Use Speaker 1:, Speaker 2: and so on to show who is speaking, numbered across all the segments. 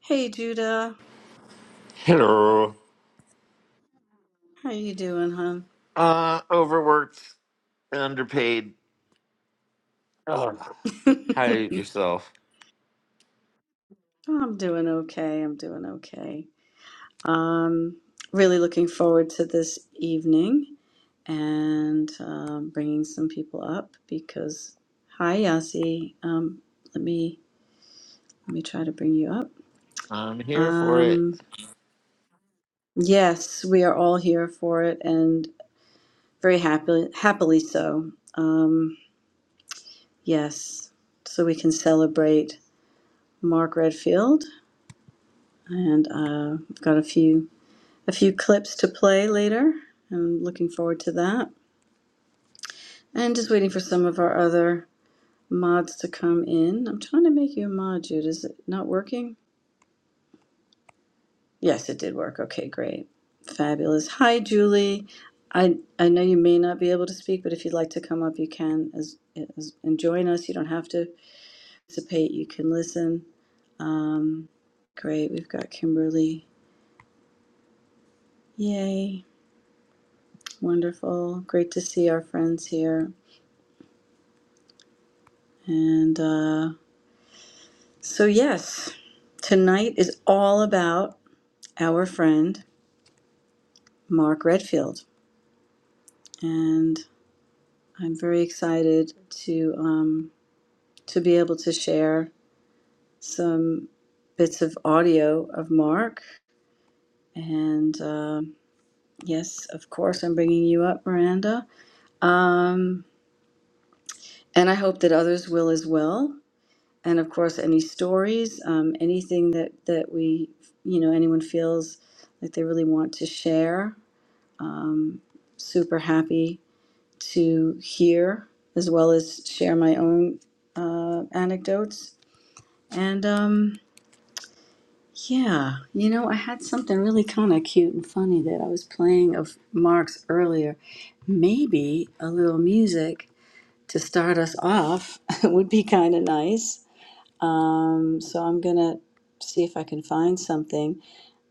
Speaker 1: Hey Judah,
Speaker 2: Hello.
Speaker 1: how you doing, hon?
Speaker 2: Uh, overworked, underpaid.
Speaker 1: I'm
Speaker 2: How yourself?
Speaker 1: doing okay. I'm doing okay. Um, really looking forward to this evening and um, bringing some people up because hi Yasi. Um, let me let me try to bring you up.
Speaker 2: I'm here for
Speaker 1: Um,
Speaker 2: it.
Speaker 1: yes, we are all here for it and very happily happily so. Yes, so we can celebrate Mark Redfield and uh, I've got a few a few clips to play later. I'm looking forward to that. And just waiting for some of our other mods to come in. I'm trying to make you a mod, Jude. Is it not working? Yes, it did work. Okay, great. Fabulous. Hi, Julie. I, I know you may not be able to speak, but if you'd like to come up, you can as, as and join us. You don't have to participate. You can listen. Um, great. We've got Kimberly. Yay. Wonderful. Great to see our friends here. And uh, So, yes, tonight is all about our friend Mark Redfield, and I'm very excited to um, to be able to share some bits of audio of Mark. And um yes, of course, I'm bringing you up, Miranda, um, and I hope that others will as well. And of course, any stories, um, anything that that we, you know, anyone feels like they really want to share super happy to hear as well as share my own uh, anecdotes. And um, yeah, you know, I had something really kind of cute and funny that I was playing of Mark's earlier. Maybe a little music to start us off would be kind of nice. Um, so I'm gonna see if I can find something,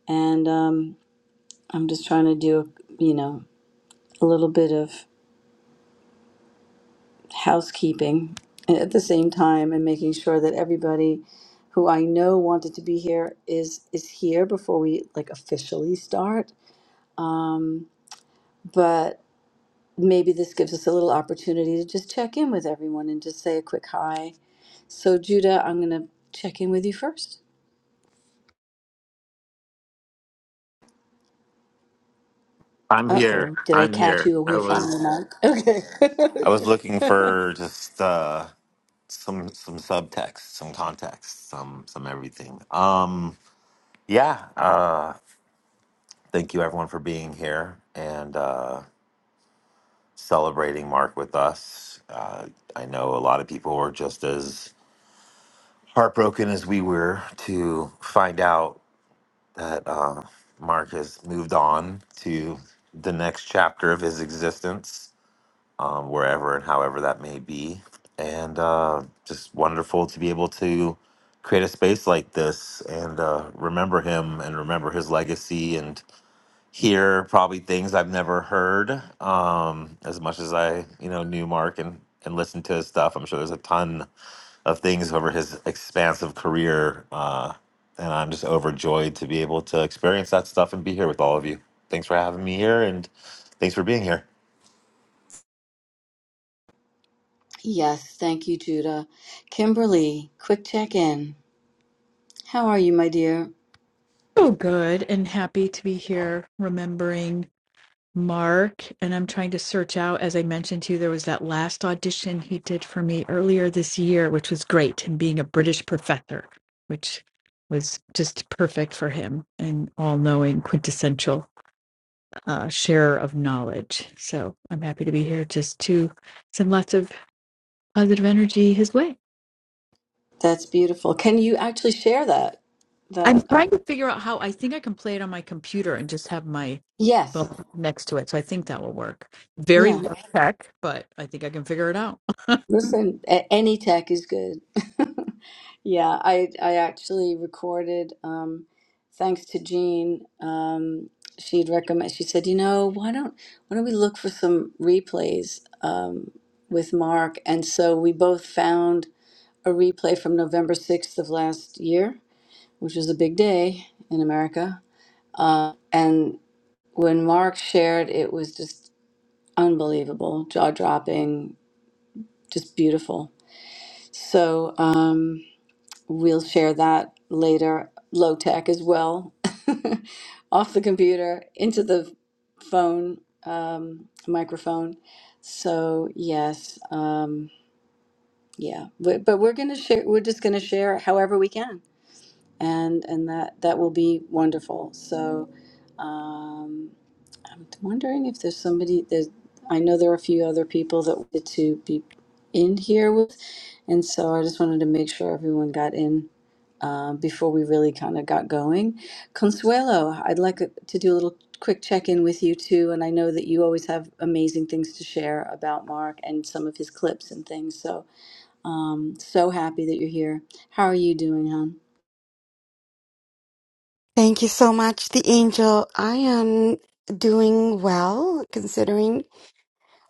Speaker 1: and um, I'm just trying to do, you know, a little bit of housekeeping at the same time and making sure that everybody who I know wanted to be here is is here before we like officially start. Um, but maybe this gives us a little opportunity to just check in with everyone and just say a quick hi. So Judah, I'm gonna check in with you first.
Speaker 2: I'm
Speaker 1: Uh
Speaker 2: here.
Speaker 1: oh, did I
Speaker 2: I'm
Speaker 1: catch
Speaker 2: here.
Speaker 1: you
Speaker 2: I
Speaker 1: away from
Speaker 2: was.
Speaker 1: your mic? Okay.
Speaker 2: I was looking
Speaker 1: Okay.
Speaker 2: for just uh, some some subtext, some context, some some everything. Um, yeah. Uh, thank you everyone for being here and uh, celebrating Mark with us. Uh, I know a lot of people were just as heartbroken as we were to find out that uh, Mark has moved on to the next chapter of his existence, um, wherever and however that may be. And uh, just wonderful to be able to create a space like this and uh, remember him and remember his legacy and hear probably things I've never heard um, as much as I, you know, knew Mark and, and listened to his stuff. I'm sure there's a ton of things over his expansive career. Uh, and I'm just overjoyed to be able to experience that stuff and be here with all of you. Thanks for having me here, and thanks for being here.
Speaker 1: yes, thank you, Judah. Kimberly, quick check in. How are you, my dear?
Speaker 3: so good and happy to be here remembering Mark. And I'm trying to search out, as I mentioned to you, there was that last audition he did for me earlier this year, which was great, him being a British professor, which was just perfect for him and all knowing, quintessential uh, sharer of knowledge. So I'm happy to be here just to send lots of positive energy his way.
Speaker 1: That's beautiful. Can you actually share that?
Speaker 3: I'm
Speaker 1: That uh,
Speaker 3: trying to figure out how I think I can play it on my computer and just have my
Speaker 1: yes,
Speaker 3: phone next to it. So I think that will work. Very
Speaker 1: yeah.
Speaker 3: low tech, but I think I can figure it out.
Speaker 1: Listen, a- any tech is good. yeah, I I actually recorded. Um, thanks to Jean, um, she'd recommend. She said, you know, why don't why don't we look for some replays um, with Mark? And so we both found a replay from November sixth of last year, which was a big day in America. when Mark shared, it was just unbelievable, jaw dropping, just beautiful. So um, we'll share that later, low tech as well, off the computer into the phone um, microphone. So yes, um, yeah, but, but we're gonna share. We're just gonna share however we can, and and that that will be wonderful. So. Um, I'm wondering if there's somebody that I know there are a few other people that wanted to be in here with, and so I just wanted to make sure everyone got in uh, before we really kind of got going. Consuelo, I'd like to do a little quick check in with you too, and I know that you always have amazing things to share about Mark and some of his clips and things. So, um, so happy that you're here. How are you doing, hon?
Speaker 4: Thank you so much, the angel. I am doing well, considering.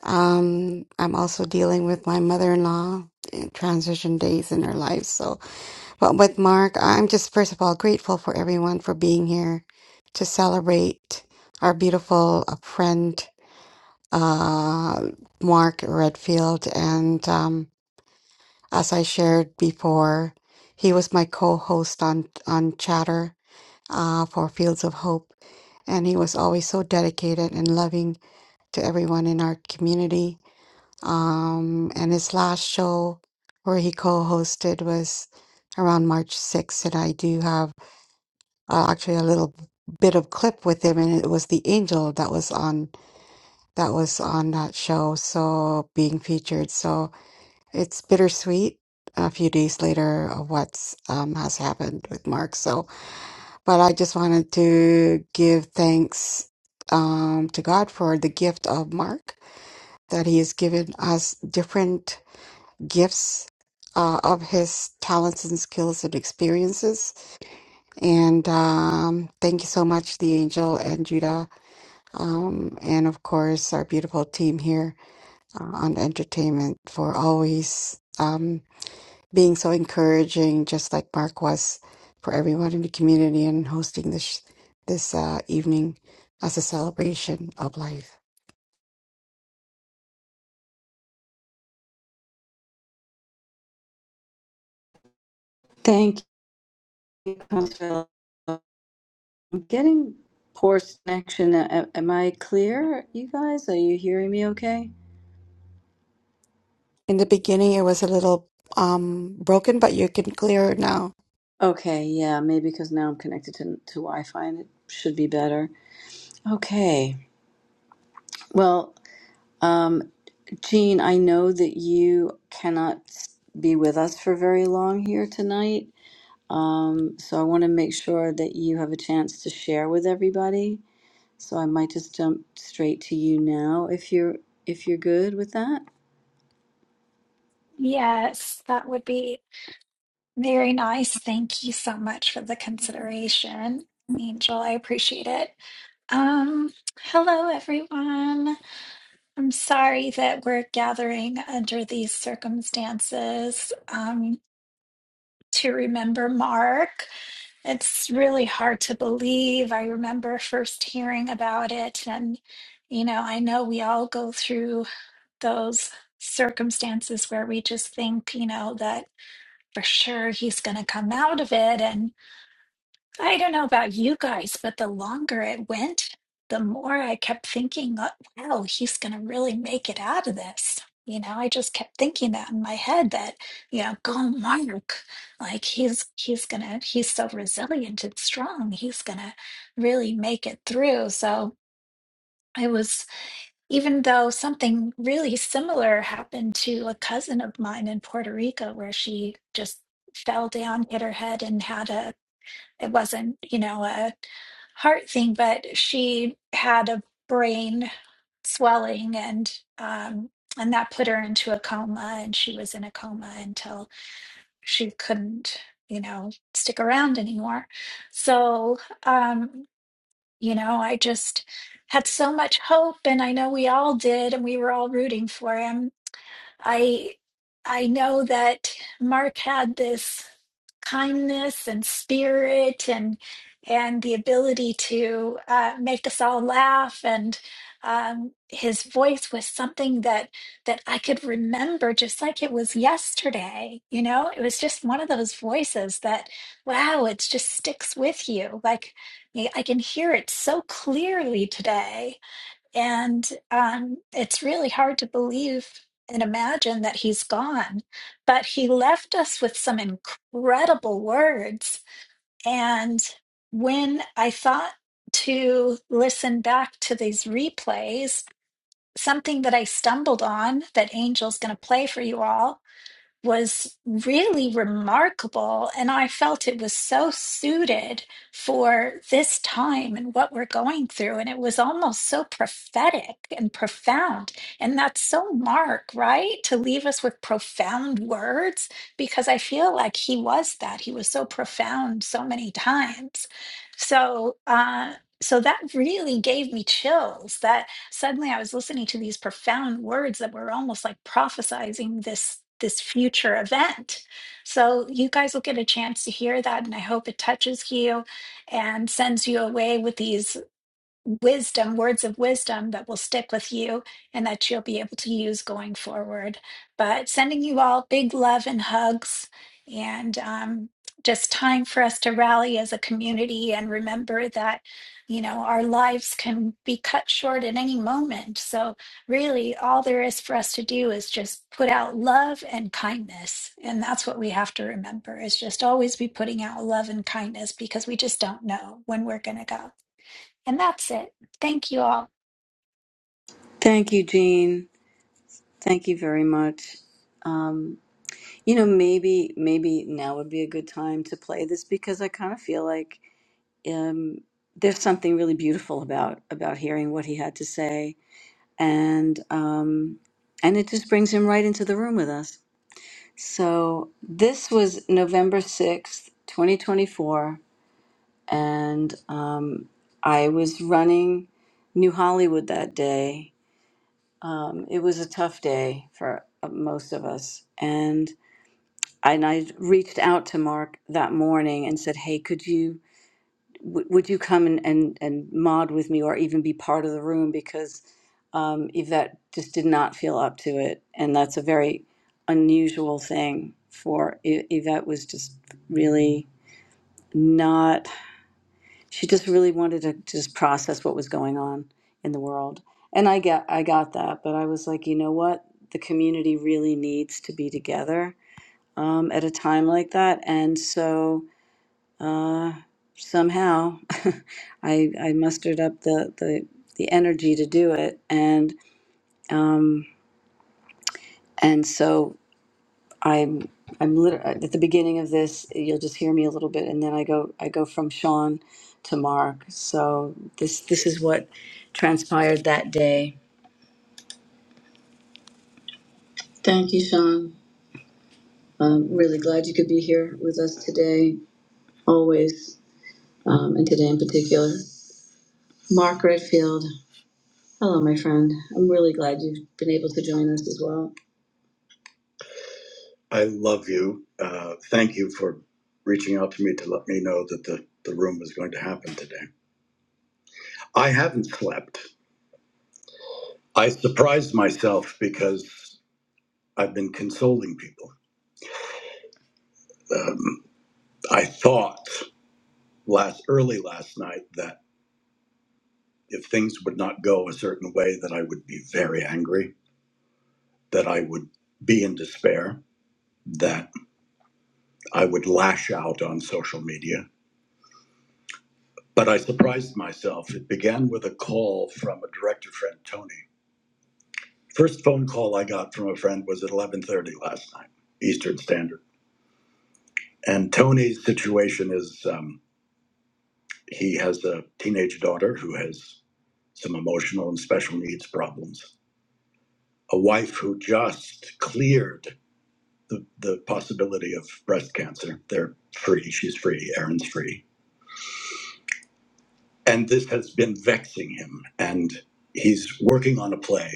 Speaker 4: Um, I'm also dealing with my mother-in-law in transition days in her life. So, but with Mark, I'm just first of all grateful for everyone for being here to celebrate our beautiful uh, friend, uh, Mark Redfield. And um, as I shared before, he was my co-host on on Chatter uh, for Fields of Hope. And he was always so dedicated and loving to everyone in our community. Um, and his last show where he co hosted was around March 6th. And I do have uh, actually a little bit of clip with him and it was the angel that was on that was on that show so being featured so it's bittersweet a few days later of what's um, has happened with mark so but I just wanted to give thanks um, to God for the gift of Mark, that He has given us different gifts uh, of His talents and skills and experiences. And um, thank you so much, the angel and Judah, um, and of course, our beautiful team here uh, on entertainment for always. Um, being so encouraging, just like Mark was for everyone in the community and hosting this this uh, evening as a celebration of life.
Speaker 1: Thank you, Consuelo. Getting poor connection. A- Am I clear, you guys? Are you hearing me okay?
Speaker 4: In the beginning, it was a little um, broken, but you can clear it now.
Speaker 1: Okay, yeah, maybe because now I'm connected to, to Wi Fi and it should be better. Okay, well, um, Jean, I know that you cannot be with us for very long here tonight. Um, so I want to make sure that you have a chance to share with everybody. So I might just jump straight to you now if you're if you're good with that.
Speaker 5: Yes, that would be very nice. Thank you so much for the consideration, Angel. I appreciate it. Um, hello, everyone. I'm sorry that we're gathering under these circumstances, um, to remember Mark. It's really hard to believe. I remember first hearing about it, and you know, I know we all go through those circumstances where we just think, you know, that. for sure he's going to come out of it. And I don't know about you guys, but the longer it went, the more I kept thinking, uh, wow, he's going to really make it out of this. You know, I just kept thinking that in my head that, you know, go Mark, like he's he's gonna he's so resilient and strong, he's gonna really make it through. So I was even though something really similar happened to a cousin of mine in Puerto Rico, where she just fell down, hit her head, and had a, it wasn't, you know, a heart thing, but she had a brain swelling and, um, and that put her into a coma and she was in a coma until she couldn't you know stick around anymore so um you know, I just had so much hope, and I know we all did, and we were all rooting for him. I I know that Mark had this kindness and spirit and and the ability to uh, make us all laugh and um, his voice was something that that I could remember just like it was yesterday. You know, it was just one of those voices that wow, it just sticks with you. Like I can hear it so clearly today and um, it's really hard to believe and imagine that he's gone. But he left us with some incredible words. And when I thought to listen back to these replays, something that I stumbled on that Angel's going to play for you all was really remarkable. And I felt it was so suited for this time and what we're going through. And it was almost so prophetic and profound. And that's so Mark, right? To leave us with profound words, because I feel like he was that. He was so profound so many times. So, uh, so that really gave me chills That suddenly I was listening to these profound words that were almost like prophesizing this this future event. So you guys will get a chance to hear that and I hope it touches you and sends you away with these wisdom, words of wisdom that will stick with you and that you'll be able to use going forward. But sending you all big love and hugs, and um, just time for us to rally as a community and remember that, you know, our lives can be cut short at any moment. So, really, all there is for us to do is just put out love and kindness. And that's what we have to remember is just always be putting out love and kindness because we just don't know when we're going to go. And that's it. Thank you all.
Speaker 1: Thank you, Jean. Thank you very much. Um, you know, maybe maybe now would be a good time to play this because I kind of feel like um, there's something really beautiful about about hearing what he had to say, and um, and it just brings him right into the room with us. So this was November sixth, twenty twenty four, and um, I was running New Hollywood that day. Um, it was a tough day for uh, most of us, and and I reached out to Mark that morning and said, "Hey, could you w- would you come and, and and mod with me, or even be part of the room because um, Yvette just did not feel up to it, and that's a very unusual thing for Y- Yvette was just really not. She just really wanted to just process what was going on in the world, and I get I got that, but I was like, you know what, the community really needs to be together um, at a time like that. And so uh, somehow I, I mustered up the, the, the energy to do it. And, um, and so I'm, I'm lit- uh, at the beginning of this, you'll just hear me a little bit. And then I go, I go from Sean to Mark. So this, this is what transpired that day. Thank you, Sean. I'm really glad you could be here with us today, always, um, and today in particular. Mark Redfield, Hello, my friend. I'm really glad you've been able to join us as well. I love you. Uh, thank you for reaching out to me to let me know that the, the room was going to happen today. I haven't slept. I surprised myself because I've been consoling people. Um, I thought last early last night that if things would not go a certain way, that I would be very angry, that I would be in despair, that I would lash out on social media But I surprised myself. It began with a call from a director friend, Tony. First phone call I got from a friend was at 11:30 last night, Eastern Standard. And Tony's situation is um, he has a teenage daughter who has some emotional and special needs problems, a wife who just cleared the, the possibility of breast cancer. They're free. She's free. Aaron's free. And this has been vexing him. And he's working on a play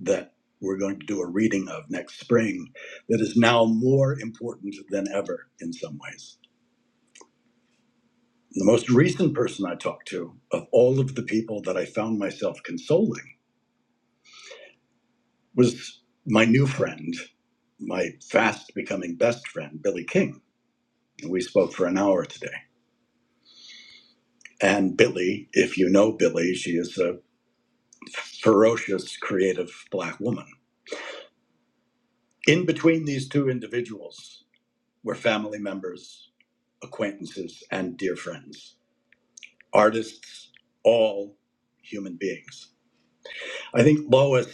Speaker 1: that we're going to do a reading of next spring that is now more important than ever in some ways. The most recent person I talked to, of all of the people that I found myself consoling, was my new friend, my fast becoming best friend, Billy King. We spoke for an hour today. And Billy, if you know Billy, she is a ferocious, creative black woman. In between these two individuals were family members, acquaintances, and dear friends. artists, all human beings. I think Lois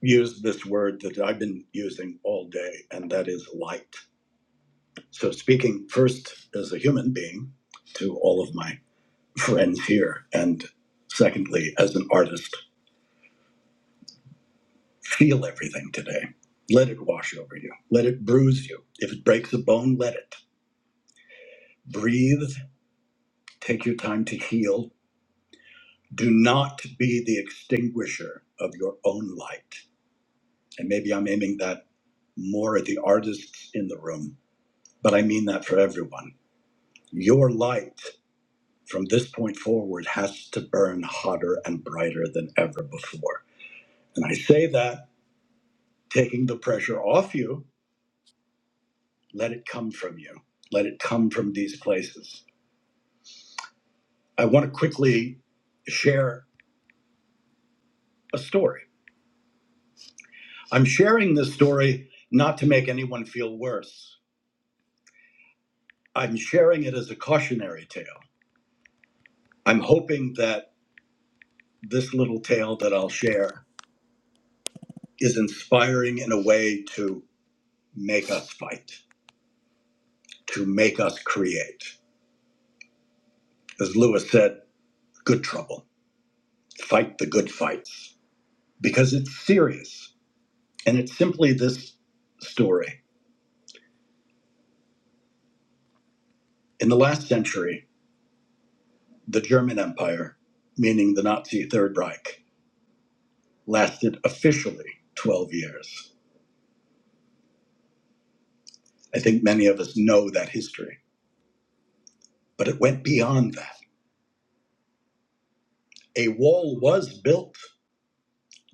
Speaker 1: used this word that I've been using all day, and that is light. So, speaking first as a human being to all of my friends here, and secondly, as an artist, feel everything today. Let it wash over you, let it bruise you. If it breaks a bone, let it. Breathe, take your time to heal. Do not be the extinguisher of your own light and maybe I'm aiming that more at the artists in the room, but I mean that for everyone. Your light from this point forward has to burn hotter and brighter than ever before. And I say that taking the pressure off you, let it come from you, let it come from these places. I want to quickly share a story. I'm sharing this story not to make anyone feel worse. I'm sharing it as a cautionary tale. I'm hoping that this little tale that I'll share is inspiring in a way to make us fight, to make us create. As Lewis said, good trouble, fight the good fights, because it's serious. And it's simply this story. In the last century, the German Empire, meaning the Nazi Third Reich, lasted officially 12 years. I think many of us know that history, but it went beyond that. A wall was built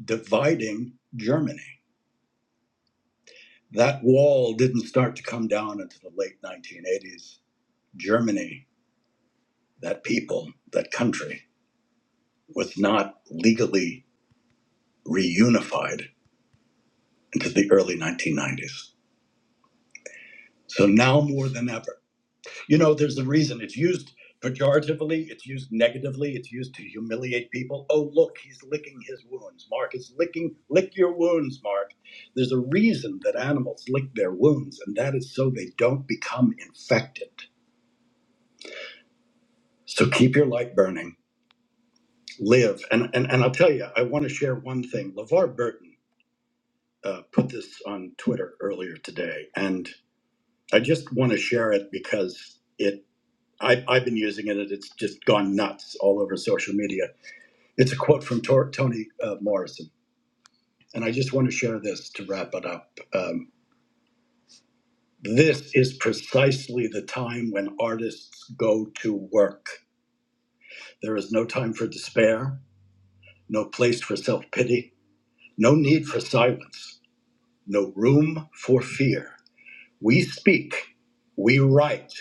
Speaker 1: dividing Germany That wall didn't start to come down until the late 1980s. Germany, that people, that country, was not legally reunified until the early 1990s. So now more than ever. You know, there's a reason it's used pejoratively, it's used negatively, it's used to humiliate people. Oh, look, he's licking his wounds. Mark is licking, lick your wounds, Mark. There's a reason that animals lick their wounds, and that is so they don't become infected. So keep your light burning live. And, and, and I'll tell you, I want to share one thing. LeVar Burton uh, put this on Twitter earlier today, and I just want to share it because it I, I've been using it, and it's just gone nuts all over social media. It's a quote from Tor- Toni uh, Morrison, and I just want to share this to wrap it up. Um, this is precisely the time when artists go to work. There is no time for despair, no place for self pity, no need for silence. no room for fear. We speak, we write,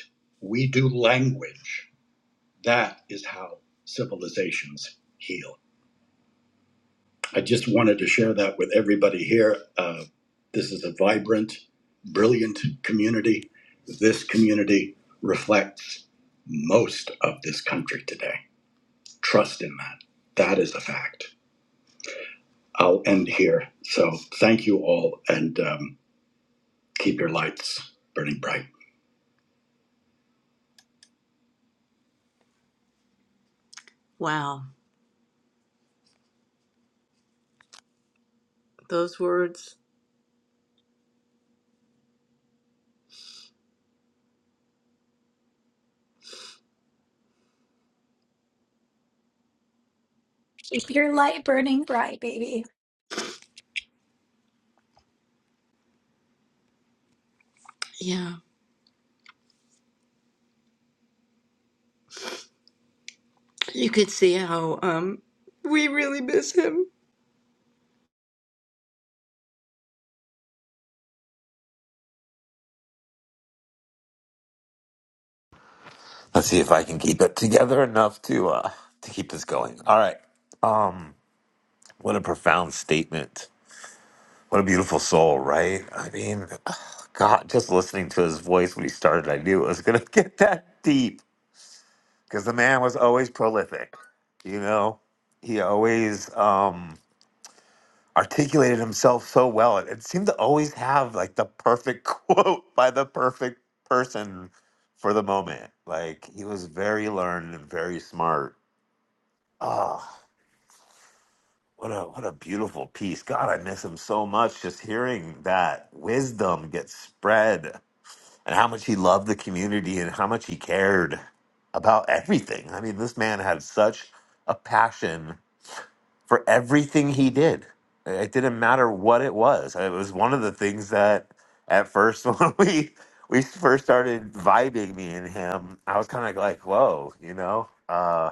Speaker 1: we do language. That is how civilizations heal. I just wanted to share that with everybody here. Uh, this is a vibrant, brilliant community. This community reflects most of this country today. Trust in that. That is a fact. I'll end here. So thank you all and um, keep your lights burning bright. Wow. those words.
Speaker 5: Keep your light burning bright, baby.
Speaker 1: Yeah, you could see how um we really miss him.
Speaker 2: Let's see if I can keep it together enough to uh, to keep this going. All right. Um, what a profound statement. What a beautiful soul, right? I mean, God, just listening to his voice when he started, I knew it was going to get that deep because the man was always prolific. You know, he always. Um, articulated himself so well. It, it seemed to always have like the perfect quote by the perfect person for the moment. Like he was very learned and very smart. Ah, what a what a beautiful piece. God, I miss him so much. Just hearing that wisdom get spread and how much he loved the community and how much he cared about everything. I mean, this man had such a passion for everything he did. It didn't matter what it was. It was one of the things that at first when we we first started vibing me and him, I was kind of like, "Whoa," you know. Uh,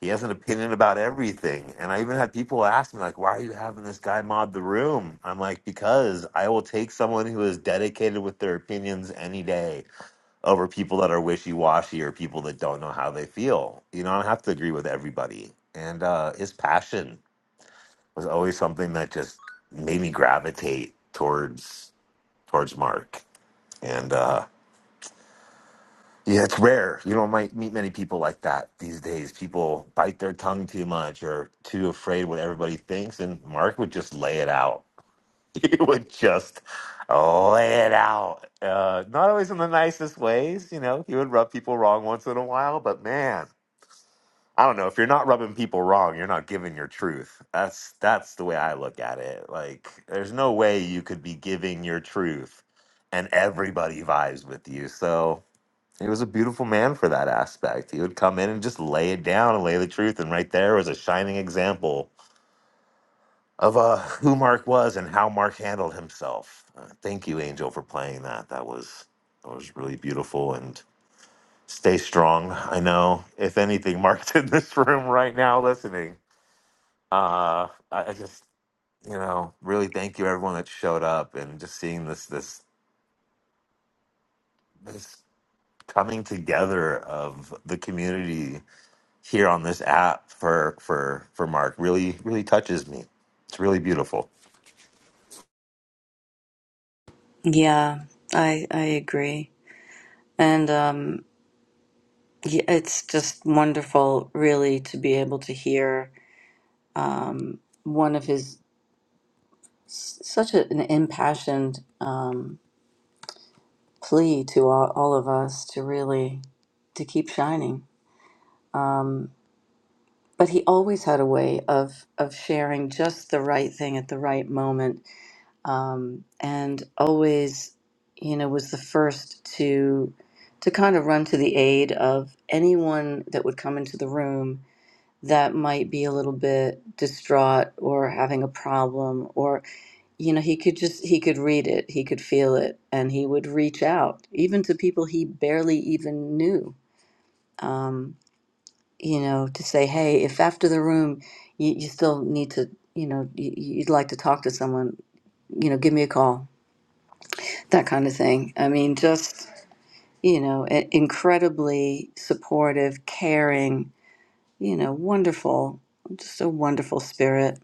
Speaker 2: he has an opinion about everything, and I even had people ask me like, "Why are you having this guy mod the room?" I'm like, "Because I will take someone who is dedicated with their opinions any day over people that are wishy washy or people that don't know how they feel. You know, I don't have to agree with everybody." And uh, his passion was always something that just made me gravitate towards towards Mark. And uh yeah, it's rare. You don't might meet many people like that these days. People bite their tongue too much or too afraid what everybody thinks and Mark would just lay it out. He would just lay it out. Uh not always in the nicest ways, you know. He would rub people wrong once in a while, but man, I don't know. If you're not rubbing people wrong, you're not giving your truth. That's that's the way I look at it. Like there's no way you could be giving your truth and everybody vibes with you. So he was a beautiful man for that aspect. He would come in and just lay it down and lay the truth. And right there was a shining example of uh, who Mark was and how Mark handled himself. Uh, thank you, Angel, for playing that. That was that was really beautiful. And stay strong. I know if anything, Mark's in this room right now listening uh I, I just you know really thank you everyone that showed up and just seeing this this this coming together of the community here on this app for for for mark really really touches me it's really beautiful
Speaker 1: Yeah, I I agree. And um yeah, it's just wonderful really to be able to hear um one of his s- such a, an impassioned um plea to all, all of us to really to keep shining. Um but he always had a way of of sharing just the right thing at the right moment um, and always, you know, was the first to to kind of run to the aid of anyone that would come into the room that might be a little bit distraught or having a problem or you know he could just he could read it he could feel it and he would reach out even to people he barely even knew um, you know to say hey if after the room you, you still need to you know you, you'd like to talk to someone you know give me a call that kind of thing. I mean, just, you know, i- incredibly supportive, caring, you know, wonderful, just a wonderful spirit.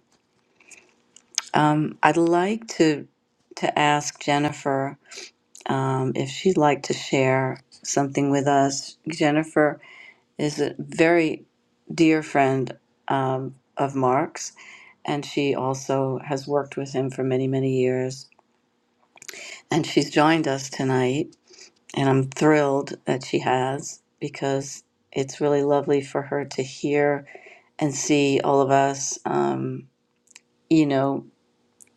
Speaker 1: Um, I'd like to to ask Jennifer um, if she'd like to share something with us. Jennifer is a very dear friend um, of Mark's, and she also has worked with him for many, many years. And she's joined us tonight And I'm thrilled that she has because it's really lovely for her to hear and see all of us. Um, you know,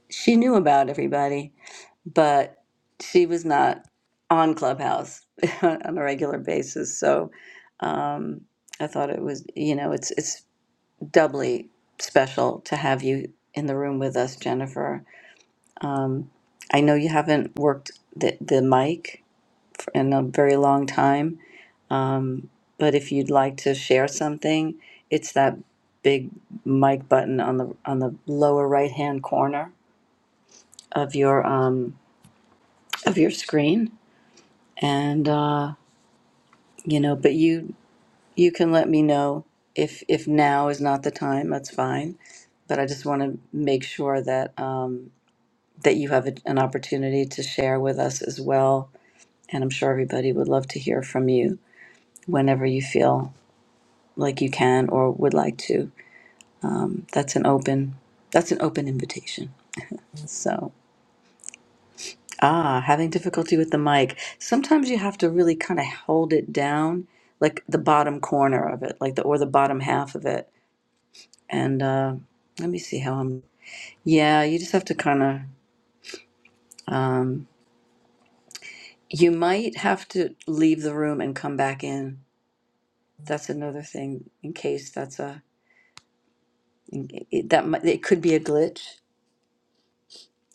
Speaker 1: she knew about everybody, but she was not on Clubhouse on a regular basis. So um, I thought it was, you know, it's it's doubly special to have you in the room with us, Jennifer. Um, I know you haven't worked the, the mic in a very long time. Um, but if you'd like to share something, it's that big mic button on the on the lower right hand corner of your um, of your screen, and uh, you know. But you you can let me know if if now is not the time. That's fine. But I just want to make sure that um, that you have a, an opportunity to share with us as well. And I'm sure everybody would love to hear from you whenever you feel like you can or would like to. Um, that's an open that's an open invitation. So ah, having difficulty with the mic. Sometimes you have to really kind of hold it down, like the bottom corner of it, like the or the bottom half of it. And uh, let me see how I'm. Yeah, you just have to kind of. Um, you might have to leave the room and come back in. That's another thing in case that's a in- it, that might, it could be a glitch.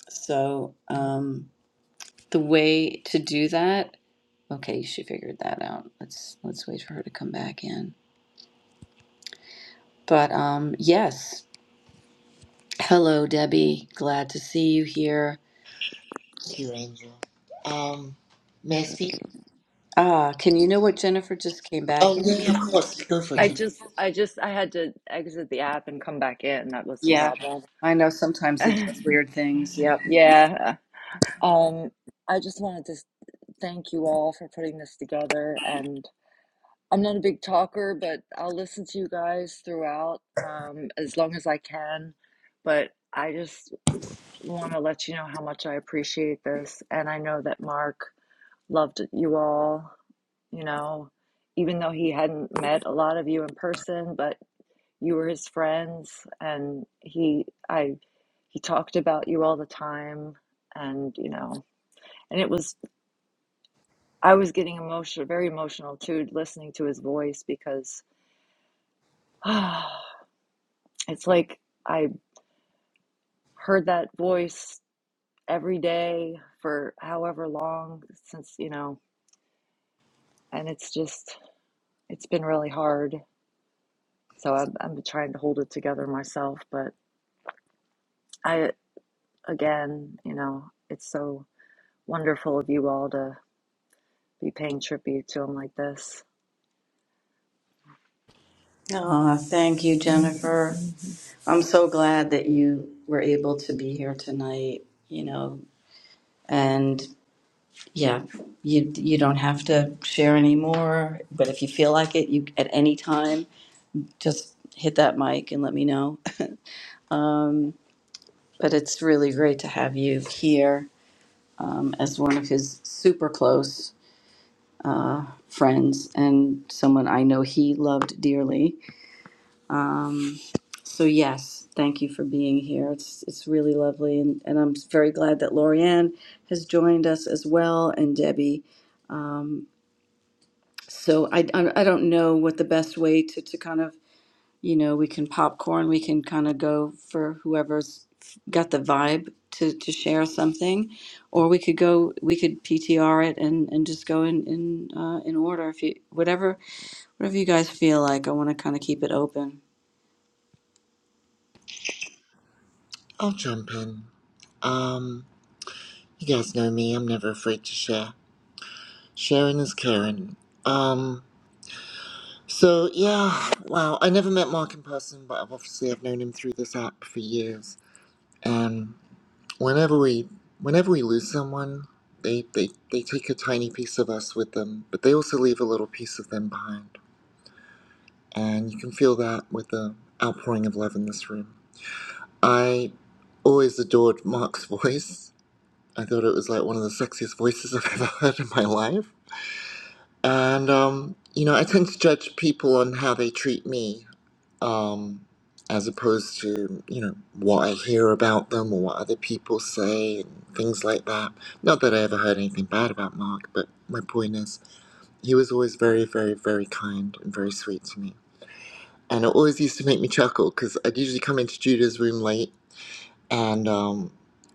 Speaker 1: So. Um, The way to do that, okay, she figured that out. Let's let's wait for her to come back in. But um, yes. Hello, Debbie. Glad to see you here.
Speaker 6: Thank you, Angel. Um, may I speak?
Speaker 1: Ah, can you know what Jennifer just came back
Speaker 6: Oh, yeah, yeah, of
Speaker 1: in?
Speaker 6: course. Go for it.
Speaker 1: Yeah.
Speaker 7: I
Speaker 6: Jen.
Speaker 7: just, I just, I had to exit the app and come back in. That was the
Speaker 1: Yeah.
Speaker 7: problem.
Speaker 1: I know sometimes it does weird things. Yep.
Speaker 7: Yeah. Um, I just wanted to s- thank you all for putting this together. And I'm not a big talker, but I'll listen to you guys throughout, um, as long as I can. But I just want to let you know how much I appreciate this. And I know that Mark loved you all, you know, even though he hadn't met a lot of you in person, but you were his friends and he I he talked about you all the time and you know and it was I was getting emotional very emotional too listening to his voice because it's like I heard that voice every day for however long since you know and it's just it's been really hard so I'm I'm trying to hold it together myself but I again you know it's so wonderful of you all to. be paying tribute to him like this.
Speaker 1: Oh, thank you, Jennifer.
Speaker 7: Mhm.
Speaker 1: I'm so glad that you were able to be here tonight, you know. And yeah, you you don't have to share anymore, but if you feel like it, you at any time just hit that mic and let me know. But it's really great to have you here um, as one of his super close friends and someone I know he loved dearly. So yes, thank you for being here. It's it's really lovely, and, and I'm very glad that Lorianne has joined us as well, and Debbie. Um, so I, I I don't know what the best way to, to kind of you know we can popcorn we can kind of go for whoever's got the vibe to, to share something or we could go we could ptr it and, and just go in in, uh, in order if you whatever whatever you guys feel like i want to kind of keep it open
Speaker 6: I'll jump in. Um, you guys know me. I'm never afraid to share. Sharing is caring. Um, so yeah, wow. I never met Mark in person, but I've obviously I've known him through this app for years. And whenever we, whenever we lose someone, they they they take a tiny piece of us with them, but they also leave a little piece of them behind. And you can feel that with the outpouring of love in this room. I always adored Mark's voice. I thought it was like one of the sexiest voices I've ever heard in my life. And, um, you know, I tend to judge people on how they treat me um, as opposed to, you know, what I hear about them or what other people say and things like that. Not that I ever heard anything bad about Mark, but my point is, he was always very, very, very kind and very sweet to me. And it always used to make me chuckle because I'd usually come into Judah's room late and um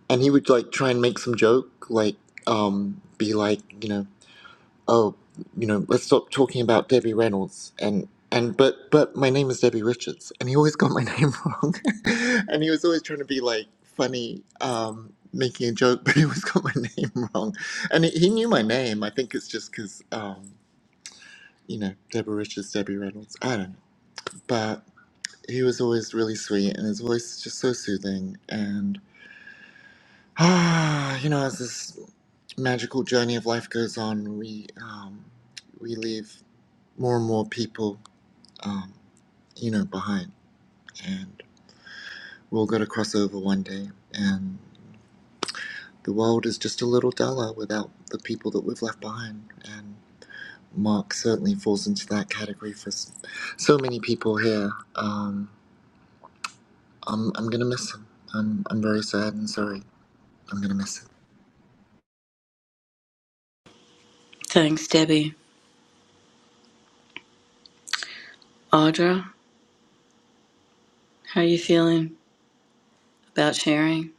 Speaker 6: and he would like try and make some joke like um be like you know oh you know let's stop talking about debbie reynolds and and but but my name is debbie richards and he always got my name wrong and he was always trying to be like funny um making a joke but he always got my name wrong and he, he knew my name i think it's just because um you know debbie richards debbie reynolds i don't know but he was always really sweet and his voice is just so soothing and. Ah, you know, as this magical journey of life goes on, we um, we leave more and more people, um, you know, behind, and we will go to cross over one day, and the world is just a little duller without the people that we've left behind, and Mark certainly falls into that category for s- so many people here. Um, I'm I'm gonna miss him. I'm I'm very sad and sorry. I'm gonna miss him.
Speaker 1: thanks debbie audra how you feeling about sharing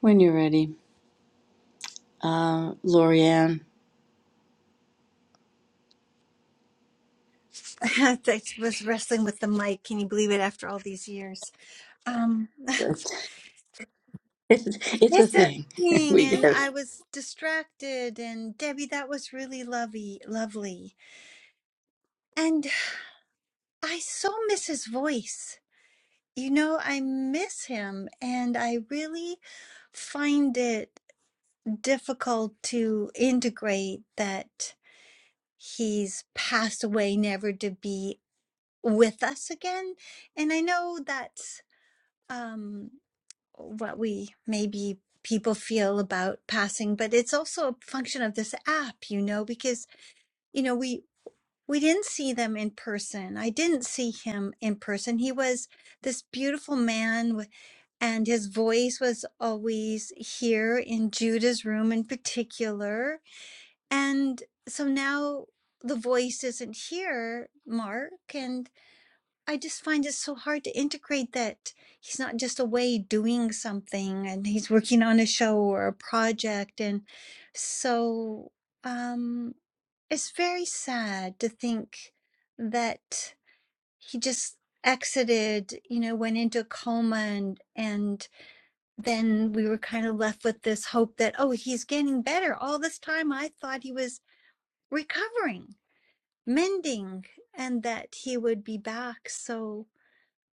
Speaker 1: when you're ready uh lorianne
Speaker 8: I was wrestling with the mic. Can you believe it? After all these years, um,
Speaker 1: it's, it's a
Speaker 8: it's a
Speaker 1: thing
Speaker 8: thing,
Speaker 1: we
Speaker 8: and
Speaker 1: get it
Speaker 8: I was distracted. And Debbie, that was really lovely, lovely. And I so miss his voice. You know, I miss him, and I really find it difficult to integrate that he's passed away, never to be with us again. And I know that's um what we maybe people feel about passing but it's also a function of this app you know because you know we we didn't see them in person i didn't see him in person he was this beautiful man with and his voice was always here in Judah's room in particular. And so now the voice isn't here, Mark. and. I just find it so hard to integrate that he's not just away doing something and he's working on a show or a project. And so um, it's very sad to think that he just exited, you know, went into a coma and, and then we were kind of left with this hope that, oh, he's getting better. All this time I thought he was recovering, mending, and that he would be back. So.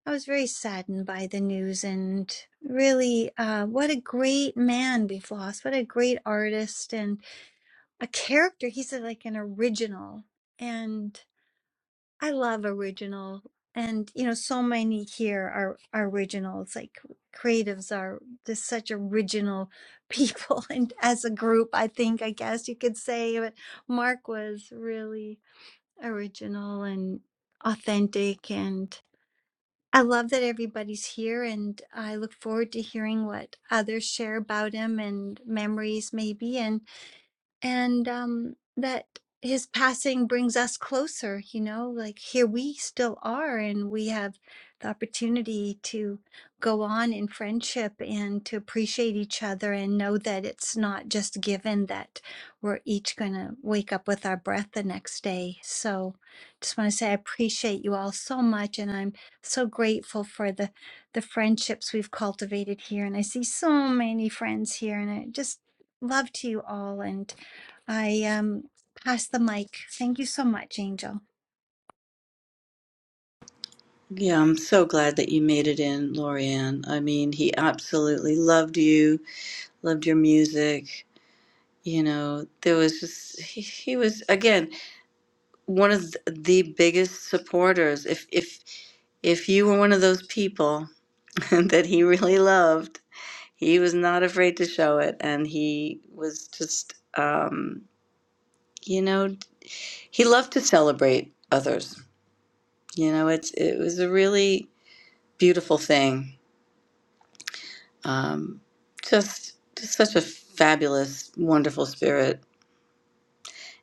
Speaker 8: I was very saddened by the news and really uh, what a great man we've lost. What a great artist and a character. He's a, like an original. And I love original. And, you know, so many here are, are originals. Like creatives are just such original people. And as a group, I think, I guess you could say, but Mark was really original and authentic. and. I love that everybody's here, and I look forward to hearing what others share about him and memories, maybe. And and um, that his passing brings us closer you know like here we still are and we have the opportunity to go on in friendship and to appreciate each other and know that it's not just given that we're each going to wake up with our breath the next day so just want to say i appreciate you all so much and i'm so grateful for the the friendships we've cultivated here and i see so many friends here and i just love to you all and I um pass the mic. Thank you so much, Angel.
Speaker 1: yeah, I'm so glad that you made it in, Lorianne. I mean, he absolutely loved you. loved your music. You know, there was just he, he was again one of the biggest supporters. If if if you were one of those people that he really loved, he was not afraid to show it, and he was just um, you know he loved to celebrate others. You know, it's it was a really beautiful thing. Um, just just such a fabulous, wonderful spirit.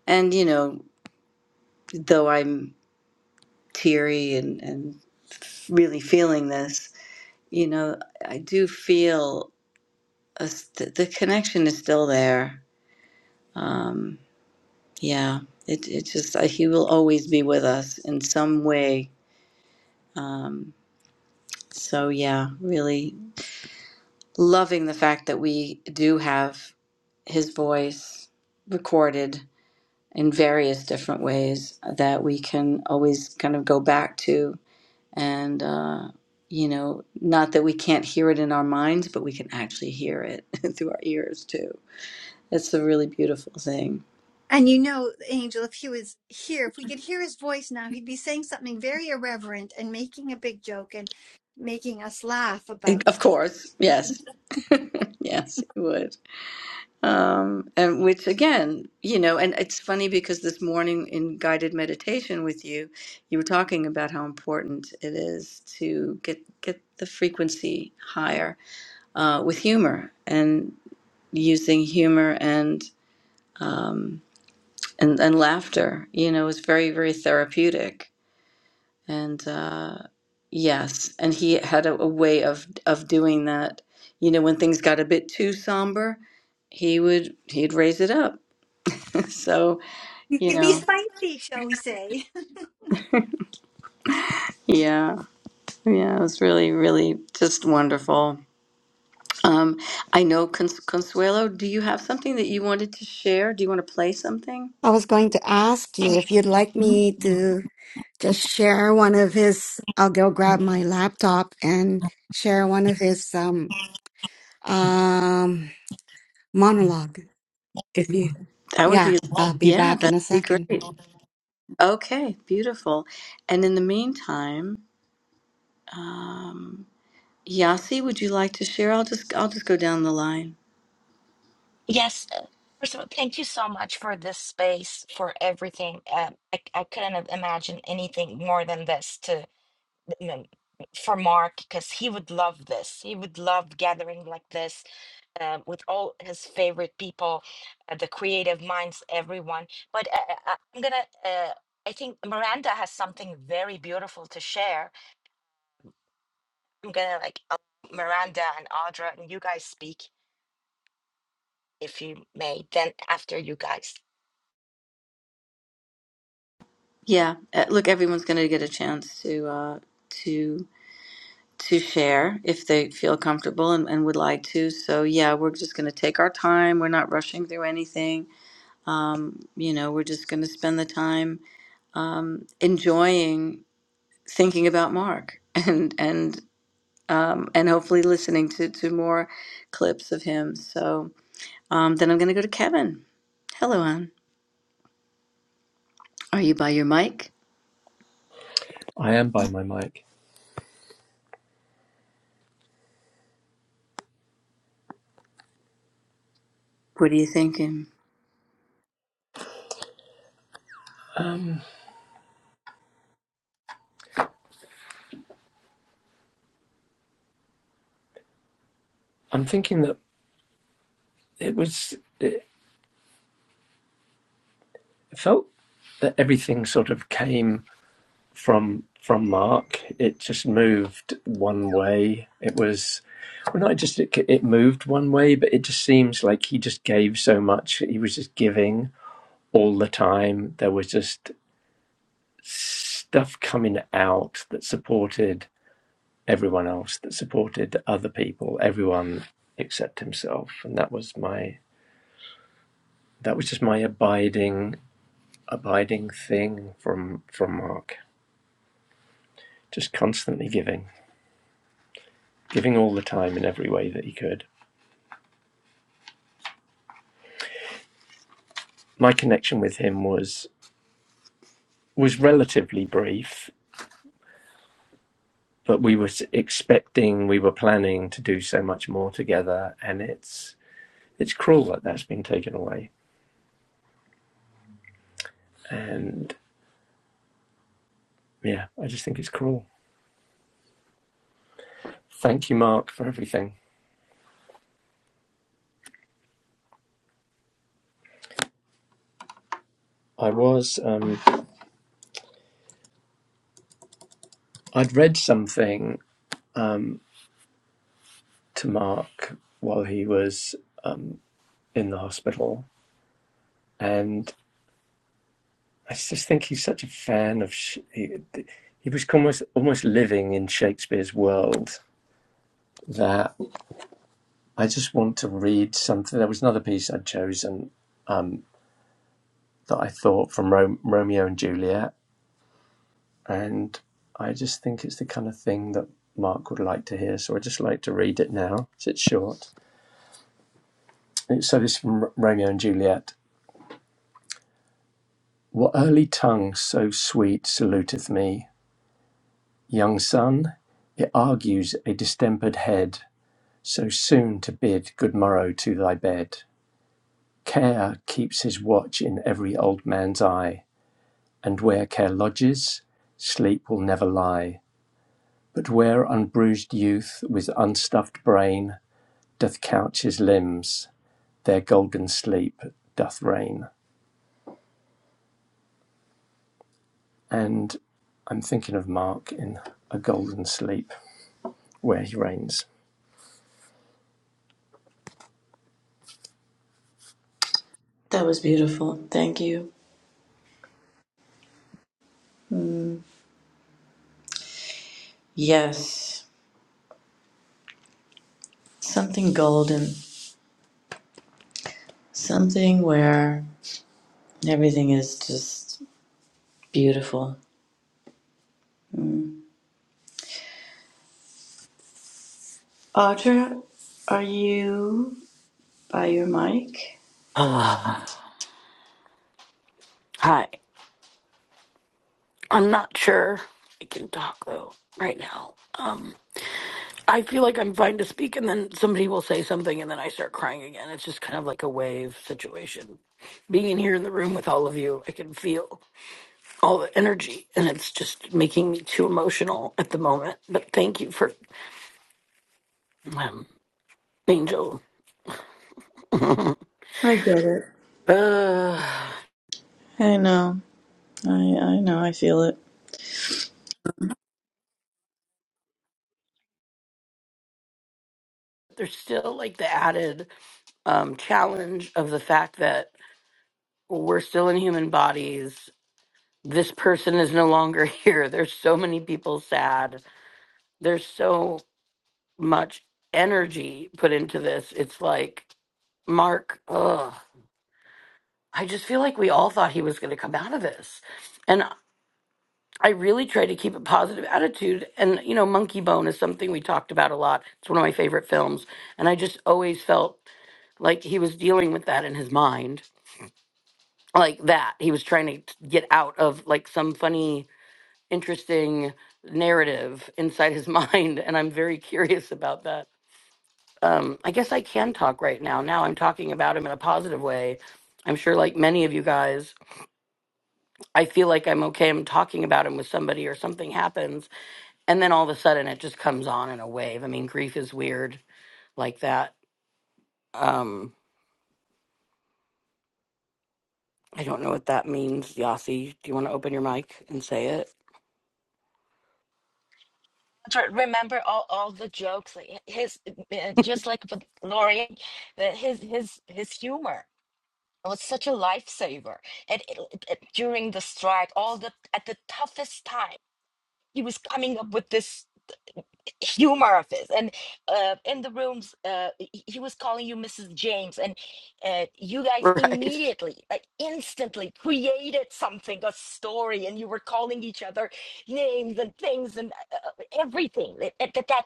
Speaker 1: And you know, though I'm teary and, and really feeling this, you know, I do feel a, st- the connection is still there. Um, yeah, it, it just, uh, he will always be with us in some way. Um, so, yeah, really loving the fact that we do have his voice recorded in various different ways that we can always kind of go back to and uh, you know not that we can't hear it in our minds but we can actually hear it through our ears too That's the really beautiful thing
Speaker 8: And you know, Angel, if he was here, if we could hear his voice now, he'd be saying something very irreverent and making a big joke and making us laugh
Speaker 1: And
Speaker 8: about this.
Speaker 1: of course yes yes it would um, and which again you know and it's funny because this morning in guided meditation with you you were talking about how important it is to get get the frequency higher uh, with humor and using humor and um, and and laughter. You know, is very very therapeutic. And uh, yes, and he had a, a way of of doing that. You know, when things got a bit too somber, he would he'd raise it up. so
Speaker 8: You
Speaker 1: you
Speaker 8: could be
Speaker 1: know,
Speaker 8: spicy, shall we say?
Speaker 1: yeah, yeah, it was really really just wonderful. Um, I know Cons- Consuelo. Do you have something that you wanted to share? Do you want to play something?
Speaker 4: I was going to ask you if you'd like me to just share one of his. I'll go grab my laptop and share one of his um, um, monologue. If you,
Speaker 1: That would
Speaker 4: yeah,
Speaker 1: be
Speaker 4: I'll be
Speaker 1: yeah,
Speaker 4: back in
Speaker 1: that'd
Speaker 4: a
Speaker 1: be great.
Speaker 4: second.
Speaker 1: Okay, beautiful. And in the meantime. Um, Yasi, would you like to share? I'll just I'll just go down the line.
Speaker 9: Yes. uh, First of all, thank you so much for this space, for everything. Uh, I, I couldn't have imagined anything more than this to you know, for Mark because he would love this. He would love gathering like this uh, with all his favorite people, uh, the creative minds, everyone. But uh, uh, uh, I'm gonna. Uh, I think Miranda has something very beautiful to share. I'm gonna like uh, Miranda and Audra and you guys speak if you may. Then after you guys.
Speaker 1: Yeah, uh, look, everyone's going to get a chance to uh, to to share if they feel comfortable and, and would like to. So yeah, we're just going to take our time. We're not rushing through anything. Um, you know, we're just going to spend the time um, enjoying thinking about Mark and and um, and hopefully listening to to more clips of him. So um, then I'm going to go to Kevin. Hello, Anne. Are you by your mic?
Speaker 10: I am by my mic.
Speaker 1: What are you thinking?
Speaker 10: Um, I'm thinking that it was it felt that everything sort of came from from Mark. It just moved one way. It was well, not just it, it moved one way, but it just seems like he just gave so much. He was just giving all the time. There was just stuff coming out that supported everyone else, that supported other people, everyone except himself, and that was my that was just my abiding abiding thing from from Mark. Just constantly giving, giving all the time in every way that he could. My connection with him was was relatively brief, but we were expecting, we were planning to do so much more together, and it's it's cruel that that's been taken away. And yeah, I just think it's cruel. Thank you, Mark, for everything. I was um, I'd read something um, to Mark while he was um in the hospital, and I just think he's such a fan of. he, he was almost almost living in Shakespeare's world. That I just want to read something. There was another piece I'd chosen that I thought from Ro- Romeo and Juliet, and I just think it's the kind of thing that Mark would like to hear. So I just like to read it now. So It's short. So this is from Romeo and Juliet. What early tongue so sweet saluteth me? Young son, it argues a distempered head, so soon to bid good morrow to thy bed. Care keeps his watch in every old man's eye, and where care lodges, sleep will never lie. But where unbruised youth with unstuffed brain doth couch his limbs, there golden sleep doth reign. And I'm thinking of Mark in A Golden Sleep, where he reigns.
Speaker 1: That was beautiful. Thank you. Mm, yes, something golden, something where everything is just beautiful. Mm. Audra, are you by your mic?
Speaker 11: Uh, Hi. I'm not sure I can talk though right now. Um, I feel like I'm fine to speak, and then somebody will say something, and then I start crying again. It's just kind of like a wave situation. Being in here in the room with all of you, I can feel all the energy, and it's just making me too emotional at the moment. But thank you for um, Angel.
Speaker 1: I get it.
Speaker 11: Uh,
Speaker 1: I know. I I know. I feel it.
Speaker 11: there's still like the added um, challenge of the fact that we're still in human bodies this person is no longer here. There's so many people sad. There's so much energy put into this. It's like, Mark, ugh. I just feel like we all thought he was going to come out of this. And I really try to keep a positive attitude. And, you know, Monkey Bone is something we talked about a lot. It's one of my favorite films. And I just always felt like he was dealing with that in his mind. Like that. He was trying to get out of like some funny interesting narrative inside his mind, and I'm very curious about that. Um, I guess I can talk right now. Now I'm talking about him in a positive way. I'm sure, like many of you guys, I feel like I'm okay. I'm talking about him with somebody, or something happens, and then all of a sudden it just comes on in a wave. I mean, grief is weird like that. Um, I don't know what that means, Yossi. Do you want to open your mic and say it?
Speaker 9: Dr- Remember all, all the jokes, like his uh, just like with Lori, that his his his humor was such a lifesaver. And it, it- it- during the strike, all the at the toughest time, he was coming up with this humor of his and uh, in the rooms uh, he he was calling you mrs james and uh, you guys
Speaker 11: Right.
Speaker 9: immediately like instantly created something a story and you were calling each other names and things and uh, uh, everything that that that, that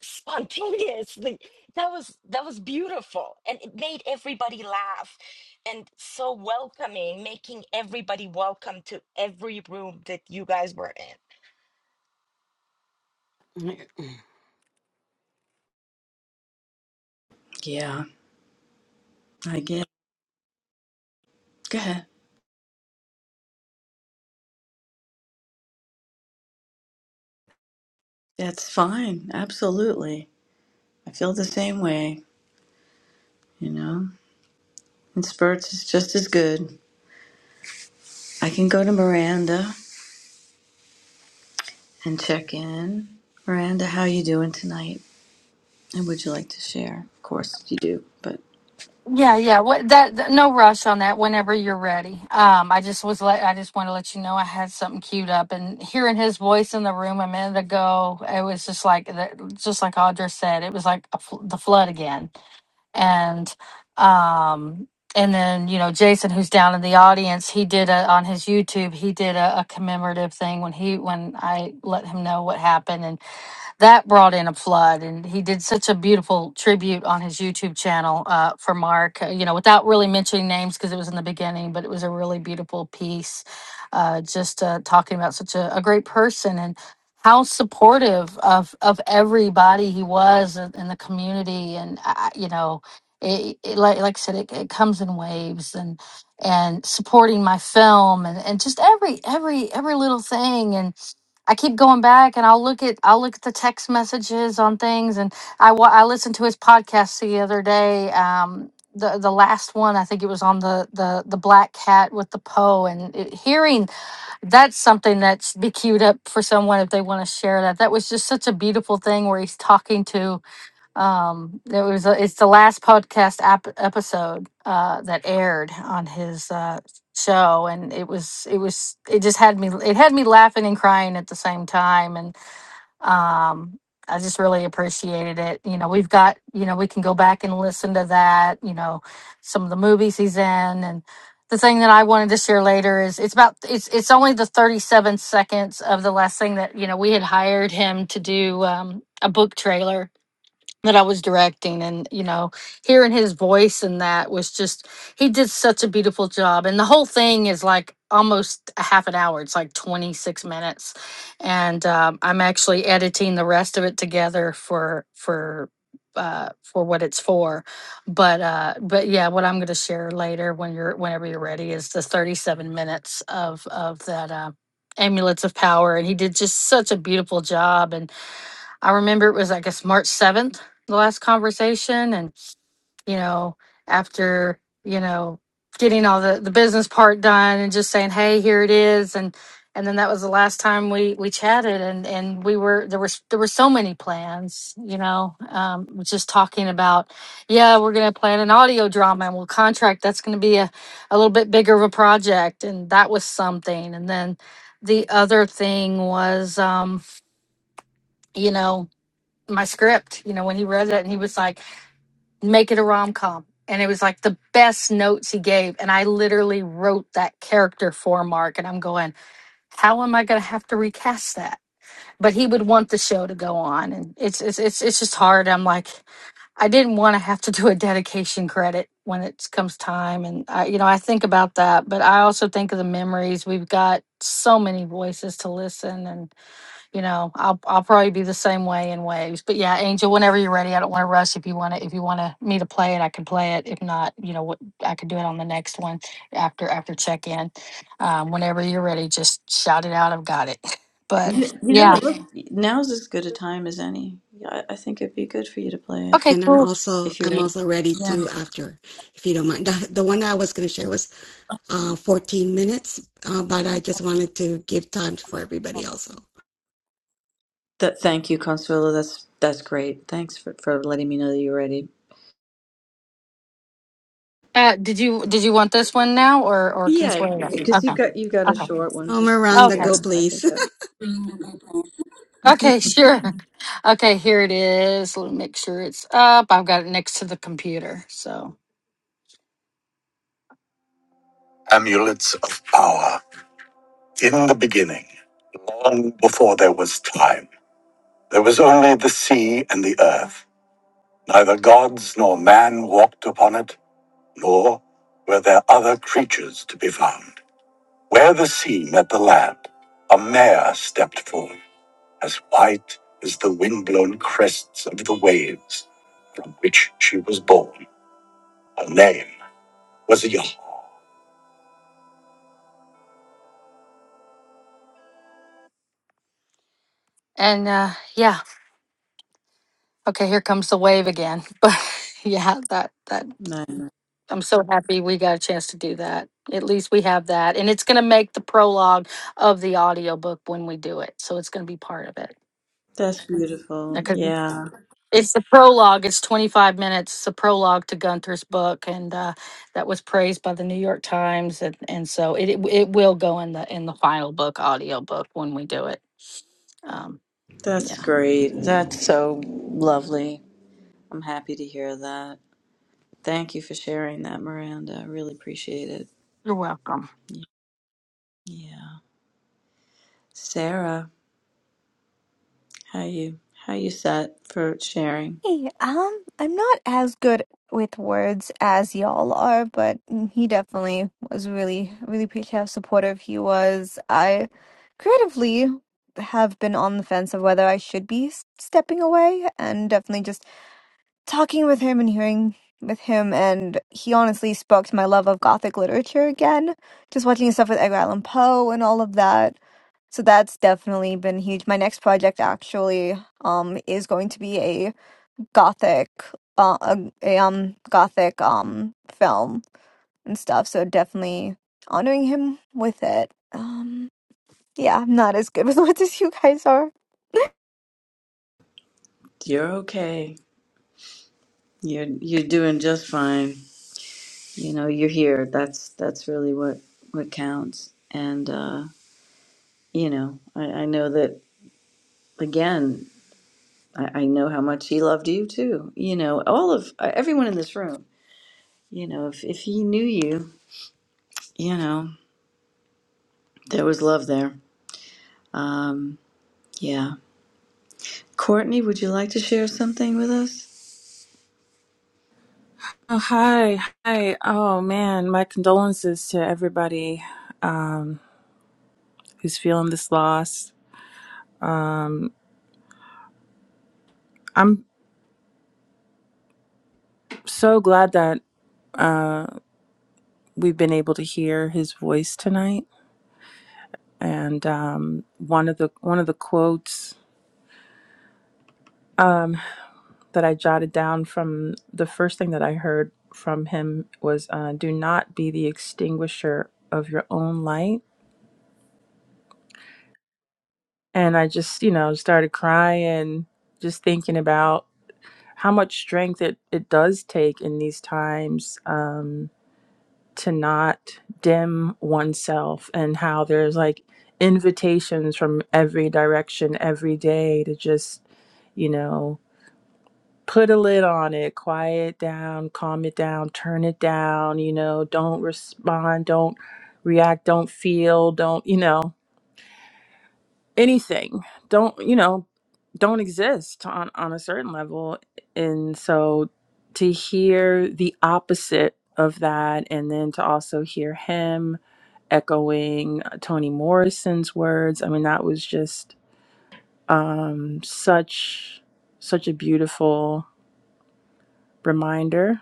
Speaker 9: spontaneously that was that was beautiful and it made everybody laugh and so welcoming making everybody welcome to every room that you guys were in
Speaker 1: Yeah, I get. it. Go ahead. That's fine. Absolutely. I feel the same way. You know, and spurts is just as good. I can go to Miranda. and check in. Miranda, how you doing tonight? And would you like to share? Of course you do, but
Speaker 12: Yeah, yeah. What that? th- No rush on that. Whenever you're ready. Um, I just was let. I just want to let you know I had something queued up, and hearing his voice in the room a minute ago, it was just like that- just like Audra said, it was like a, fl- the flood again. And um, and then you know Jason, who's down in the audience, he did a on his YouTube, he did a, a commemorative thing when he when I let him know what happened, that brought in a flood and he did such a beautiful tribute on his youtube channel uh, for mark uh, you know without really mentioning names because it was in the beginning but it was a really beautiful piece uh, just uh, talking about such a, a great person and how supportive of of everybody he was in in the community and I- I- you know it, it like, like i said it, it comes in waves and and supporting my film and, and just every every every little thing and. I keep going back and I'll look at I'll look at the text messages on things and I wa- I listened to his podcast the other day um the the last one I think it was on the the the black cat with the Poe and it, hearing that's something that's be queued up for someone if they want to share that that was just such a beautiful thing where he's talking to um there was a, it's the last podcast ap- episode uh that aired on his uh show and it was it was it just had me it had me laughing and crying at the same time and um I just really appreciated it. You know, we've got, you know, we can go back and listen to that, you know, some of the movies he's in and the thing that I wanted to share later is it's about it's it's only the 37 seconds of the last thing that, you know, we had hired him to do um a book trailer that I was directing and you know hearing his voice and that was just he did such a beautiful job and the whole thing is like almost a half an hour it's like 26 minutes and um, I'm actually editing the rest of it together for for uh for what it's for but uh but yeah what I'm going to share later when you're whenever you're ready is the 37 minutes of of that uh amulets of power and he did just such a beautiful job and I remember it was, I guess, March 7th, the last conversation. And, you know, after, you know, getting all the, the business part done and just saying, hey, here it is. And, and then that was the last time we, we chatted and, and we were, there was, there were so many plans, you know, um, just talking about, yeah, we're going to plan an audio drama and we'll contract. That's going to be a, a little bit bigger of a project. And that was something. And then the other thing was, um, you know, my script, you know, when he read it and he was like, make it a rom com. And it was like the best notes he gave. And I literally wrote that character for Mark. And I'm going, how am I going to have to recast that? But he would want the show to go on. And it's, it's, it's, it's just hard. I'm like, I didn't want to have to do a dedication credit when it comes time. And I, you know, I think about that, but I also think of the memories. We've got so many voices to listen you know, I'll I'll probably be the same way in waves. But yeah, Angel, whenever you're ready, I don't want to rush. If you want to, if you want to me to play it, I can play it. If not, you know what, I can do it on the next one after after check in. Um, whenever you're ready, just shout it out. I've got it. But
Speaker 1: you, you know
Speaker 12: yeah,
Speaker 1: what? Look, now's as good a time as any. Yeah, I, I think it'd be good for you to play it
Speaker 12: okay,
Speaker 4: and I'm
Speaker 12: cool.
Speaker 4: also
Speaker 1: if you're.
Speaker 4: I'm
Speaker 1: ready.
Speaker 4: also ready to after, if you don't mind. The, the one I was going to share was uh, 14 minutes, uh, but I just wanted to give time for everybody also.
Speaker 1: That thank you, Consuelo. That's that's great. Thanks for, for letting me know that you're ready.
Speaker 12: Uh, did you did you want this one now or or can
Speaker 1: Yeah,
Speaker 12: Consuelo?
Speaker 1: because
Speaker 12: Okay,
Speaker 1: you got you got a
Speaker 12: okay,
Speaker 1: short one
Speaker 4: Oh,
Speaker 1: just to
Speaker 4: Miranda,
Speaker 12: okay,
Speaker 4: go
Speaker 1: share. I think
Speaker 4: please.
Speaker 1: that
Speaker 12: okay, sure. Okay, here it is. Let me make sure it's up. I've got it next to the computer, so. amulets of power. In the beginning, long before there was time, there was only the sea and the earth. Neither gods nor man walked upon it, nor were there other creatures to be found. Where the sea met the land, a mare stepped forth, as white as the windblown crests of the waves from which she was born. Her name was Yah. And uh, yeah, okay, here comes the wave again. But yeah, that that.
Speaker 1: no,
Speaker 12: I'm so happy we got a chance to do that. At least we have that. And it's going to make the prologue of the audiobook when we do it. So it's going to be part of it.
Speaker 1: that's beautiful.
Speaker 12: Because
Speaker 1: Yeah,
Speaker 12: it's the prologue, it's 25 minutes. It's a prologue to Gunther's book. And uh, that was praised by the New York Times. And, and so it, it, it will go in the in the final book, audiobook, when we do it. Um, yeah,
Speaker 1: that's great. That's so lovely. I'm happy to hear that. Thank you for sharing that, Miranda. I really appreciate it.
Speaker 12: you're welcome.
Speaker 1: Yeah. Sarah, how you how you set for sharing?
Speaker 13: Hey, um, I'm not as good with words as y'all are, but mm, he definitely was really, really appreciative, how supportive he was. I creatively have been on the fence of whether I should be s- stepping away, and definitely just talking with him and hearing with him, and he honestly spoke to my love of Gothic literature again, just watching stuff with Edgar Allan Poe and all of that. So that's definitely been huge. My next project actually um is going to be a gothic uh, a, um gothic um film and stuff so definitely honoring him with it um yeah i'm not as good with words as you guys are
Speaker 1: You're okay. You're you're doing just fine. You know, you're here. That's that's really what what counts. And uh, you know, I, I know that again, I, I know how much he loved you too. You know, all of uh, everyone in this room. You know, if if he knew you, you know, there was love there. Um, yeah. Courtney, would you like to share something with us?
Speaker 14: Oh, hi. Hi. Oh, man. My condolences to everybody who's feeling this loss. I'm so glad that we've been able to hear his voice tonight. And um, one of the one of the quotes that I jotted down from the first thing that I heard from him was, uh, "Do not be the extinguisher of your own light." And I just, you know, started crying, just thinking about how much strength it, it does take in these times. Um, to not dim oneself and how there's like invitations from every direction every day to just, you know, put a lid on it, quiet it down, calm it down, turn it down, you know, don't respond, don't react, don't feel, don't, you know, anything. Don't, you know, don't exist on on a certain level. And so to hear the opposite of that and then to also hear him echoing uh, Toni Morrison's words. I mean, that was just um, such such a beautiful reminder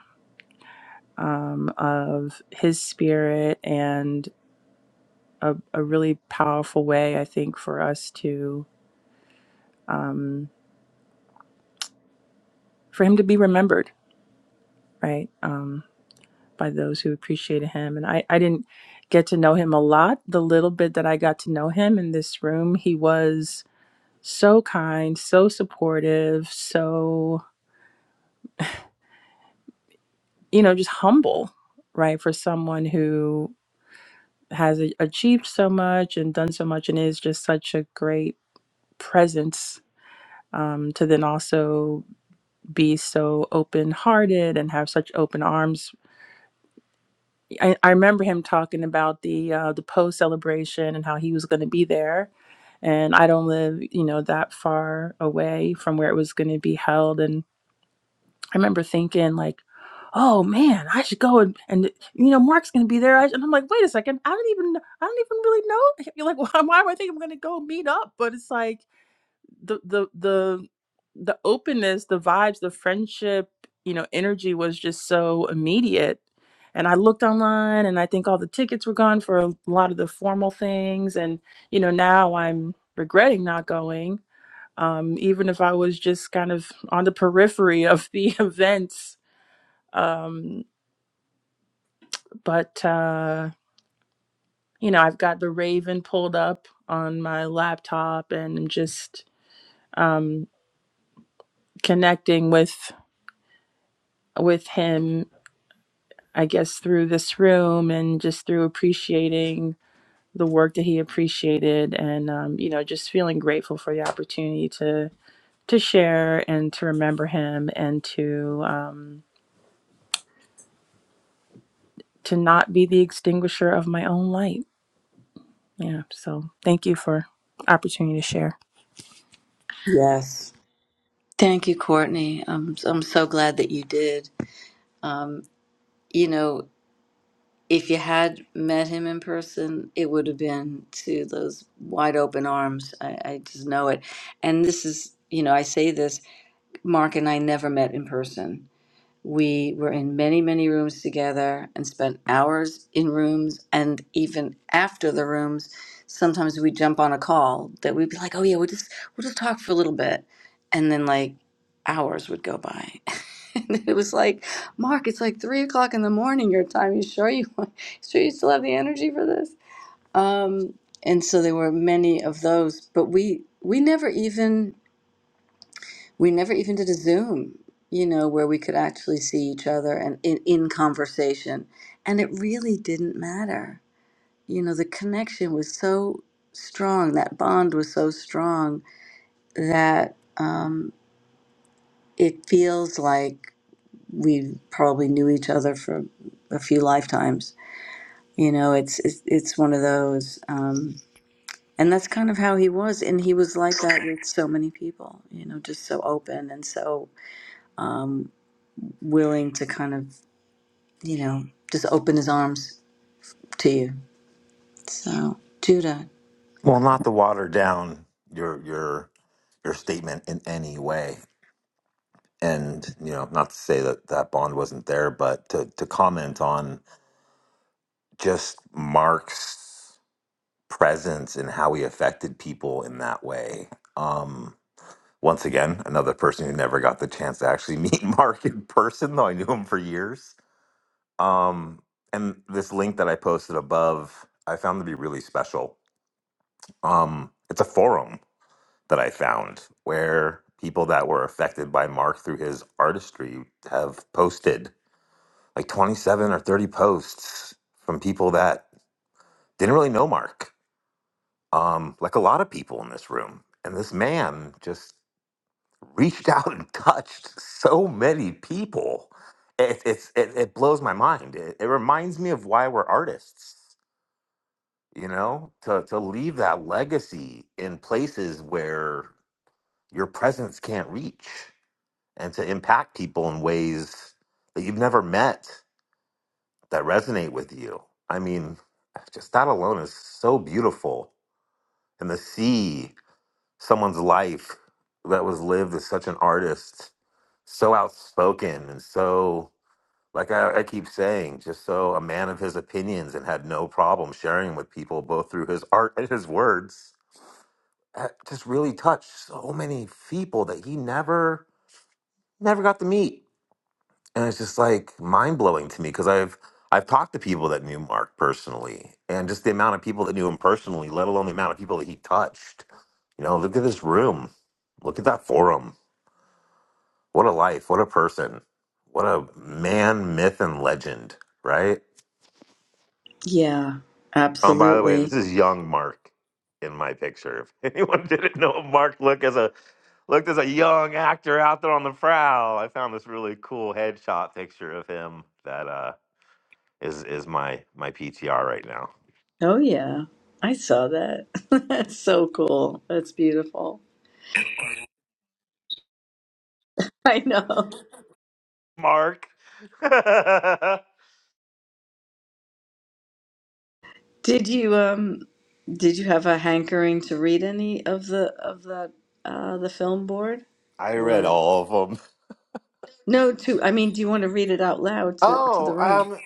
Speaker 14: um, of his spirit and a, a really powerful way, I think, for us to um, for him to be remembered, right, um, by those who appreciated him. And I, I didn't get to know him a lot. The little bit that I got to know him in this room, he was so kind, so supportive, so you know, just humble, right? For someone who has a- achieved so much and done so much and is just such a great presence um, to then also be so open hearted and have such open arms. I, I remember him talking about the uh, the Poe celebration and how he was going to be there. And I don't live, you know, that far away from where it was going to be held. I remember thinking like, oh man, I should go and, and you know Mark's gonna be there. I, and I'm like, wait a second, I don't even I don't even really know. You're like, why, why am I think I'm gonna go meet up? But it's like the the the the openness, the vibes, the friendship, you know, energy was just so immediate. And I looked online, and I think all the tickets were gone for a lot of the formal things. And you know, now I'm regretting not going. Um, even if I was just kind of on the periphery of the events, um, but uh, you know, I've got the Raven pulled up on my laptop and I'm just um, connecting with with him, I guess, through this room and just through appreciating the work that he appreciated and um, you know, just feeling grateful for the opportunity to to share and to remember him and to um, to not be the extinguisher of my own light. Yeah. So thank you for opportunity to share.
Speaker 1: Dang, I'm, I'm good. Um, you know, if I'd met him in person, it would have been to those wide open arms. I, I just know it. And this is, you know, I say this, Mark and I never met in person. We were in many, many rooms together and spent hours in rooms. And even after the rooms, sometimes we'd jump on a call that we'd be like, oh, yeah, we'll just, we'll just talk for a little bit. And then like hours would go by. and it was like, Mark, it's like three o'clock in the morning your time. You sure you, want- sure you still have the energy for this? Um, and so there were many of those, but we, we never even we never even did a Zoom, you know, where we could actually see each other and in, in conversation. And it really didn't matter. You know, the connection was so strong, that bond was so strong that um, it feels like we probably knew each other for a few lifetimes. You know, it's it's, it's one of those. Um, and that's kind of how he was. And he was like that with so many people, you know, just so open and so um, willing to kind of you know, just open his arms to you. So, Judah,
Speaker 2: well not to water down your your your statement in any way and you know not to say that that bond wasn't there but to to comment on just mark's presence and how he affected people in that way. Um, once again, another person who never got the chance to actually meet Mark in person, though I knew him for years. Um, and this link that I posted above, I found to be really special. Um, it's a forum that I found where people that were affected by Mark through his artistry have posted like 27 or 30 posts from people that didn't really know Mark um, like a lot of people in this room. And this man just reached out and touched so many people. It, it's it, it blows my mind. It, it reminds me of why we're artists, you know, to to leave that legacy in places where your presence can't reach, and to impact people in ways that you've never met that resonate with you. I mean, just that alone is so beautiful, and the sea someone's life that was lived as such an artist, so outspoken and so like I, I keep saying, just so a man of his opinions and had no problem sharing with people both through his art and his words. uh, Just really touched so many people that he never never got to meet, and it's just like mind blowing to me because I've I've talked to people that knew Mark personally, and just the amount of people that knew him personally, let alone the amount of people that he touched. You know, look at this room, look at that forum, What a life. What a person. What a man, myth, and legend, right?
Speaker 1: Yeah,
Speaker 2: Oh, and by the way, this
Speaker 1: absolutely.
Speaker 2: is young Mark in my picture. If anyone didn't know Mark looked as a looked as a young actor out there on the prowl, I found this really cool headshot picture of him that uh is is my my PTR right now.
Speaker 1: Oh, yeah. I saw that. That's so cool. That's beautiful. I know.
Speaker 2: Mark. I
Speaker 1: Did you um did you have a hankering to read any of the of the uh the film board
Speaker 2: read
Speaker 1: or
Speaker 2: all of them.
Speaker 1: no to I mean do you want to read it out loud to to
Speaker 2: Oh,
Speaker 1: the room?
Speaker 2: um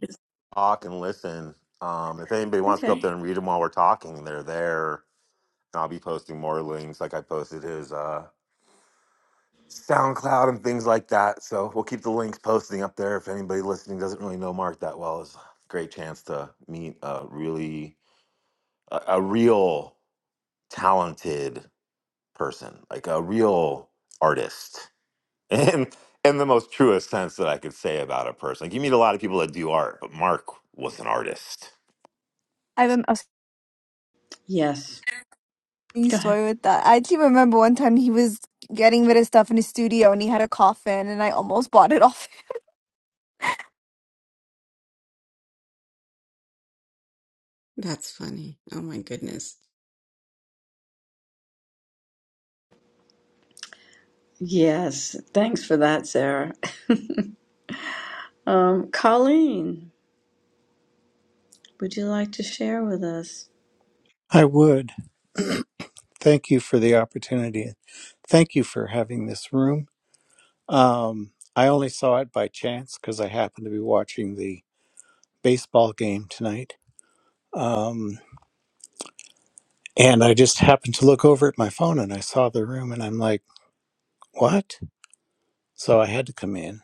Speaker 1: It's-
Speaker 2: talk and listen. Um if anybody wants to go up
Speaker 1: Okay.
Speaker 2: there and read them while we're talking, they're there I'll be posting more links like I posted his uh SoundCloud and things like that. So we'll keep the links posting up there. If anybody listening doesn't really know Mark that well, it's a great chance to meet a really a, a real talented person, like a real artist. And in the most truest sense that I could say about a person. Like you meet a lot of people that do art, but Mark was an artist.
Speaker 13: i have an
Speaker 1: Yes.
Speaker 13: amazing
Speaker 1: Go ahead.
Speaker 13: story with that i actually remember one time he was getting rid of stuff in his studio and he had a coffin and i almost bought it off
Speaker 4: That's funny. Oh my goodness.
Speaker 1: Yes. Thanks for that, Sarah. Um Colleen, would you like to share with us?
Speaker 15: I would. Thank you for the opportunity. Thank you for having this room. Um, I only saw it by chance because I happened to be watching the baseball game tonight. Um, and I just happened to look over at my phone and I saw the room and I'm like, what? So I had to come in.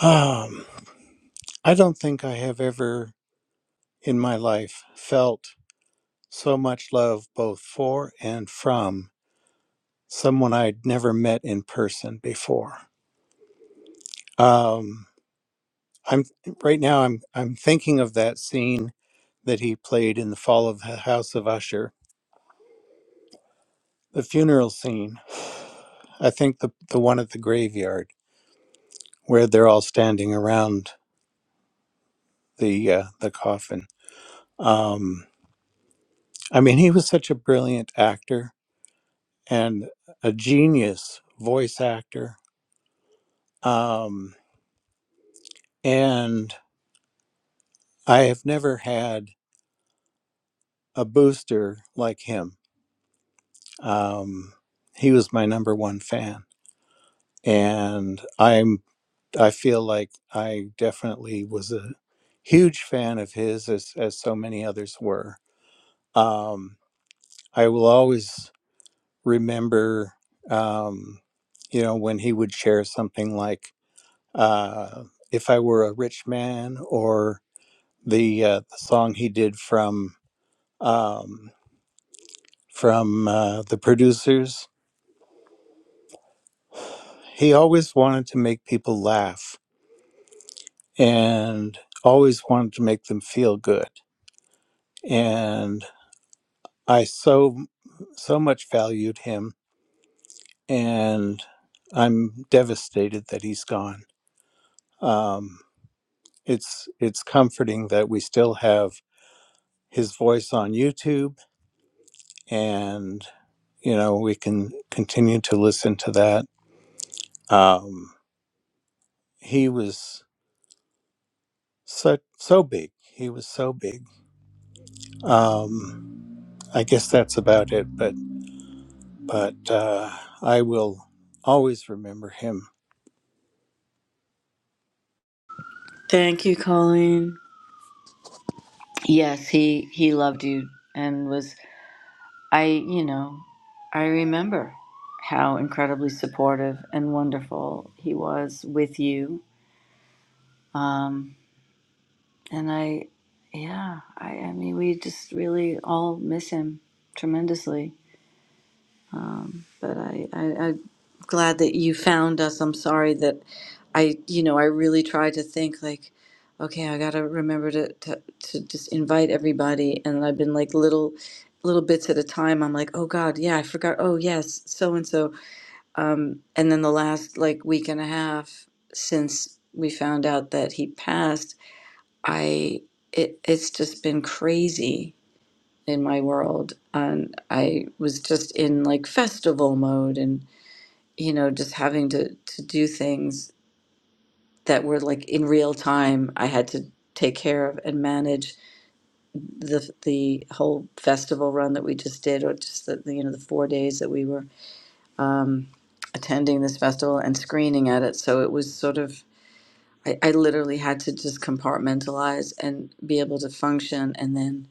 Speaker 15: Um, I don't think I have ever in my life felt so much love both for and from someone I'd never met in person before. Um, I'm right now. I'm I'm thinking of that scene that he played in the Fall of the House of Usher, the funeral scene. I think the the one at the graveyard where they're all standing around the uh, the coffin. Um, I mean, he was such a brilliant actor and a genius voice actor. Um, and I have never had a booster like him. Um, he was my number one fan and I'm I feel like I definitely was a huge fan of his as as so many others were. Um, I will always remember, um, you know, when he would share something like uh, "If I Were a Rich Man" or the uh, the song he did from um, from uh, the producers. He always wanted to make people laugh and always wanted to make them feel good and I so so much valued him, and I'm devastated that he's gone. Um, it's it's comforting that we still have his voice on YouTube, and you know we can continue to listen to that. Um, he was so so big. He was so big. Um, I guess that's about it. But but uh, I will always remember him
Speaker 1: Thank you, Colleen. Yes, he he loved you and was I, you know, I remember how incredibly supportive and wonderful he was with you. Um and I yeah, I I mean we just really all miss him tremendously. Um, but I, I, I'm glad that you found us. I'm sorry that I, you know, I really tried to think like, okay, I gotta remember to, to, to just invite everybody. And I've been like little, little bits at a time. I'm like, oh God, yeah, I forgot. Oh yes, so and so. Um, and then the last like week and a half since we found out that he passed, I, it, it's just been crazy in my world and i was just in like festival mode and you know just having to to do things that were like in real time i had to take care of and manage the the whole festival run that we just did or just the the, you know the four days that we were um attending this festival and screening at it so it was sort of I, I literally had to just compartmentalize and be able to function and then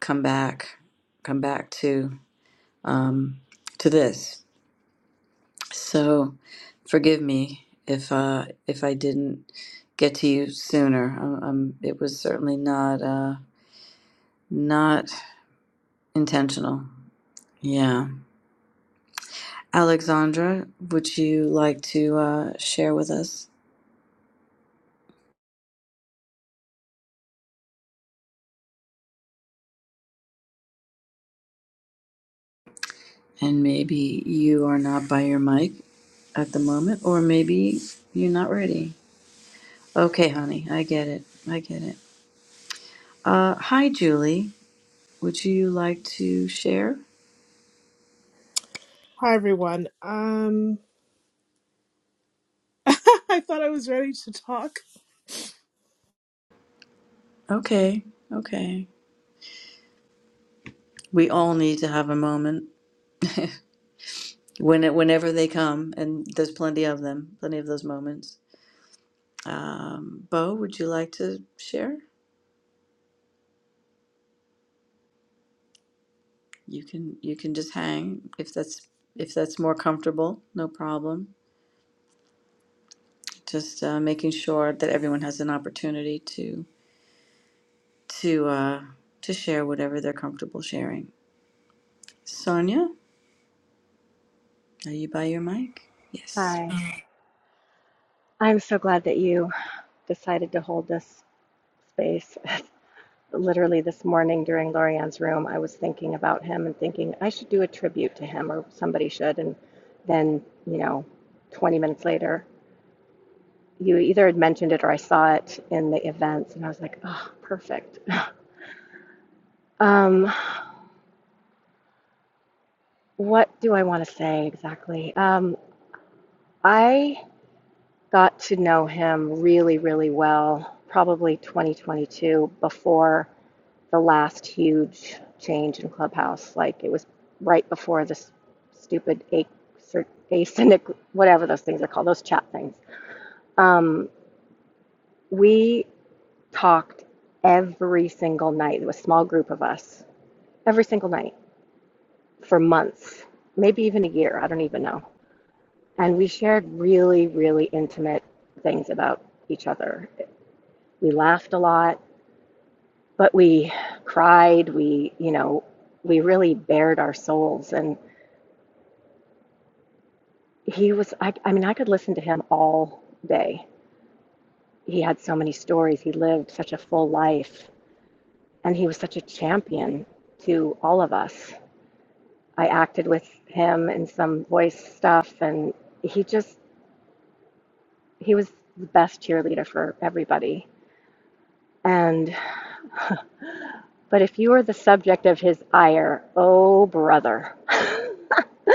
Speaker 1: come back come back to um, to this. So forgive me if uh, if I didn't get to you sooner. Um, um, it was certainly not uh, not intentional. Yeah, Alexandra, would you like to uh, share with us? And maybe you are not by your mic at the moment, or maybe you're not ready. Okay, honey, I get it. I get it. Uh, hi, Julie. Would you like to share?
Speaker 16: Hi everyone. Um, I thought I was ready to talk.
Speaker 1: Okay, okay. We all need to have a moment when it, whenever they come, and there's plenty of them, plenty of those moments. Um, Bo, would you like to share? You can you can just hang if that's if that's more comfortable, no problem. Just uh, making sure that everyone has an opportunity to to uh, to share whatever they're comfortable sharing. Sonia, are you by your mic? Yes.
Speaker 17: Hi. I'm so glad that you decided to hold this space. Literally this morning during Lorianne's room, I was thinking about him and thinking I should do a tribute to him or somebody should. And then, you know, 20 minutes later, you either had mentioned it or I saw it in the events and I was like, oh, perfect. Um, what do I want to say exactly? Um, I got to know him really, really well, probably 2022 before. the last huge change in Clubhouse. Like it was right before this stupid a- cer- async, whatever those things are called, those chat things. Um, we talked every single night. It was a small group of us, every single night for months, maybe even a year. I don't even know. And we shared really, really intimate things about each other. We laughed a lot, but we cried. We, you know, we really bared our souls and he was I, I mean i could listen to him all day he had so many stories he lived such a full life and he was such a champion to all of us i acted with him in some voice stuff and he just he was the best cheerleader for everybody and but if you were the subject of his ire oh brother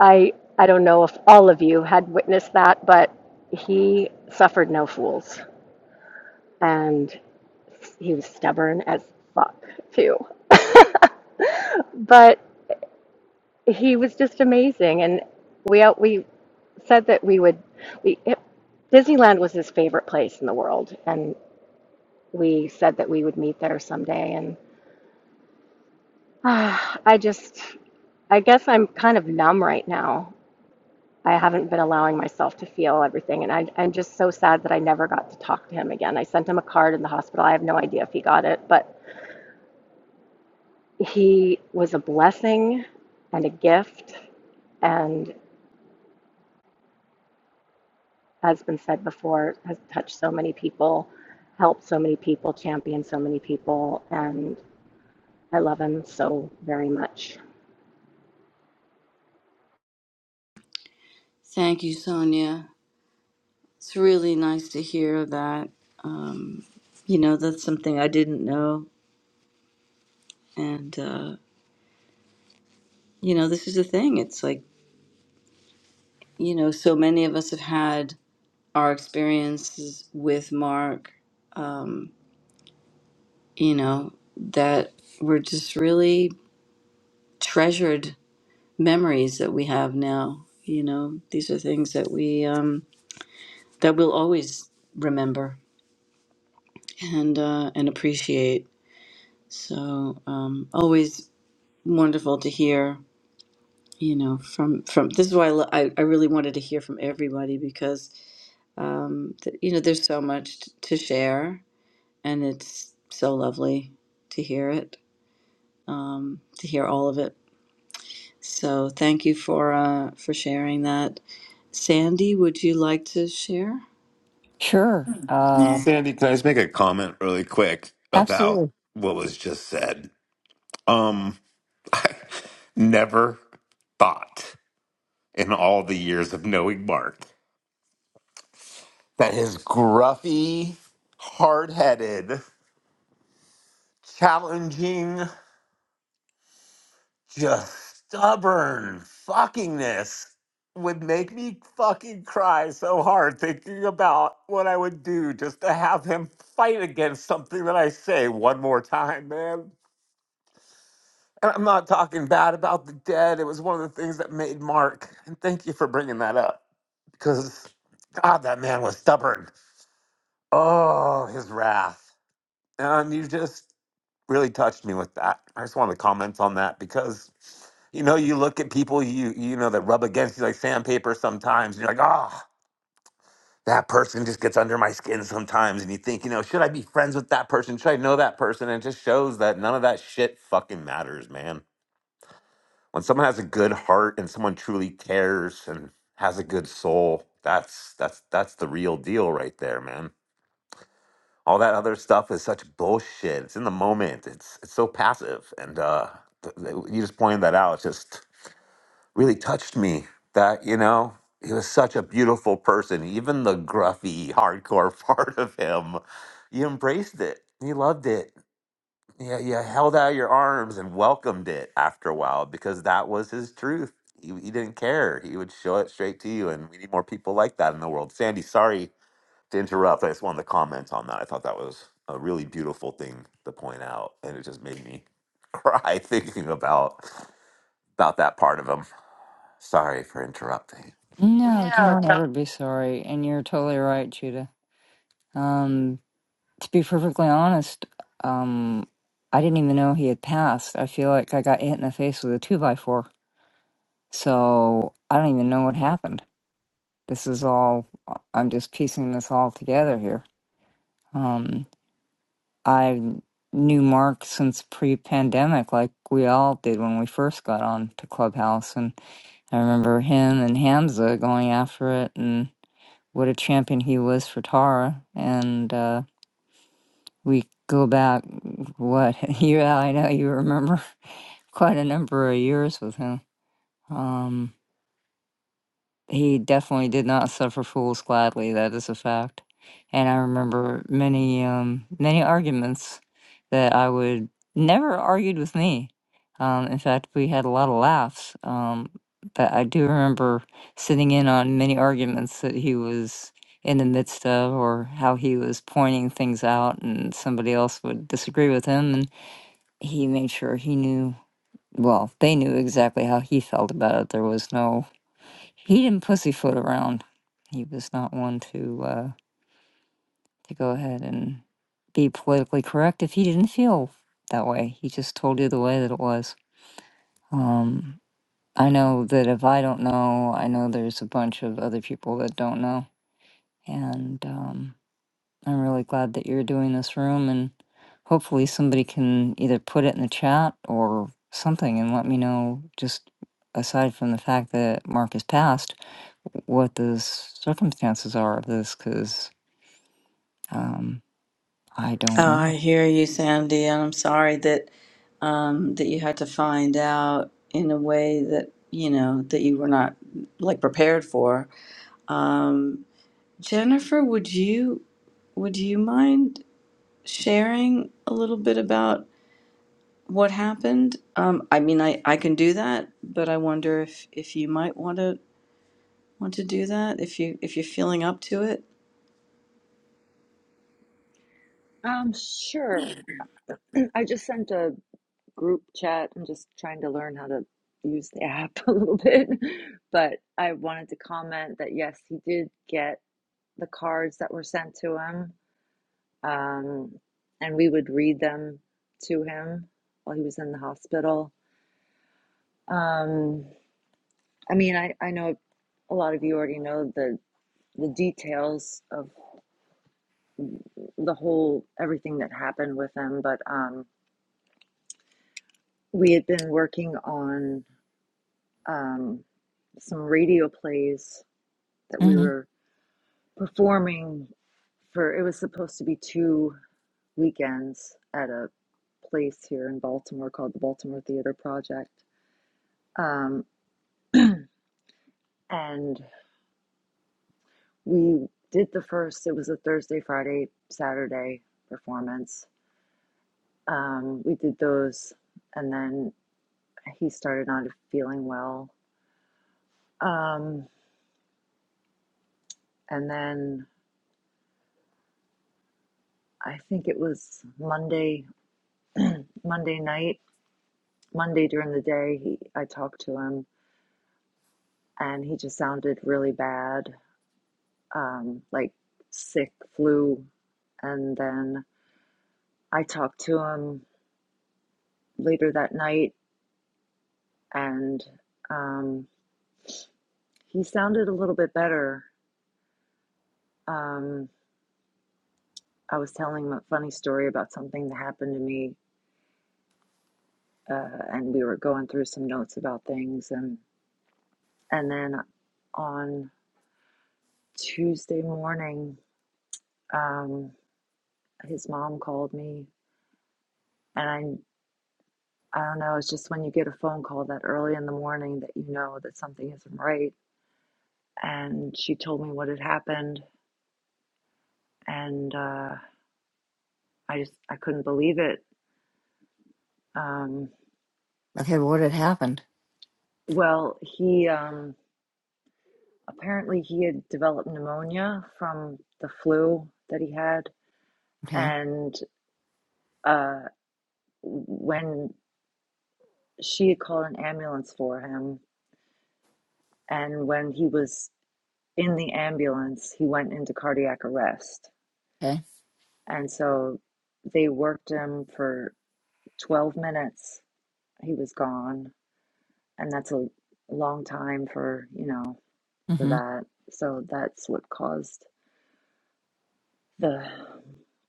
Speaker 17: i i don't know if all of you had witnessed that but he suffered no fools and He was stubborn as fuck too, but he was just amazing. And we out we said that we would we it, Disneyland was his favorite place in the world, and we said that we would meet there someday. And ah, I just I guess I'm kind of numb right now. I haven't been allowing myself to feel everything, and I, I'm just so sad that I never got to talk to him again. I sent him a card in the hospital. I have no idea if he got it, but He was a blessing and a gift, and has been said before, has touched so many people, helped so many people, championed so many people, and I love him so very much.
Speaker 1: Thank you, Sonia. It's really nice to hear that. Um, you know, that's something I didn't know and uh, you know, like had our experiences with Mark, you know, that were just really treasured memories that we have now. You know, these are things that we um, that we'll always remember and uh, and appreciate. So um, always wonderful to hear. You know, from from this is why I, lo- I, I really wanted to hear from everybody because um, th- you know there's so much t- to share and it's so lovely to hear it, um, to hear all of it. So thank you for uh, for sharing that. Sandy, would you like to share?
Speaker 18: Sure. Uh,
Speaker 2: Sandy, can I just make a comment really quick about
Speaker 18: absolutely.
Speaker 2: what was just said? Um, I never thought in all the years of knowing Mark that his gruffy, hard headed, challenging, just stubborn fuckingness would make me fucking cry so hard thinking about what I would do just to have him fight against something that I say one more time, man. And I'm not talking bad about the dead. It was one of the things that made Mark. And thank you for bringing that up. because God, that man was stubborn. Oh, his wrath. And you just really touched me with that. I just wanted to comment on that because you know, you look at people you you know that rub against you like sandpaper sometimes, and you're like, ah, that person just gets under my skin sometimes, and you think, you know, should I be friends with that person? Should I know that person? And it just shows that none of that shit fucking matters, man. When someone has a good heart and someone truly cares and has a good soul, that's that's that's the real deal right there, man. all that other stuff is such bullshit. It's in the moment. It's it's so passive, and uh, th- th- you just pointed that out. It just really touched me. That you know, he was such a beautiful person. Even the gruffy, hardcore part of him, you embraced it. You loved it. Yeah, you, you held out your arms and welcomed it after a while because that was his truth. He, he didn't care. He would show it straight to you, and we need more people like that in the world. Sandy, sorry to interrupt, I just wanted to comment on that. I thought that was a really beautiful thing to point out, and it just made me cry thinking about about that part of him. Sorry for interrupting.
Speaker 18: No,
Speaker 2: No,
Speaker 18: don't
Speaker 2: do
Speaker 18: ever be sorry. And you're totally right, Judah. Um, to be perfectly honest, um, I didn't even know he had passed. I feel like I got hit in the face with a two by four. So I don't even know what happened. This is all, uh, I'm just piecing this all together here. Um, I knew Mark since pre pandemic, like we all did when we first got on to Clubhouse. And I remember him and Hamza going after it. and. what a champion he was for Tara. And uh, we go back, what? Yeah, I know you remember quite a number of years with him. Um, He definitely did not suffer fools gladly. That is a fact. And I remember many, um, many arguments that I would never argued with me. Um, in fact, we had a lot of laughs. Um, but I do remember sitting in on many arguments that he was in the midst of, or how he was pointing things out, and somebody else would disagree with him, and he made sure he knew. Well, they knew exactly how he felt about it. There was no he didn't pussyfoot around. He was not one to uh, to go ahead and be politically correct if he didn't feel that way. He just told you the way that it was. Um, I know that if I don't know, I know there's a bunch of other people that don't know, and um, I'm really glad that you're doing this room and hopefully somebody can either put it in the chat or something and let me know just aside from the fact that Mark has passed what the circumstances are of this because um, I don't
Speaker 1: Oh, I
Speaker 18: know.
Speaker 1: hear you, Sandy, and I'm sorry that um, that you had to find out in a way that you know that you were not like prepared for. Um, Jennifer, would you would you mind sharing a little bit about? what happened. Um, I mean, I, I can do that, but I wonder if, if you might want to want to do that if you if you're feeling up to it.
Speaker 7: Um, sure. I just sent a group chat. I'm just trying to learn how to use the app a little bit. But I wanted to comment that yes, he did get the cards that were sent to him. Um, and we would read them to him while he was in the hospital. Um, I mean, I, I know a lot of you already know the the details of the whole everything that happened with him, but um, We had been working on um, some radio plays that we
Speaker 18: hmm
Speaker 7: were performing for, it was supposed to be two weekends at a place here in Baltimore called the Baltimore Theater Project. Um, and we did the first, it was a Thursday, Friday, Saturday performance. Um, we did those, and then he started not feeling well. Um, and then I think it was Monday Monday night, Monday during the day, he I talked to him and he just sounded really bad, um, like sick flu. And then I talked to him later that night and um, he sounded a little bit better. Um, I was telling him a funny story about something that happened to me uh, and we were going through some notes about things and and then on Tuesday morning, um, his mom called me And I, I don't know, it's just when you get a phone call that early in the morning that you know that something isn't right. And she told me what had happened, and uh, I just I couldn't believe it. Um,
Speaker 18: Okay, what had happened?
Speaker 7: well, he um, apparently he had developed pneumonia from the flu that he had,
Speaker 18: Okay,
Speaker 7: and uh, when she had called an ambulance for him, and when he was in the ambulance, he went into cardiac arrest
Speaker 18: okay.
Speaker 7: And so they worked him for 12 minutes. He was gone. And that's a long time for, you know, for
Speaker 18: hmm
Speaker 7: that. So that's what caused the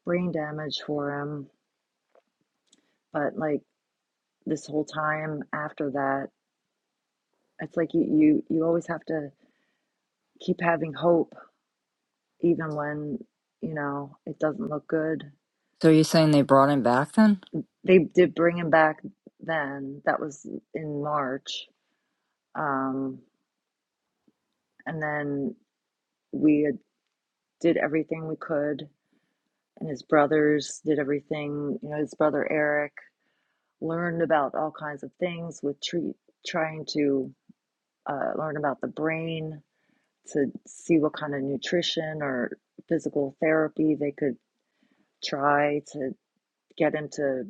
Speaker 7: brain damage for him. But like this whole time after that, it's like you, you, you always have to keep having hope, even when, you know, it doesn't look good.
Speaker 18: So you're saying they brought him back then?
Speaker 7: They did bring him back then. That was in March. Um, and then we did everything we could, and his brothers did everything. You know, his brother Eric learned about all kinds of things with treat, trying to uh, learn about the brain to see what kind of nutrition or physical therapy they could try to get him to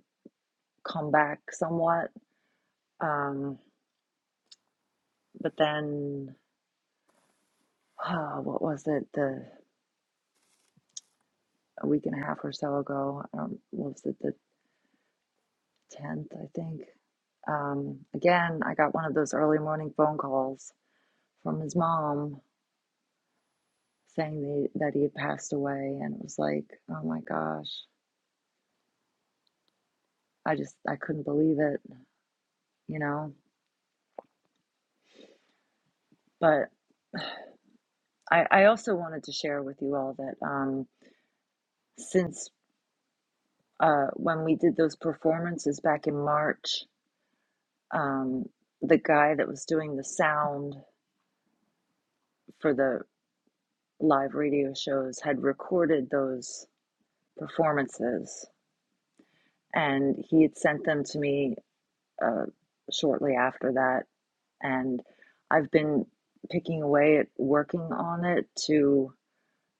Speaker 7: come back somewhat. Um, but then, oh, what was it? The a week and a half or so ago. Um, what was it? The 10th, I think. Um, again, I got one of those early morning phone calls from his mom saying that that he had passed away, and it was like, oh my gosh, I just I couldn't believe it, you know. But I, I also wanted to share with you all that um, since uh, when we did those performances back in March, um, the guy that was doing the sound for the live radio shows had recorded those performances and he had sent them to me uh, shortly after that. And I've been picking away at working on it to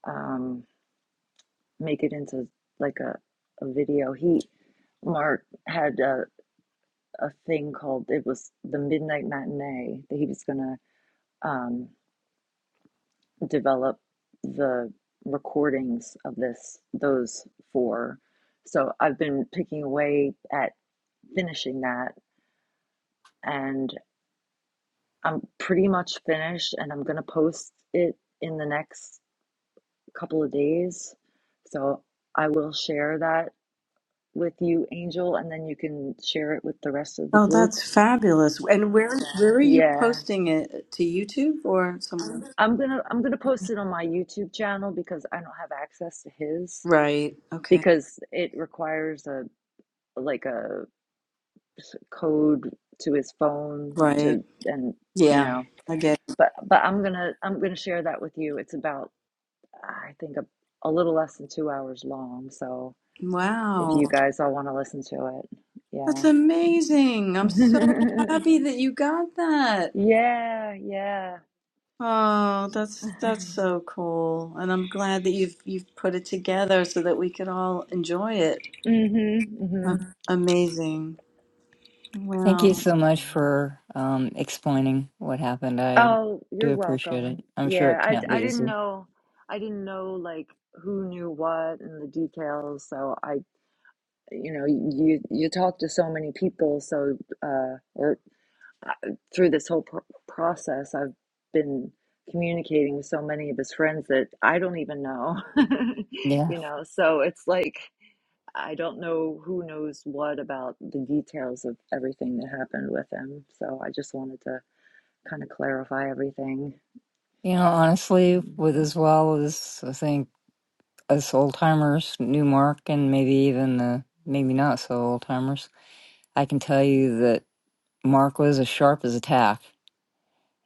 Speaker 7: um, make it into like a, a video. He, Mark, had a, a thing called it was the Midnight Matinee that he was gonna um, develop the recordings of this those four. So I've been picking away at finishing that, and I'm pretty much finished and I'm going to post it in the next couple of days. So I will share that with you, Angel, and then you can share it with the rest of the
Speaker 1: Oh,
Speaker 7: group.
Speaker 1: that's fabulous! And where where are you
Speaker 7: Yeah.
Speaker 1: posting it to YouTube or somewhere?
Speaker 7: I'm going to I'm going to post it on my YouTube channel because I don't have access to his
Speaker 1: Right. Okay.
Speaker 7: because it requires a like a code to his phone
Speaker 1: Right.
Speaker 7: to and you
Speaker 1: Yeah.
Speaker 7: know
Speaker 1: I get.
Speaker 7: but but I'm going to I'm going to share that with you. It's about I think a, a little less than two hours long. So
Speaker 1: It.
Speaker 7: if you
Speaker 1: Wow,
Speaker 7: guys all want to listen to it, yeah.
Speaker 1: that's amazing! I'm so happy that you got that.
Speaker 7: yeah, yeah.
Speaker 1: Oh, that's that's so cool, and I'm glad that you've you've put it together so that we could all enjoy it.
Speaker 7: Mm-hmm, mm-hmm.
Speaker 1: Um, Amazing.
Speaker 18: Thank
Speaker 1: Wow.
Speaker 18: you so much for um, explaining what happened. I
Speaker 7: Oh,
Speaker 18: do
Speaker 7: you're
Speaker 18: appreciate it.
Speaker 7: welcome.
Speaker 18: I'm sure
Speaker 7: Yeah,
Speaker 18: it
Speaker 7: I I d-
Speaker 18: can't be
Speaker 7: I didn't
Speaker 18: easy.
Speaker 7: know, I didn't know like who knew what and the details. So I, you know, you you talk to so many people, so uh, or uh, through this whole pro- process, I've been communicating with so many of his friends that I don't even know,
Speaker 18: Yeah.
Speaker 7: you know. So it's like I don't know who knows what about the details of everything that happened with him. So I just wanted to kind of clarify everything.
Speaker 18: You know, honestly, with as well as I think us old timers, new Mark, and maybe even the maybe not so old timers, I can tell you that Mark was as sharp as a tack,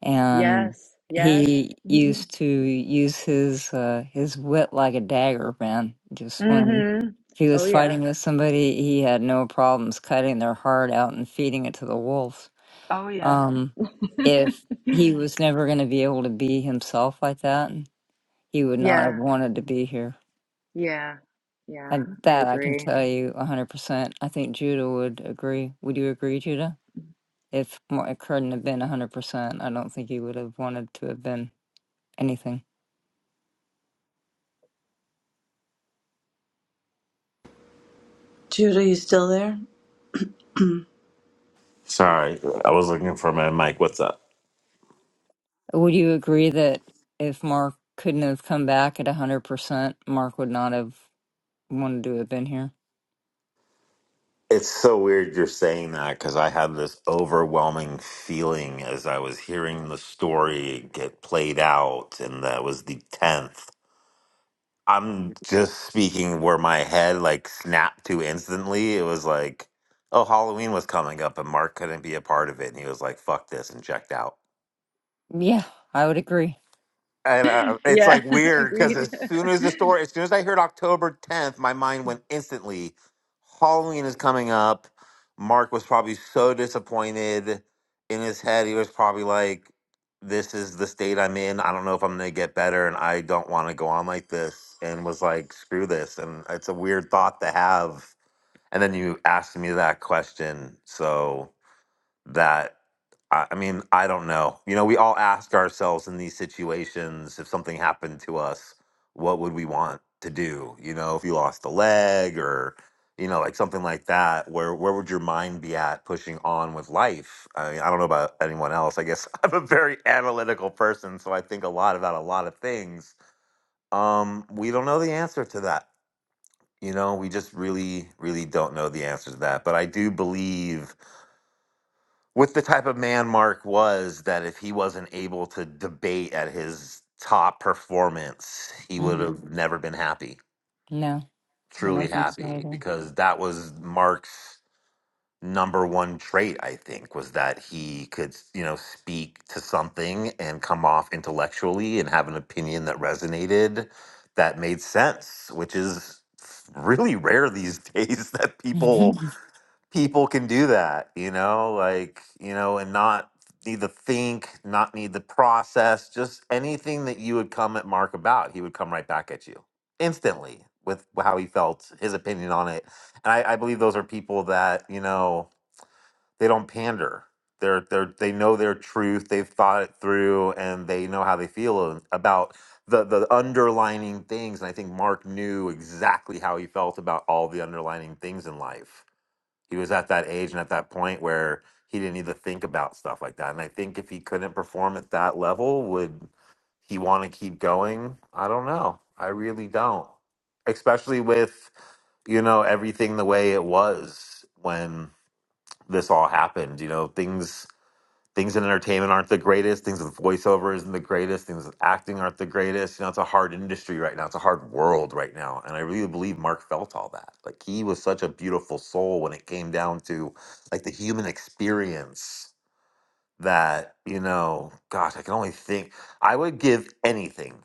Speaker 18: and
Speaker 7: Yes, yes.
Speaker 18: he used to use his uh, his wit like a dagger, man. Just when
Speaker 7: Mm-hmm.
Speaker 18: he was
Speaker 7: Oh, yeah.
Speaker 18: fighting with somebody, he had no problems cutting their heart out and feeding it to the wolves.
Speaker 7: Oh, yeah.
Speaker 18: Um, if he was never going to be able to be himself like that he would not have
Speaker 7: Yeah,
Speaker 18: wanted to be here.
Speaker 7: yeah, yeah.
Speaker 18: And
Speaker 7: I
Speaker 18: that I can
Speaker 7: agree.
Speaker 18: tell you 100%. I think Judah would agree. Would you agree, Judah? If Mar- it couldn't have been 100%, I don't think he would have wanted to have been anything.
Speaker 1: Judah, you still there?
Speaker 2: Sorry, I was looking for my mic. What's up?
Speaker 18: Would you agree that if Mark couldn't have come back at 100%, Mark would not have wanted to have been here?
Speaker 2: It's so weird you're saying that because I had this overwhelming feeling as I was hearing the story get played out, and that was the tenth. I'm just speaking where my head like snapped to instantly. It was like, oh, Halloween was coming up and Mark couldn't be a part of it. And he was like, fuck this and checked out.
Speaker 18: Yeah, I would agree.
Speaker 2: And uh, it's
Speaker 7: Yeah,
Speaker 2: like weird because
Speaker 7: agreed.
Speaker 2: as soon as the story, as soon as I heard October 10th, my mind went instantly. Halloween is coming up. Mark was probably so disappointed in his head. He was probably like, This is the state I'm in. I don't know if I'm going to get better. And I don't want to go on like this. And was like, Screw this. And it's a weird thought to have. And then you asked me that question. So that I, I mean, I don't know. You know, we all ask ourselves in these situations if something happened to us, what would we want to do? You know, if you lost a leg or you know, like something like that, where where would your mind be at pushing on with life? I mean, I don't know about anyone else. I guess I'm a very analytical person, so I think a lot about a lot of things. Um, we don't know the answer to that. You know, we just really, really don't know the answer to that. But I do believe with the type of man Mark was, that if he wasn't able to debate at his top performance, he would
Speaker 18: Mm,
Speaker 2: have never been happy,
Speaker 18: No, I
Speaker 2: truly
Speaker 18: don't think
Speaker 2: happy,
Speaker 18: so
Speaker 2: because that was Mark's number one trait, I think, was that he could, you know, speak to something and come off intellectually and have an opinion that resonated that made sense, which is really rare these days that people
Speaker 18: either.
Speaker 2: people can do that, you know, like, you know, and not need to think, not need the process, just anything that you would come at Mark about, he would come right back at you instantly with how he felt, his opinion on it. And I, I believe those are people that, you know, they don't pander. They're, they're, they know their truth. They've thought it through and they know how they feel about the, the underlining things. And I think Mark knew exactly how he felt about all the underlining things in life he was at that age and at that point where he didn't even think about stuff like that. And I think if he couldn't perform at that level, would he want to keep going? I don't know. I really don't. Especially with, you know, everything the way it was when this all happened. You know, things things in entertainment aren't the greatest. Things with voiceover isn't the greatest. Things with acting aren't the greatest. You know, it's a hard industry right now. It's a hard world right now. And I really believe Mark felt all that. Like he was such a beautiful soul when it came down to like the human experience that, you know, gosh, I can only think I would give anything,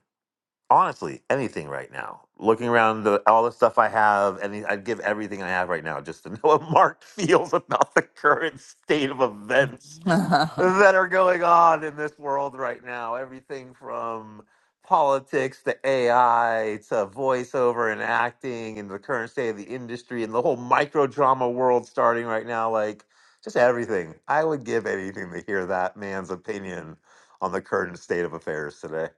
Speaker 2: honestly, anything right now. Looking around the, all the stuff I have, and I'd give everything I have right now just to know what Mark feels about the current state of events that are going on in this world right now. Everything from politics to AI to voiceover and acting and the current state of the industry and the whole micro drama world starting right now. Like, just everything. I would give anything to hear that man's opinion on the current state of affairs today.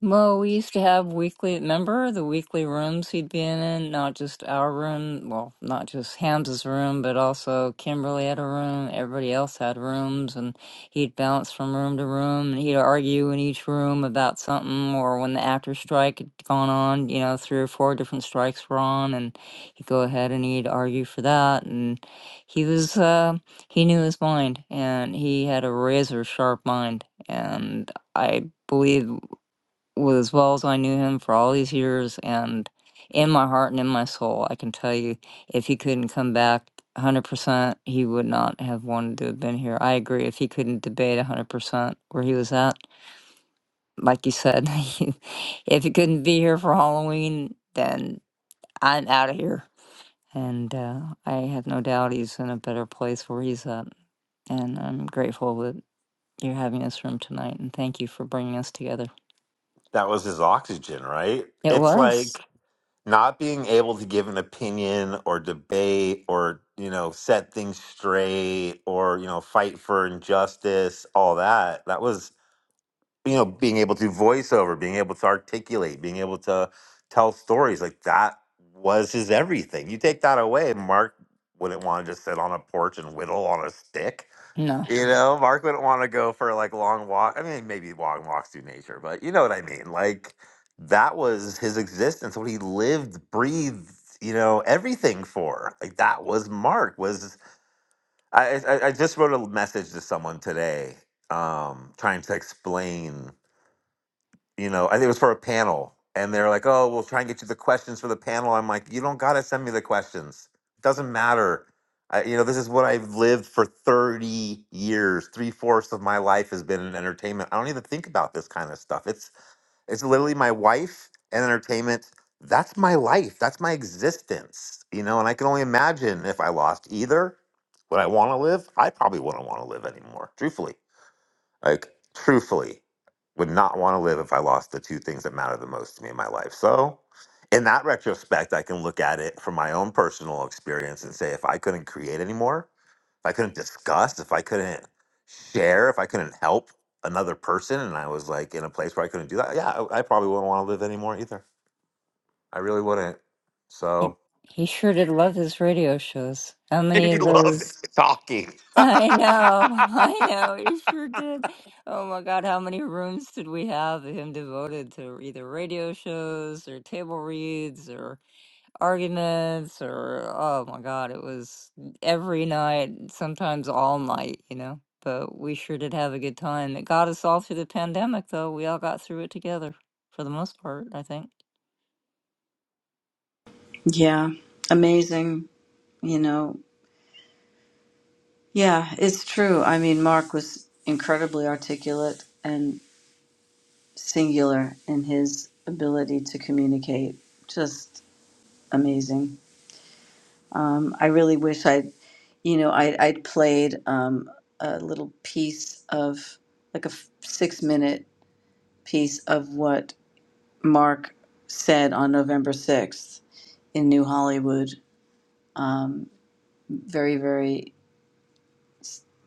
Speaker 18: Well, we used to have weekly, remember the weekly rooms he'd been in, not just our room, well, not just Hamza's room, but also Kimberly had a room, everybody else had rooms, and he'd bounce from room to room, and he'd argue in each room about something, or when the after strike had gone on, you know, three or four different strikes were on, and he'd go ahead and he'd argue for that, and he was, uh, he knew his mind, and he had a razor sharp mind, and I believe was as well as I knew him for all these years. And in my heart and in my soul, I can tell you if he couldn't come back 100%, he would not have wanted to have been here. I agree. If he couldn't debate 100% where he was at, like you said, he- if he couldn't be here for Halloween, then I'm out of here. And uh, I have no doubt he's in a better place where he's at. And I'm grateful that you're having this room tonight. And thank you for bringing us together.
Speaker 2: That was his oxygen, right?
Speaker 18: It
Speaker 2: It's
Speaker 18: was.
Speaker 2: like not being able to give an opinion or debate or you know set things straight or you know fight for injustice all that that was you know being able to voice over being able to articulate being able to tell stories like that was his everything you take that away mark wouldn't want to just sit on a porch and whittle on a stick
Speaker 18: no.
Speaker 2: you know, Mark wouldn't want to go for like long walk. I mean, maybe long walks through nature, but you know what I mean. Like that was his existence, what he lived, breathed, you know, everything for. Like that was Mark. Was I? I, I just wrote a message to someone today, um, trying to explain you know, I think it was for a panel, and they're like, "Oh, we'll try and get you the questions for the panel." I'm like, "You don't gotta send me the questions. It doesn't matter. I, you know, this is what I've lived for 30 years. Three fourths of my life has been in entertainment. I don't even think about this kind of stuff. It's it's literally my wife and entertainment. That's my life. That's my existence. You know, and I can only imagine if I lost either, would I want to live? I probably wouldn't want to live anymore, truthfully. Like, truthfully, would not want to live if I lost the two things that matter the most to me in my life. So, in that retrospect, I can look at it from my own personal experience and say if I couldn't create anymore, if I couldn't discuss, if I couldn't share, if I couldn't help another person and I was like in a place where I couldn't do that, yeah, I, I probably wouldn't want to live anymore either. I really wouldn't.
Speaker 18: And
Speaker 2: So,
Speaker 18: he sure did love his radio shows. How many
Speaker 2: he
Speaker 18: of
Speaker 2: loved
Speaker 18: those?
Speaker 2: talking.
Speaker 18: I know, I know, he sure did. Oh my God, how many rooms did we have of him devoted to either radio shows or table reads or arguments or, oh my God, it was every night, sometimes all night, you know? But we sure did have a good time. It got us all through the pandemic, though. We all got through it together for the most part, I think.
Speaker 1: Yeah. Amazing. You know, yeah, it's true. I mean, Mark was incredibly articulate and singular in his ability to communicate. Just amazing. Um, I really wish I'd, you know, I, I'd played um, a little piece of, like a f- six minute piece of what Mark said on November 6th in New Hollywood um, very, very,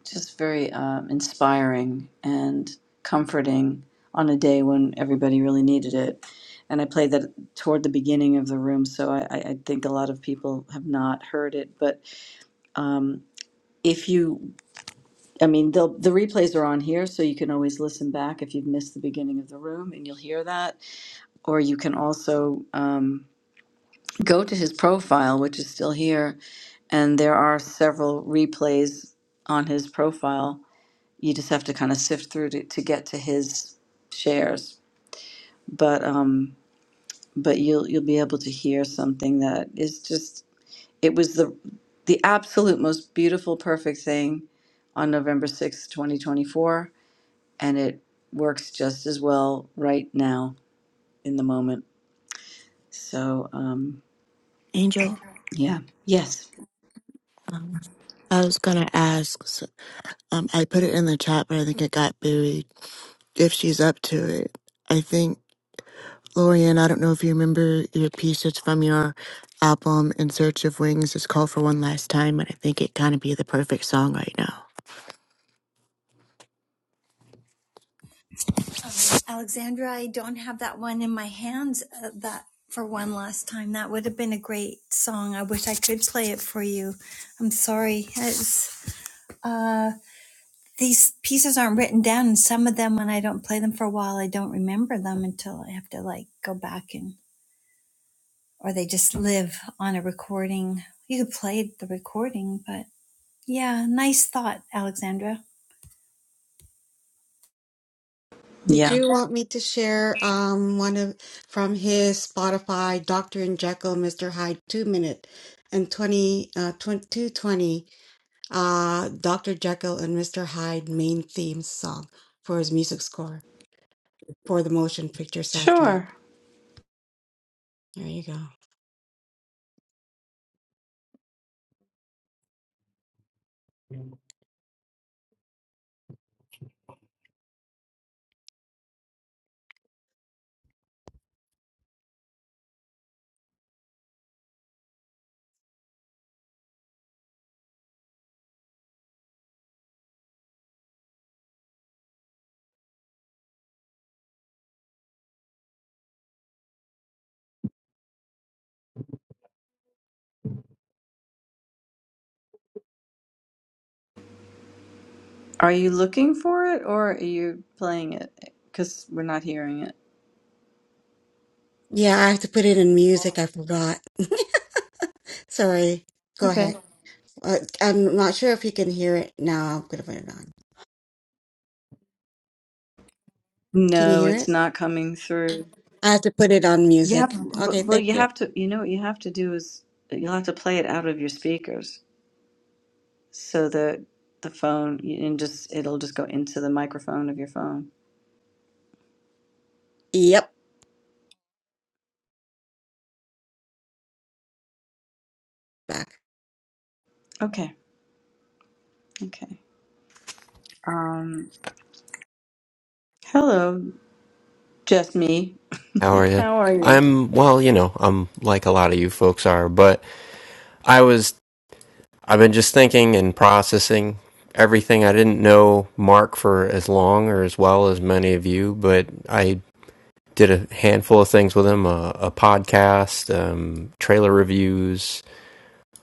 Speaker 1: just very um, inspiring and comforting on a day when everybody really needed it. And I played that toward the beginning of the room, so I, I I think a lot of people have not heard it. But um, if you, I mean, the, the replays are on here, so you can always listen back if you've missed the beginning of the room and you'll hear that. Or you can also um, go to his profile, which is still here, and there are several replays on his profile. You just have to kind of sift through to, to get to his shares, but um, but you'll you'll be able to hear something that is just it was the the absolute most beautiful, perfect thing on November sixth, twenty twenty four, and it works just as well right now in the moment. So um,
Speaker 19: Angel,
Speaker 1: yeah, yes,
Speaker 19: um, I was gonna ask. s- Um, I put it in the chat, but I think it got buried. If she's up to it, I think Lorian. I don't know if you remember your piece. It's from your album "In Search of Wings." It's called "For One Last Time," and I think it kind of be the perfect song right now.
Speaker 8: Alexandra, I don't have that one in my hands. Uh, that for one last time. That would have been a great song. I wish I could play it for you. I'm sorry. It's, uh, these pieces aren't written down, and some of them, when I don't play them for a while, I don't remember them until I have to like go back and, or they just live on a recording. You could play the recording, but yeah, nice thought, Alexandra.
Speaker 4: Did
Speaker 1: yeah,
Speaker 4: you want me to share um one of from his Spotify Dr. and Jekyll, Mr. Hyde, two minute and 20 uh 20, two twenty uh Dr. Jekyll and Mr. Hyde main theme song for his music score? for the motion picture soundtrack.
Speaker 1: sure.
Speaker 4: There you go.
Speaker 1: Are you looking for it or are you playing it? Because we're not hearing it.
Speaker 4: Yeah, I have to put it in music. I forgot. Sorry. Go
Speaker 1: Okay.
Speaker 4: ahead. Uh, I'm not sure if you can hear it now. I'm going to put it on. Can you
Speaker 1: No,
Speaker 4: hear
Speaker 1: it's
Speaker 4: it?
Speaker 1: not coming through.
Speaker 4: I have to put it on
Speaker 1: You have,
Speaker 4: music.
Speaker 1: but-
Speaker 4: Okay,
Speaker 1: well,
Speaker 4: thank
Speaker 1: you
Speaker 4: you.
Speaker 1: have to, you know, what you have to do is you'll have to play it out of your speakers so that the phone, and just, it'll just go into the microphone of your phone.
Speaker 4: Yep, back.
Speaker 1: Okay. Okay. Um, hello, just me.
Speaker 20: How are you?
Speaker 1: How are you?
Speaker 20: I'm well, you know, I'm like a lot of you folks are, but I was I've been just thinking and processing everything I didn't know Mark for as long or as well as many of you, but I did a handful of things with him, a, a podcast, um, trailer reviews,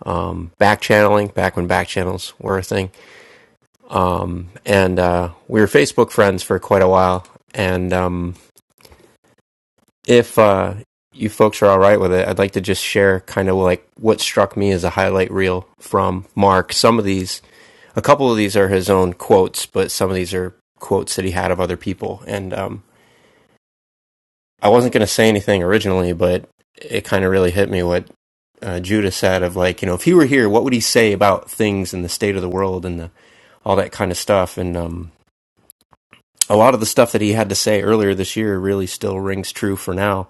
Speaker 20: um, back channeling, back when back channels were a thing. Um, and uh, we were Facebook friends for quite a while. And um, if uh, you folks are all right with it, I'd like to just share kind of like what struck me as a highlight reel from Mark. Some of these, a couple of these are his own quotes, but some of these are quotes that he had of other people. And um, I wasn't going to say anything originally, but it kind of really hit me what uh, Judah said of like, you know, if he were here, what would he say about things and the state of the world and the, all that kind of stuff? And um, a lot of the stuff that he had to say earlier this year really still rings true for now.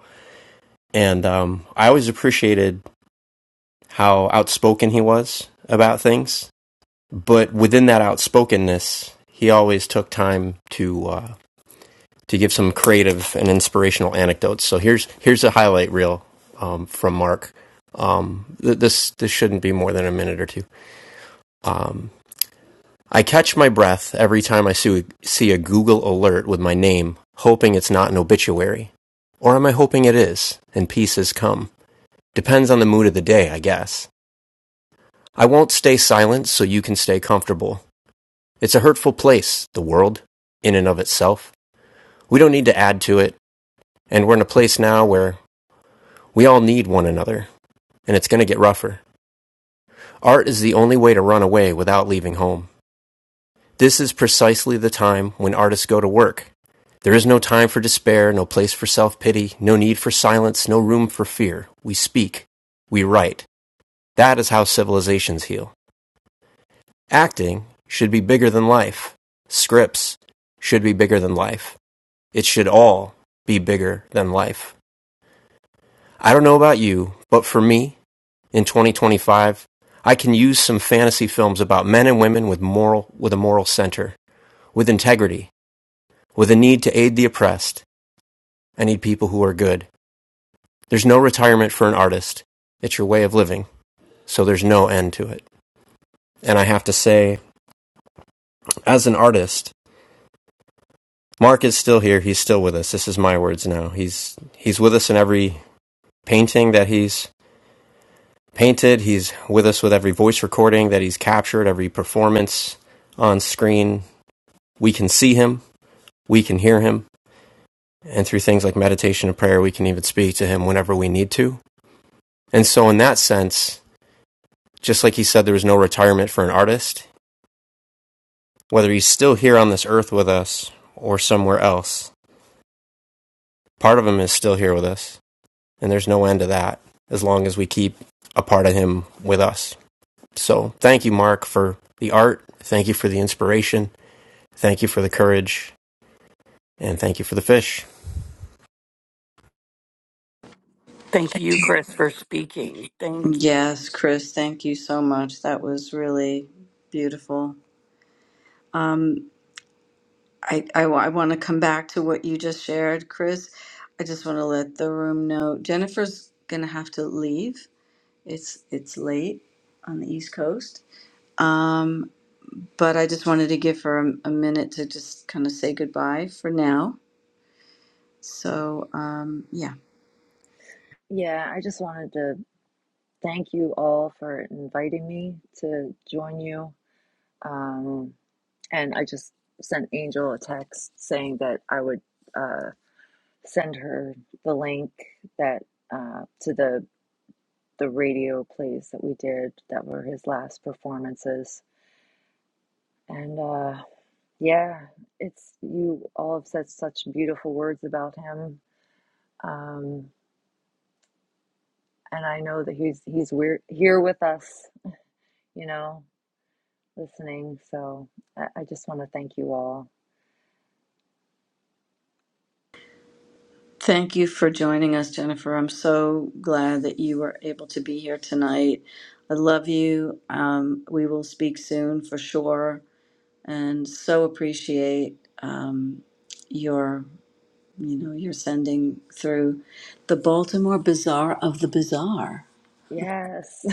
Speaker 20: And um, I always appreciated how outspoken he was about things. But within that outspokenness, he always took time to uh, to give some creative and inspirational anecdotes. So here's here's a highlight reel um, from Mark. Um, th- this this shouldn't be more than a minute or two. Um, I catch my breath every time I see see a Google alert with my name, hoping it's not an obituary, or am I hoping it is and peace has come? Depends on the mood of the day, I guess. I won't stay silent so you can stay comfortable. It's a hurtful place, the world, in and of itself. We don't need to add to it, and we're in a place now where we all need one another, and it's going to get rougher. Art is the only way to run away without leaving home. This is precisely the time when artists go to work. There is no time for despair, no place for self pity, no need for silence, no room for fear. We speak. We write. That is how civilizations heal. Acting should be bigger than life. Scripts should be bigger than life. It should all be bigger than life. I don't know about you, but for me, in 2025, I can use some fantasy films about men and women with moral with a moral center, with integrity, with a need to aid the oppressed. I need people who are good. There's no retirement for an artist. It's your way of living, so there's no end to it. And I have to say, as an artist, Mark is still here. He's still with us. This is my words now. He's he's with us in every painting that he's painted. He's with us with every voice recording that he's captured, every performance on screen. We can see him. We can hear him. And through things like meditation and prayer, we can even speak to him whenever we need to. And so in that sense, just like he said there is no retirement for an artist, whether he's still here on this earth with us or somewhere else, part of him is still here with us. And there's no end to that as long as we keep a part of him with us. So thank you, Mark, for the art. Thank you for the inspiration. Thank you for the courage. And thank you for the fish.
Speaker 11: Thank you, Chris, for speaking. Thank you.
Speaker 1: Yes, Chris, thank you so much. That was really beautiful. Um, I, I, wa- I want to come back to what you just shared, Chris. I just want to let the room know Jennifer's gonna have to leave. It's it's late on the East Coast, um, but I just wanted to give her a, a minute to just kind of say goodbye for now. So um, yeah,
Speaker 7: Yeah, I just wanted to thank you all for inviting me to join you. Um, and I just sent Angel a text saying that I would uh, send her the link that uh, to the the radio plays that we did that were his last performances. And uh, yeah, it's you all have said such beautiful words about him. Um, and I know that he's he's we're here with us, you know. listening. So I, I just want to thank you all.
Speaker 1: thank you for joining us, Jennifer. I'm so glad that you were able to be here tonight. I love you. Um, we will speak soon for sure and so appreciate um, your you know your sending through the Baltimore Bazaar of the Bazaar.
Speaker 7: Yes.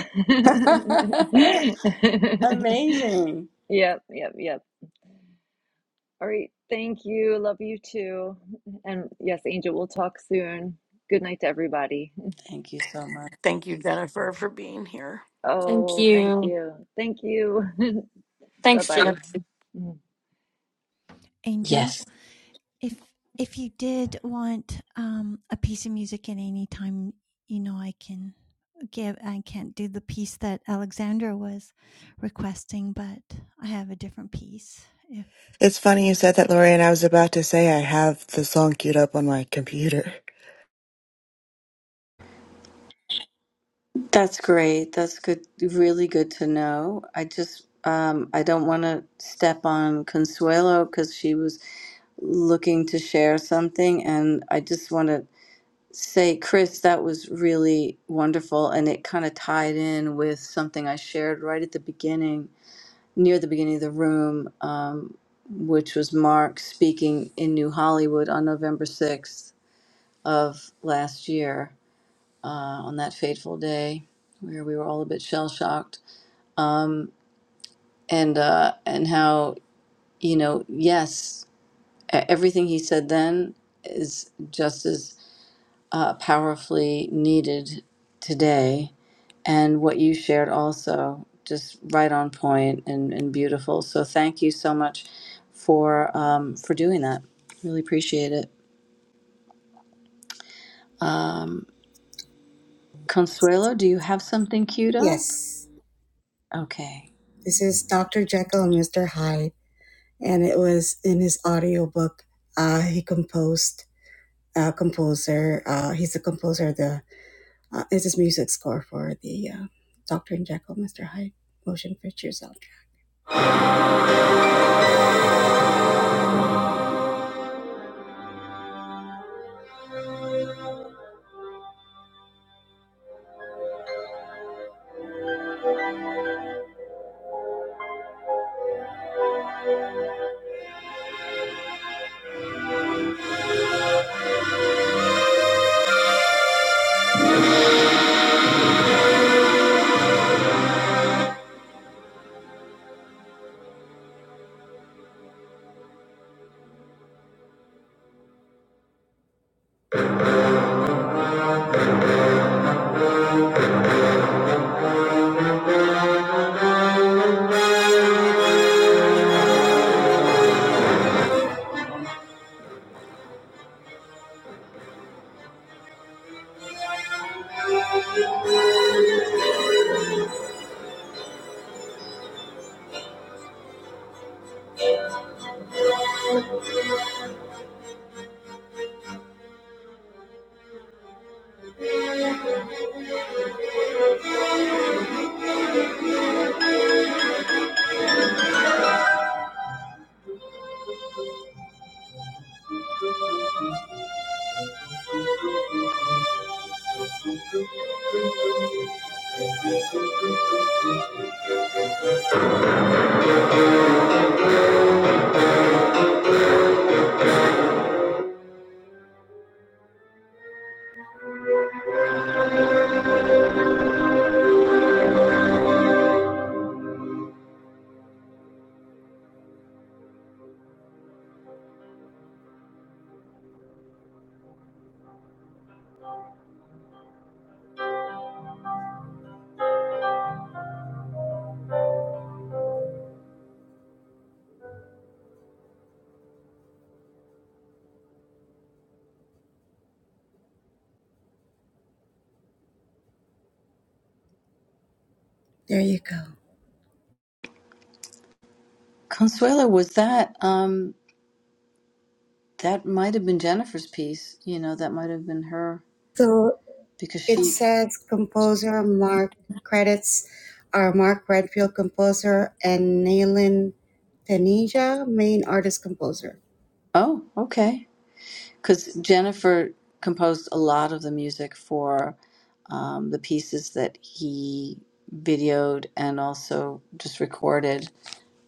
Speaker 1: Amazing.
Speaker 7: Yep, yep, yep. All right. Thank you. Love you too. And yes, Angel, we'll talk soon. Good night to everybody.
Speaker 1: Thank you so much.
Speaker 11: Thank you, Jennifer, for being here.
Speaker 12: Thank
Speaker 7: Oh, thank
Speaker 12: you.
Speaker 7: you. Thank you. Bye
Speaker 12: Thanks, Jeff.
Speaker 7: bye.
Speaker 8: Angel.
Speaker 1: Yes.
Speaker 8: if if you did want um, a piece of music at any time, you know I can give. I can't do the piece that Alexandra was requesting, but I have a different piece if
Speaker 19: It's
Speaker 8: if
Speaker 19: funny
Speaker 8: you
Speaker 19: you said
Speaker 8: like.
Speaker 19: that, Lorian. I was about to say I have the song queued up on my computer.
Speaker 1: That's great. That's good. Really good to know. I just, um, I don't want to step on Consuelo because she was looking to share something, and I just want to say, Chris, that was really wonderful. And it kind of tied in with something I shared right at the beginning, near the beginning of the room, um, which was Mark speaking in New Hollywood on November 6th of last year, uh, on that fateful day where we were all a bit shell shocked. Um, and, uh, and how, you know, yes, e- everything he said then is just as uh, powerfully needed today and what you shared also just right on point and, and beautiful so thank you so much for um, for doing that really appreciate it um, consuelo do you have something queued up
Speaker 4: Yes,
Speaker 1: okay
Speaker 4: this is Dr. Jekyll and Mr. Hyde, and it was in his audiobook. Uh, he composed, uh, composer, uh, he's the composer of the, uh, is his music score for the uh, Dr. and Jekyll and Mr. Hyde motion picture soundtrack. There you go.
Speaker 1: consuelo was that um, that might have been jennifer's you know that
Speaker 4: So it
Speaker 1: she
Speaker 4: says composer Mark credits are Mark Redfield composer and Nayland Tanisha, main artist composer.
Speaker 1: oh okay because jennifer composed a lot of the music for um, the pieces that he videoed and also just recorded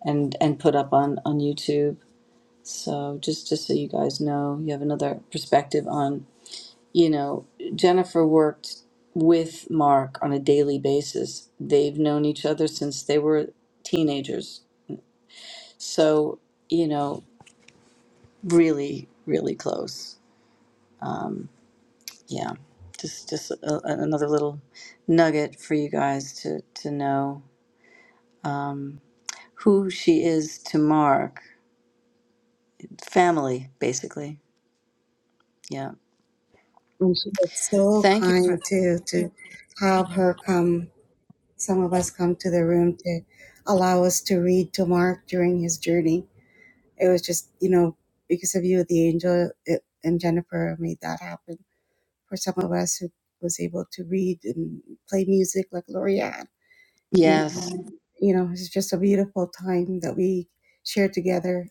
Speaker 1: and and put up on on youtube So just just so you guys know, you have another perspective on, you know, Jennifer worked with Mark on a daily basis. They've known each other since they were teenagers. So, you know, really really close. Yeah. Just just a, a- another little nugget for you guys to to know um who she is to Mark, family basically. Yeah.
Speaker 4: And she was so
Speaker 1: Thank you.
Speaker 4: kind to to have her come, some of us come to the room to allow us to read to Mark during his journey. It was just, you know, because of you, the angel it, and Jennifer made that happen for some of us who was able to read and play music like Loria
Speaker 1: Yes.
Speaker 4: And, you know, it's just a beautiful time that we shared together.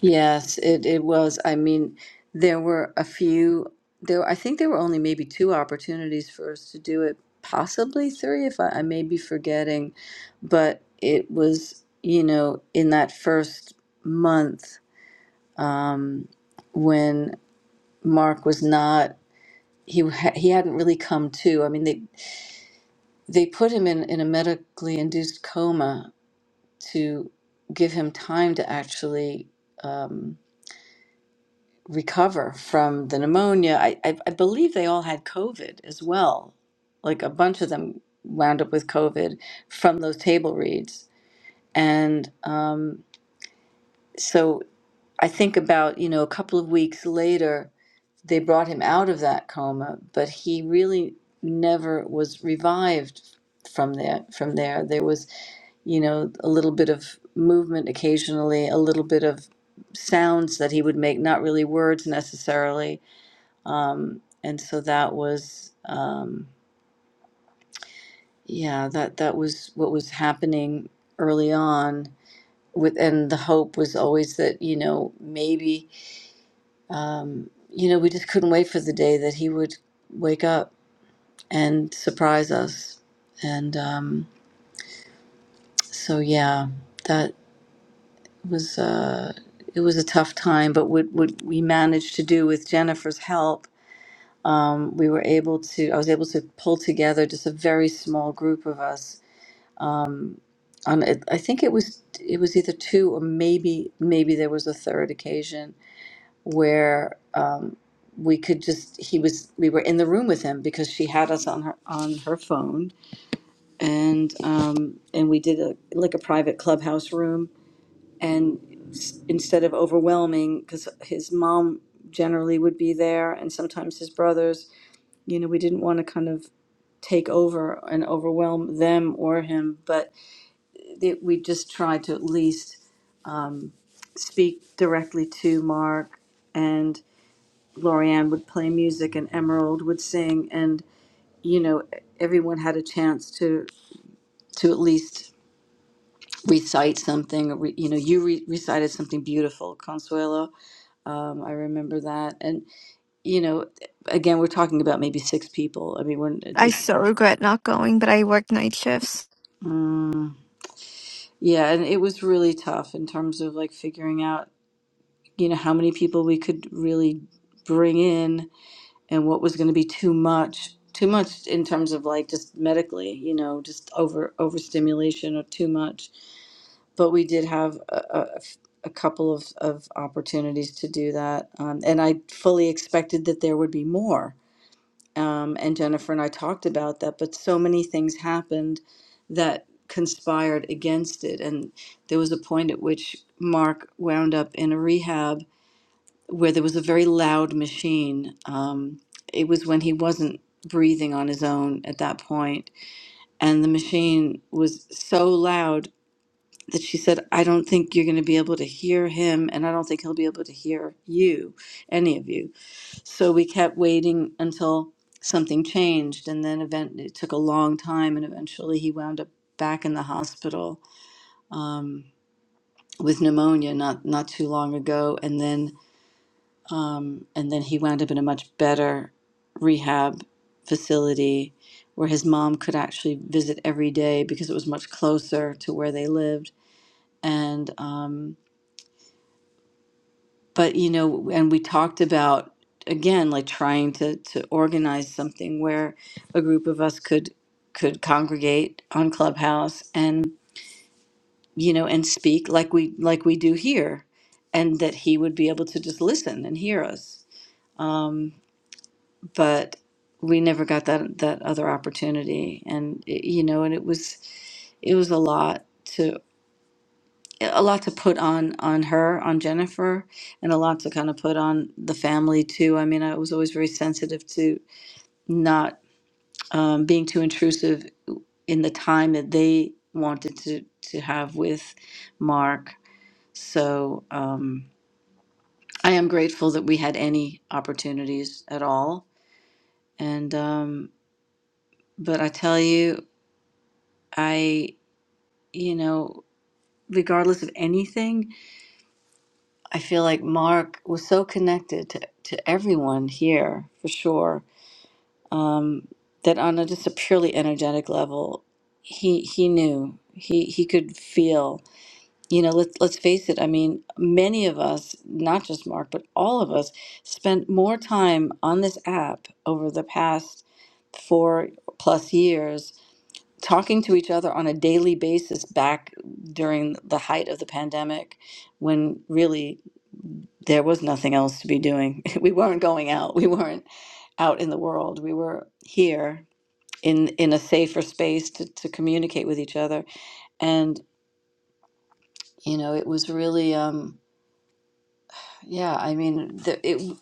Speaker 1: Yes, it, it was. I mean, there were a few, there, I think there were only maybe two opportunities for us to do it, possibly three, if I, I may be forgetting. But it was, you know, in that first month, um, when Mark was not, he ha he hadn't really come to. I mean, they they put him in in a medically induced coma to give him time to actually. um, recover from the pneumonia. I, I, I believe they all had COVID as well. Like a bunch of them wound up with COVID from those table reads. And um, so I think about, you know, a couple of weeks later, they brought him out of that coma, but he really never was revived from there from there there was you know a little bit of movement occasionally a little bit of sounds that he would make not really words necessarily um, and so that was um, yeah that that was what was happening early on with and the hope was always that you know maybe um, you know we just couldn't wait for the day that he would wake up and surprise us and um, so yeah that was uh, it was a tough time but what, what we managed to do with jennifer's help um, we were able to i was able to pull together just a very small group of us um, on I think it was it was either two or maybe maybe there was a third occasion where um, we could just he was we were in the room with him because she had us on her on her phone and um, and we did a like a private clubhouse room and s- instead of overwhelming because his mom generally would be there and sometimes his brothers you know we didn't want to kind of take over and overwhelm them or him but that we just try to at least um, speak directly to Mark, and Lorianne would play music, and Emerald would sing, and you know everyone had a chance to to at least recite something. or Re, you know, you re- recited something beautiful, Consuelo. Um, I remember that, and you know, again, we're talking about maybe six people. I mean, we're
Speaker 13: i
Speaker 1: this. Right.
Speaker 13: so regret not going but i work night shifts
Speaker 1: Mm, yeah, so like, how- you know, how many people really bring in and what was going to be too much too much in terms of like just medically you know just over overstimulation or too much but we did have a a, a couple of, of opportunities to do that um, and i fully expected that there would be more um, and jennifer and i talked about that but so many things happened that conspired against it and there was a point at which mark wound up in a rehab where there was a very loud machine. Um, it was when he wasn't breathing on his own at that point, and the machine was so loud that she said, "I don't think you're going to be able to hear him, and I don't think he'll be able to hear you, any of you." So we kept waiting until something changed, and then event it took a long time, and eventually he wound up back in the hospital um, with pneumonia not not too long ago, and then. Um, and then he wound up in a much better rehab facility where his mom could actually visit every day because it was much closer to where they lived. And, um, but, you know, and we talked about, again, like trying to, to organize something where a group of us could, could congregate on Clubhouse and, you know, and speak like we, like we do here. And that he would be able to just listen and hear us. Um, but we never got that that other opportunity and it- you know and it was it was a lot to a lot to put on on her on Jennifer and a lot to kind of put on the family too I mean I was always very sensitive to not um, being too intrusive in the time that they wanted to to with Mark so um, I am grateful that we had any opportunities at all and um, but I tell you, I you know, regardless of anything. I feel like Mark was so connected to, to everyone here for sure um, that on a, just a purely energetic level, he he knew he he could feel. You know, let's let's face it. I mean, many of us, not just Mark, but all of us, spent more time on this app over the past four plus years talking to each other on a daily basis back during the height of the pandemic when really there was nothing else to be doing. We weren't going out. We weren't out in the world. We were here in in a safer space to, to communicate with each other. And you know, it was really um, Yeah, I mean, the it,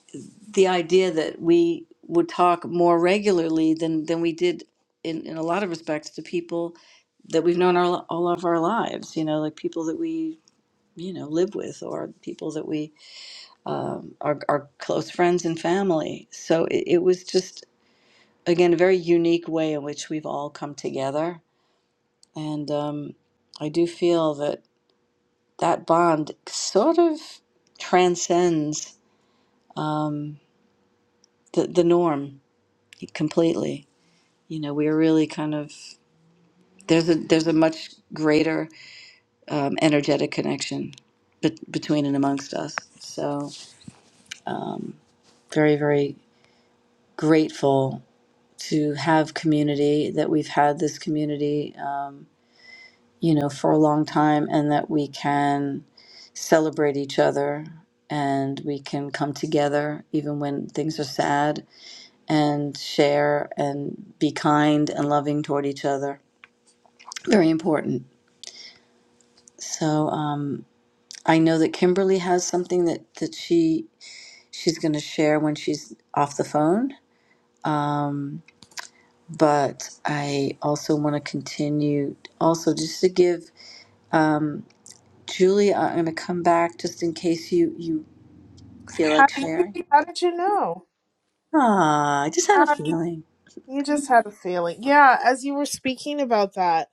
Speaker 1: the idea that we would talk more regularly than than we did in in a lot of respects to people that we've known our, all of our lives, you know, like people that we, you know, live with or people that we um, are are close friends and family. So it, it was just again a very unique way in which we've all come together, and um, I do feel that that bond sort of transcends um, the the norm completely you know we're really kind of there's a there's a much greater um, energetic connection bet between and amongst us so um, very very grateful to have community that we've had this community um, you know for a long time and that we can celebrate each other and we can come together even when things are sad and share and be kind and loving toward each other very important So um, I know that Kimberly has something that that she she's going to share when she's off the phone. Um, but I also want to continue also just to give um, Julie. I'm going to come back just in case you you feel
Speaker 16: How
Speaker 1: like
Speaker 16: did you,
Speaker 1: sharing.
Speaker 16: how did you know?
Speaker 1: Ah, I just had a
Speaker 16: Um,
Speaker 1: feeling.
Speaker 16: you just had a feeling. Yeah, as you were speaking about that,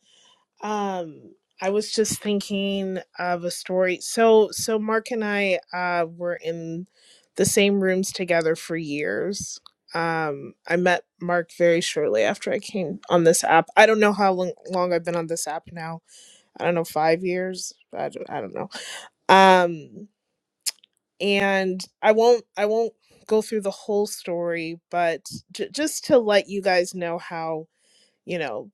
Speaker 16: um, I was just thinking of a story. So, so Mark and I uh, were in the same rooms together for years. Um, I met Mark very shortly after I came on this app. I don't know how long, long I've been on this app now. I don't know, five years. I don't, I don't know. Um, and i won't i won't go through the whole story but j- just to let you guys know how you know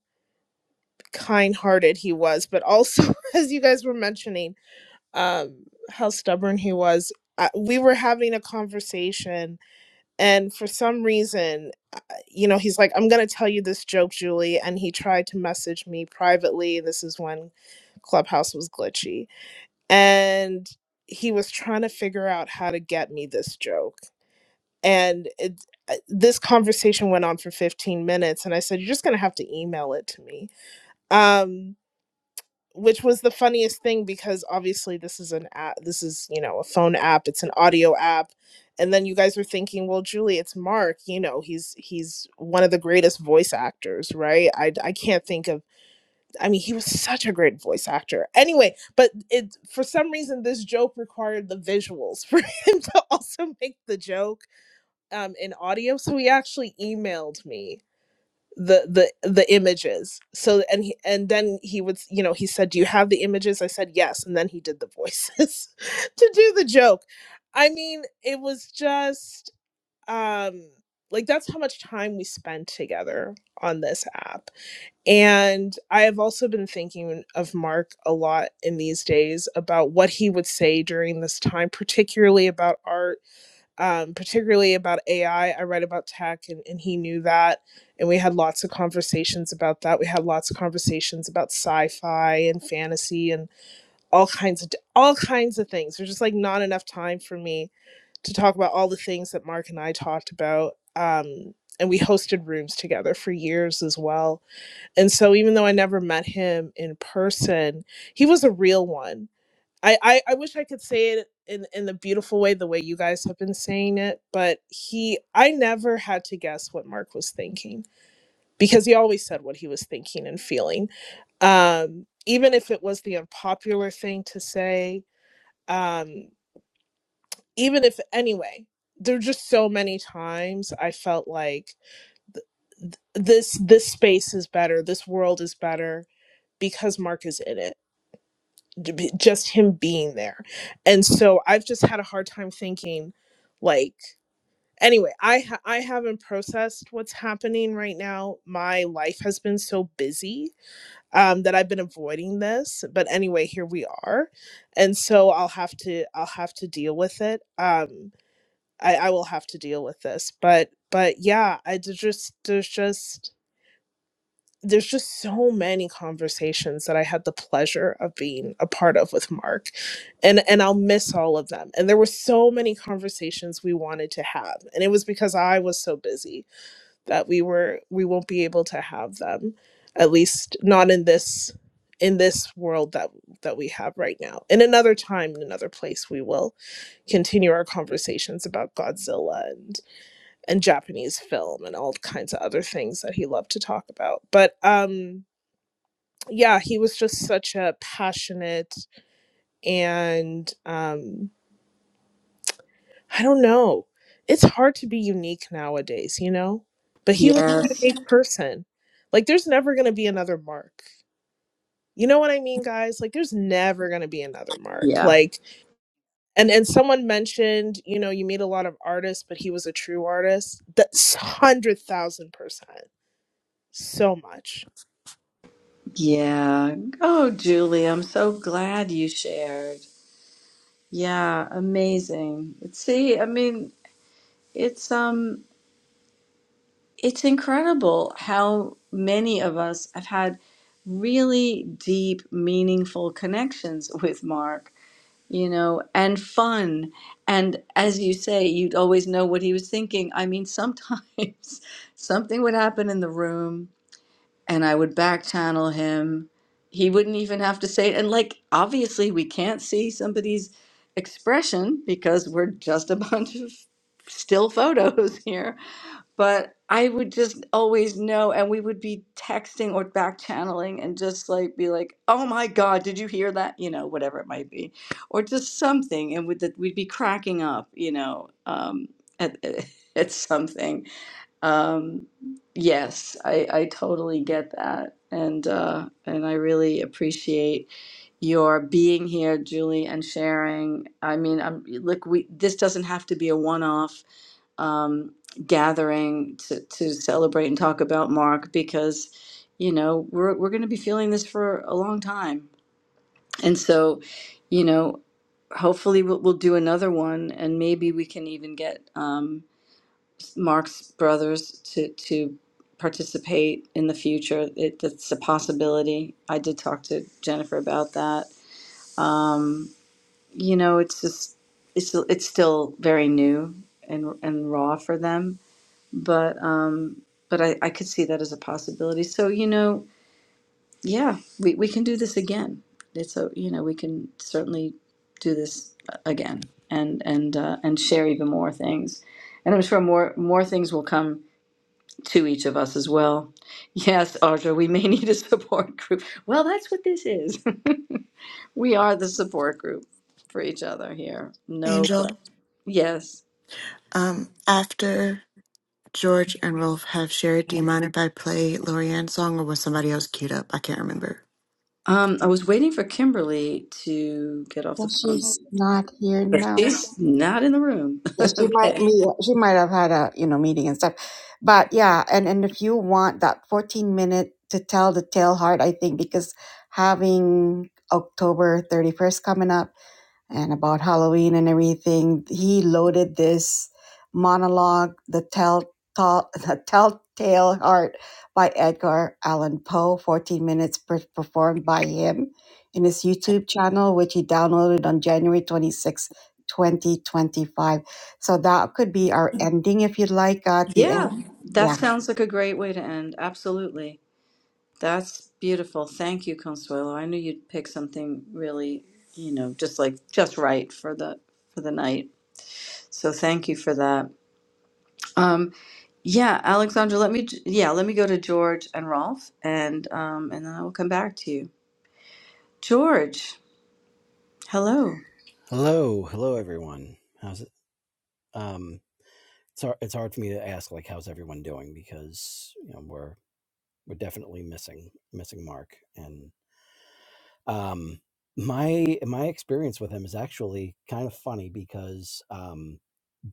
Speaker 16: kind-hearted he was but also as you guys were mentioning um how stubborn he was I, we were having a conversation and for some reason uh, you know he's like i'm going to tell you this joke julie and he tried to message me privately this is when clubhouse was glitchy and he was trying to figure out how to get me this joke and it, uh, this conversation went on for 15 minutes and i said you're just going to have to email it to me um which was the funniest thing because obviously this is an app this is you know a phone app it's an audio app and then you guys were thinking well julie it's mark you know he's he's one of the greatest voice actors right i i can't think of i mean he was such a great voice actor anyway but it for some reason this joke required the visuals for him to also make the joke um in audio so he actually emailed me the the the images so and he and then he would you know he said do you have the images i said yes and then he did the voices to do the joke i mean it was just um like that's how much time we spent together on this app and i have also been thinking of mark a lot in these days about what he would say during this time particularly about art um, particularly about AI. I I write about tech, and, and he knew that. And we had lots of conversations about that. We had lots of conversations about sci-fi and fantasy and all kinds of all kinds of things. There's just like not enough time for me to talk about all the things that Mark and I talked about. Um, and we hosted rooms together for years as well. And so even though I never met him in person, he was a real one I, I I wish I could say it in in the beautiful way the way you guys have been saying it, but he I never had to guess what Mark was thinking because he always said what he was thinking and feeling. Um even if it was the unpopular thing to say, um even if anyway, there were just so many times I felt like th- th- this this space is better, this world is better because Mark is in it j- b- just him being there and so i've just had a hard time thinking like anyway i ha- i haven't processed what's happening right now my life has been so busy um that i've been avoiding this but anyway here we are and so i'll have to i'll have to deal with it um i i will have to deal with this but but yeah i d- just there's just there's just so many conversations that I had the pleasure of being a part of with Mark. And and I'll miss all of them. And there were so many conversations we wanted to have. And it was because I was so busy that we were we won't be able to have them at least not in this in this world that that we have right now. In another time, in another place we will continue our conversations about Godzilla and and Japanese film and all kinds of other things that he loved to talk about. But um yeah, he was just such a passionate and um I don't know. It's hard to be unique nowadays, you know? But he was a
Speaker 1: Yes.
Speaker 16: unique person. Like there's never going to be another Mark. You know what I mean, guys? Like there's never going to be another Mark.
Speaker 1: Yeah.
Speaker 16: Like and and someone mentioned, you know, you meet a lot of artists, but he was a true artist. That's 100,000%. So much.
Speaker 1: Yeah. Oh, Julie, I'm so glad you shared. Yeah, amazing. See, I mean, it's um it's incredible how many of us have had really deep, meaningful connections with Mark, you know, and fun. And as you say, you'd always know what he was thinking. I mean, sometimes something would happen in the room and I would back channel him. He wouldn't even have to say it. And, like, obviously, we can't see somebody's expression because we're just a bunch of still photos here but I would just always know, and we would be texting or back channeling and just like be like, "Oh my God, did you hear that?" You know, whatever it might be, or just something, and with that we'd be cracking up, you know, um, at at something. Um, yes, I I totally get that, and uh, and I really appreciate your being here, Julie, and sharing. I mean, I'm look, we this doesn't have to be a one-off um, gathering to, to celebrate and talk about Mark because, you know, we're, we're going to be feeling this for a long time. And so, you know, hopefully we'll, we'll do another one and maybe we can even get um, Mark's brothers to, to participate in the future. It, that's a possibility. I did talk to Jennifer about that. Um, you know, it's just, it's, it's still very new and, and raw for them but um, but I, I could see that as a possibility. So you know, yeah, we, we can do this again. It's a you know we can certainly do this again and and uh, and share even more things, and I'm sure more more things will come to each of us as well. Yes, Audra, we may need a support group. Well, that's what this is. we are the support group for each other here. No,
Speaker 19: Angel,
Speaker 1: but yes.
Speaker 19: um, after George and Rolf have shared, do you mind if I play Lorian's song, or was somebody else queued up? I can't remember.
Speaker 1: Um, get off the
Speaker 4: Well,
Speaker 1: phone.
Speaker 4: she's not here
Speaker 1: But
Speaker 4: now.
Speaker 1: she's
Speaker 4: Yeah, she might meet, she might have had a, you know, meeting and stuff. But yeah, and, and if you want that 14 minute to tell the tale hard, I think, because having October 31st coming up, and about Halloween and everything. He loaded this monologue, The Tell, Tell, the Telltale Heart by Edgar Allan Poe, 14 minutes per- performed by him in his YouTube channel, which he downloaded on January twenty sixth, 2025. So that could be our ending if you'd like at the
Speaker 1: Yeah,
Speaker 4: end.
Speaker 1: that
Speaker 4: Yeah.
Speaker 1: sounds like a great way to end. Absolutely. That's beautiful. Thank you, Consuelo. I knew you'd pick something really, you know, just like just right for the for the night. So thank you for that. Um, yeah, Alexandra, let me yeah, let me go to George and Rolf and um and then I will come back to you. George, hello.
Speaker 21: Hello, hello everyone. How's it? Um, it's hard, it's hard for me to ask like how's everyone doing because you know we're we're definitely missing missing Mark and um my my experience with him is actually kind of funny because um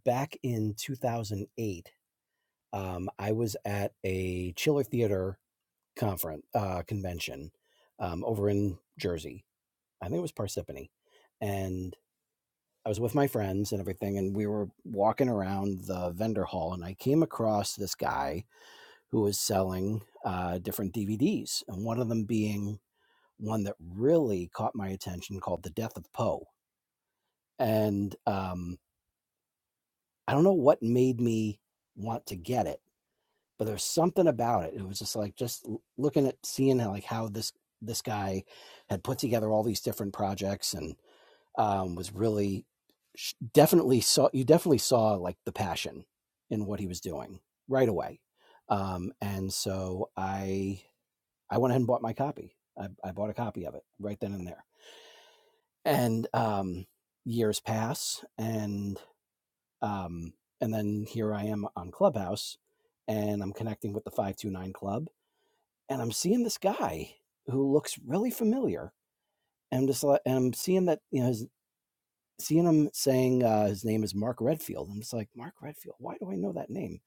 Speaker 21: back in 2008 um I was at a Chiller Theater conference uh convention um over in Jersey. I think it was Parsippany and. I was with my friends and everything, and we were walking around the vendor hall, and I came across this guy who was selling uh, different DVDs, and one of them being one that really caught my attention called "The Death of Poe." And um, I don't know what made me want to get it, but there's something about it. It was just like just looking at seeing how, like how this this guy had put together all these different projects and. um, was really definitely saw you definitely saw like the passion in what he was doing right away um, and so i i went ahead and bought my copy i, I bought a copy of it right then and there and um, years pass and um, and then here i am on clubhouse and i'm connecting with the 529 club and i'm seeing this guy who looks really familiar and I'm just like, and I'm seeing that you know his seeing him saying uh, his name is Mark Redfield. I'm just like, Mark Redfield, why do I know that name?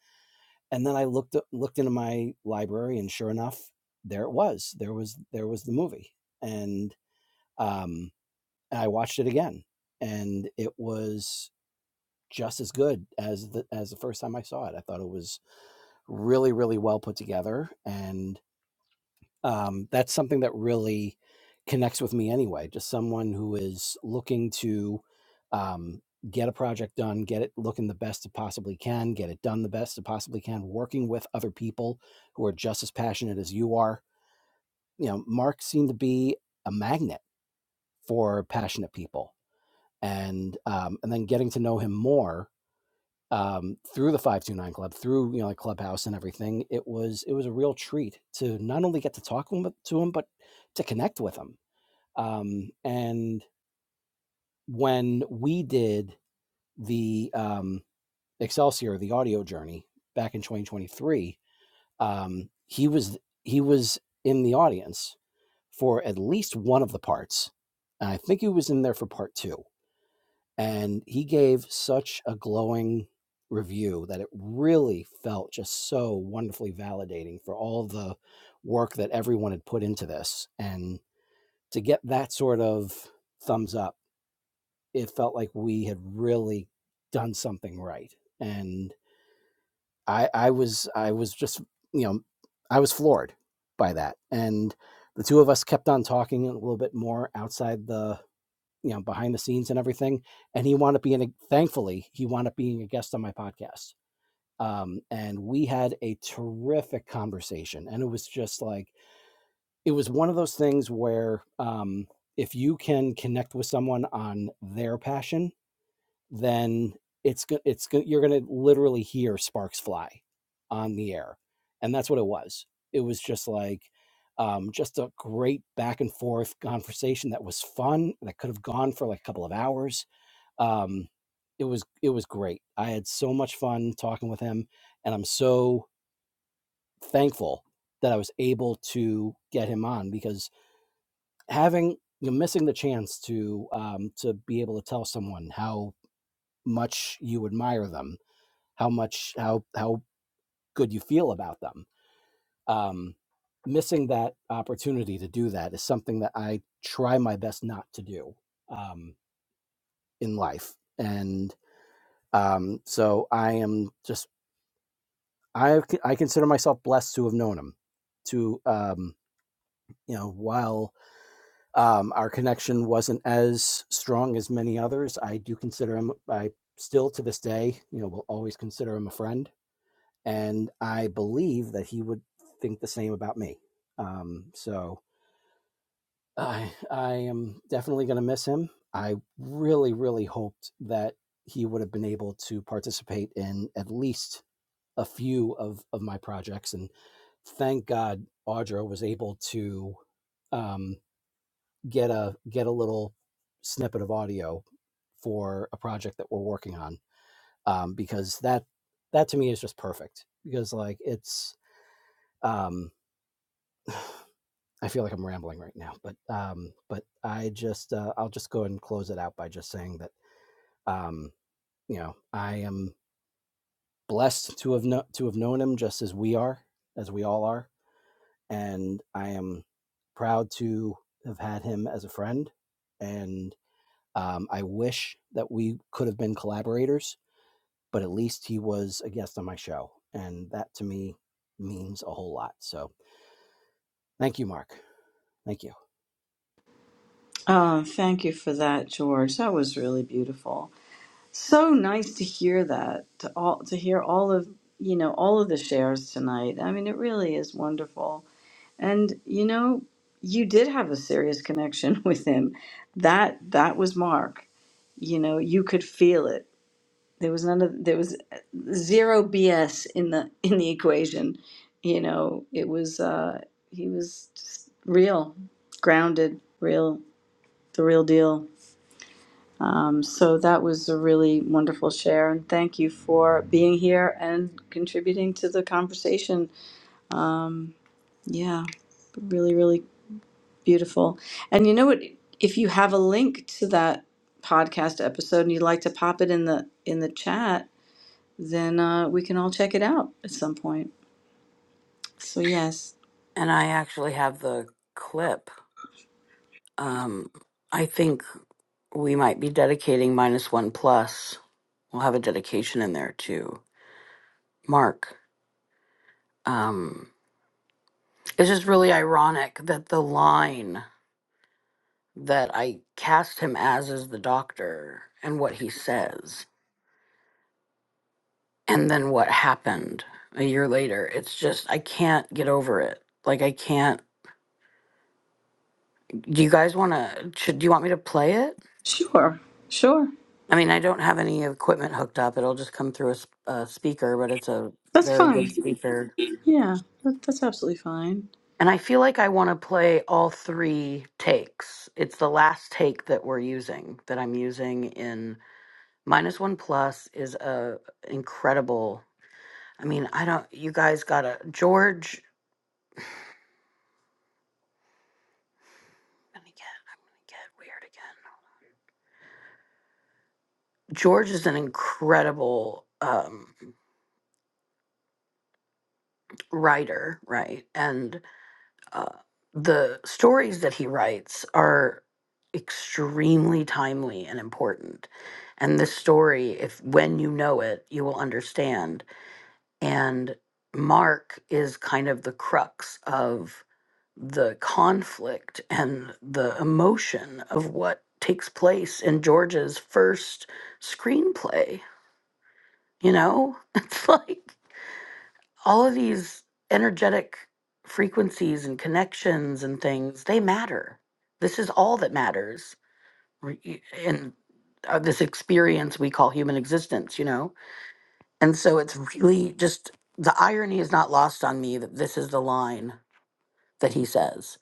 Speaker 21: And then I looked looked into my library, and sure enough, there it was. There was there was the movie, and um, and I watched it again, and it was just as good as the as the first time I saw it. I thought it was really really well put together, and Um, that's something that really connects with me anyway. Just someone who is looking to um, get a project done, get it looking the best it possibly can, get it done the best it possibly can, working with other people who are just as passionate as you are. You know, Mark seemed to be a magnet for passionate people. And um, and then getting to know him more um, through the 529 club through you know like clubhouse and everything it was it was a real treat to not only get to talk to him but to connect with him um, and when we did the um, excelsior the audio journey back in 2023 um, he was he was in the audience for at least one of the parts and i think he was in there for part two and he gave such a glowing review that it really felt just so wonderfully validating for all the work that everyone had put into this and to get that sort of thumbs up it felt like we had really done something right and i i was i was just you know i was floored by that and the two of us kept on talking a little bit more outside the you know behind the scenes and everything and he wound up being a, thankfully he wound up being a guest on my podcast um, and we had a terrific conversation and it was just like it was one of those things where um, if you can connect with someone on their passion then it's go- it's go- you're going to literally hear sparks fly on the air and that's what it was it was just like um, just a great back and forth conversation that was fun that could have gone for like a couple of hours um, it was it was great. I had so much fun talking with him, and I'm so thankful that I was able to get him on because having you know, missing the chance to um, to be able to tell someone how much you admire them, how much how how good you feel about them, um, missing that opportunity to do that is something that I try my best not to do um, in life, and um, so I am just I I consider myself blessed to have known him. To um, you know, while um, our connection wasn't as strong as many others, I do consider him. I still to this day, you know, will always consider him a friend, and I believe that he would think the same about me. Um, so I I am definitely going to miss him. I really really hoped that he would have been able to participate in at least a few of of my projects and thank god audra was able to um, get a get a little snippet of audio for a project that we're working on um, because that that to me is just perfect because like it's um, i feel like i'm rambling right now but um, but i just uh, i'll just go ahead and close it out by just saying that um, you know i am blessed to have no- to have known him just as we are as we all are and I am proud to have had him as a friend. And um, I wish that we could have been collaborators, but at least he was a guest on my show. And that to me means a whole lot. So thank you, Mark. Thank you.
Speaker 1: Um, thank you for that, George. That was really beautiful. So nice to hear that, to all to hear all of you know all of the shares tonight. I mean, it really is wonderful. And you know, you did have a serious connection with him. That that was Mark. You know, you could feel it. There was none of there was uh, zero BS in the in the equation. You know, it was uh he was just real, grounded, real, the real deal. Um, so that was a really wonderful share, and thank you for being here and contributing to the conversation. Um, yeah, really, really beautiful. And you know what? If you have a link to that podcast episode and you'd like to pop it in the in the chat, then uh, we can all check it out at some point. So yes,
Speaker 11: And I actually have the clip. Um, I think we might be dedicating minus one plus. We'll have a dedication in there to Mark. Um, it's just really ironic that the line that I cast him as is the doctor and what he says, and then what happened a year later. It's just, I can't get over it. Like, I can't. Do you guys want to? Should do you want me to play it?
Speaker 1: sure, sure,
Speaker 11: I mean, I don't have any equipment hooked up. It'll just come through a, s- a speaker, but it's a
Speaker 1: that's
Speaker 11: very good
Speaker 1: fine.
Speaker 11: speaker.
Speaker 1: Yeah, that, that's absolutely fine.
Speaker 11: And I feel like I want to play all three takes. It's the last take that we're using that I'm using in minus one plus is a incredible. I mean, I don't. You guys got to George. I'm gonna get. I'm gonna get weird again. George is an incredible um, writer, right? And uh, the stories that he writes are extremely timely and important. And this story, if when you know it, you will understand. And Mark is kind of the crux of the conflict and the emotion of what takes place in George's first screenplay. You know, it's like all of these energetic frequencies and connections and things they matter this is all that matters re- in uh, this experience we call human existence you know and so it's really just the irony is not lost on me that this is the line that he says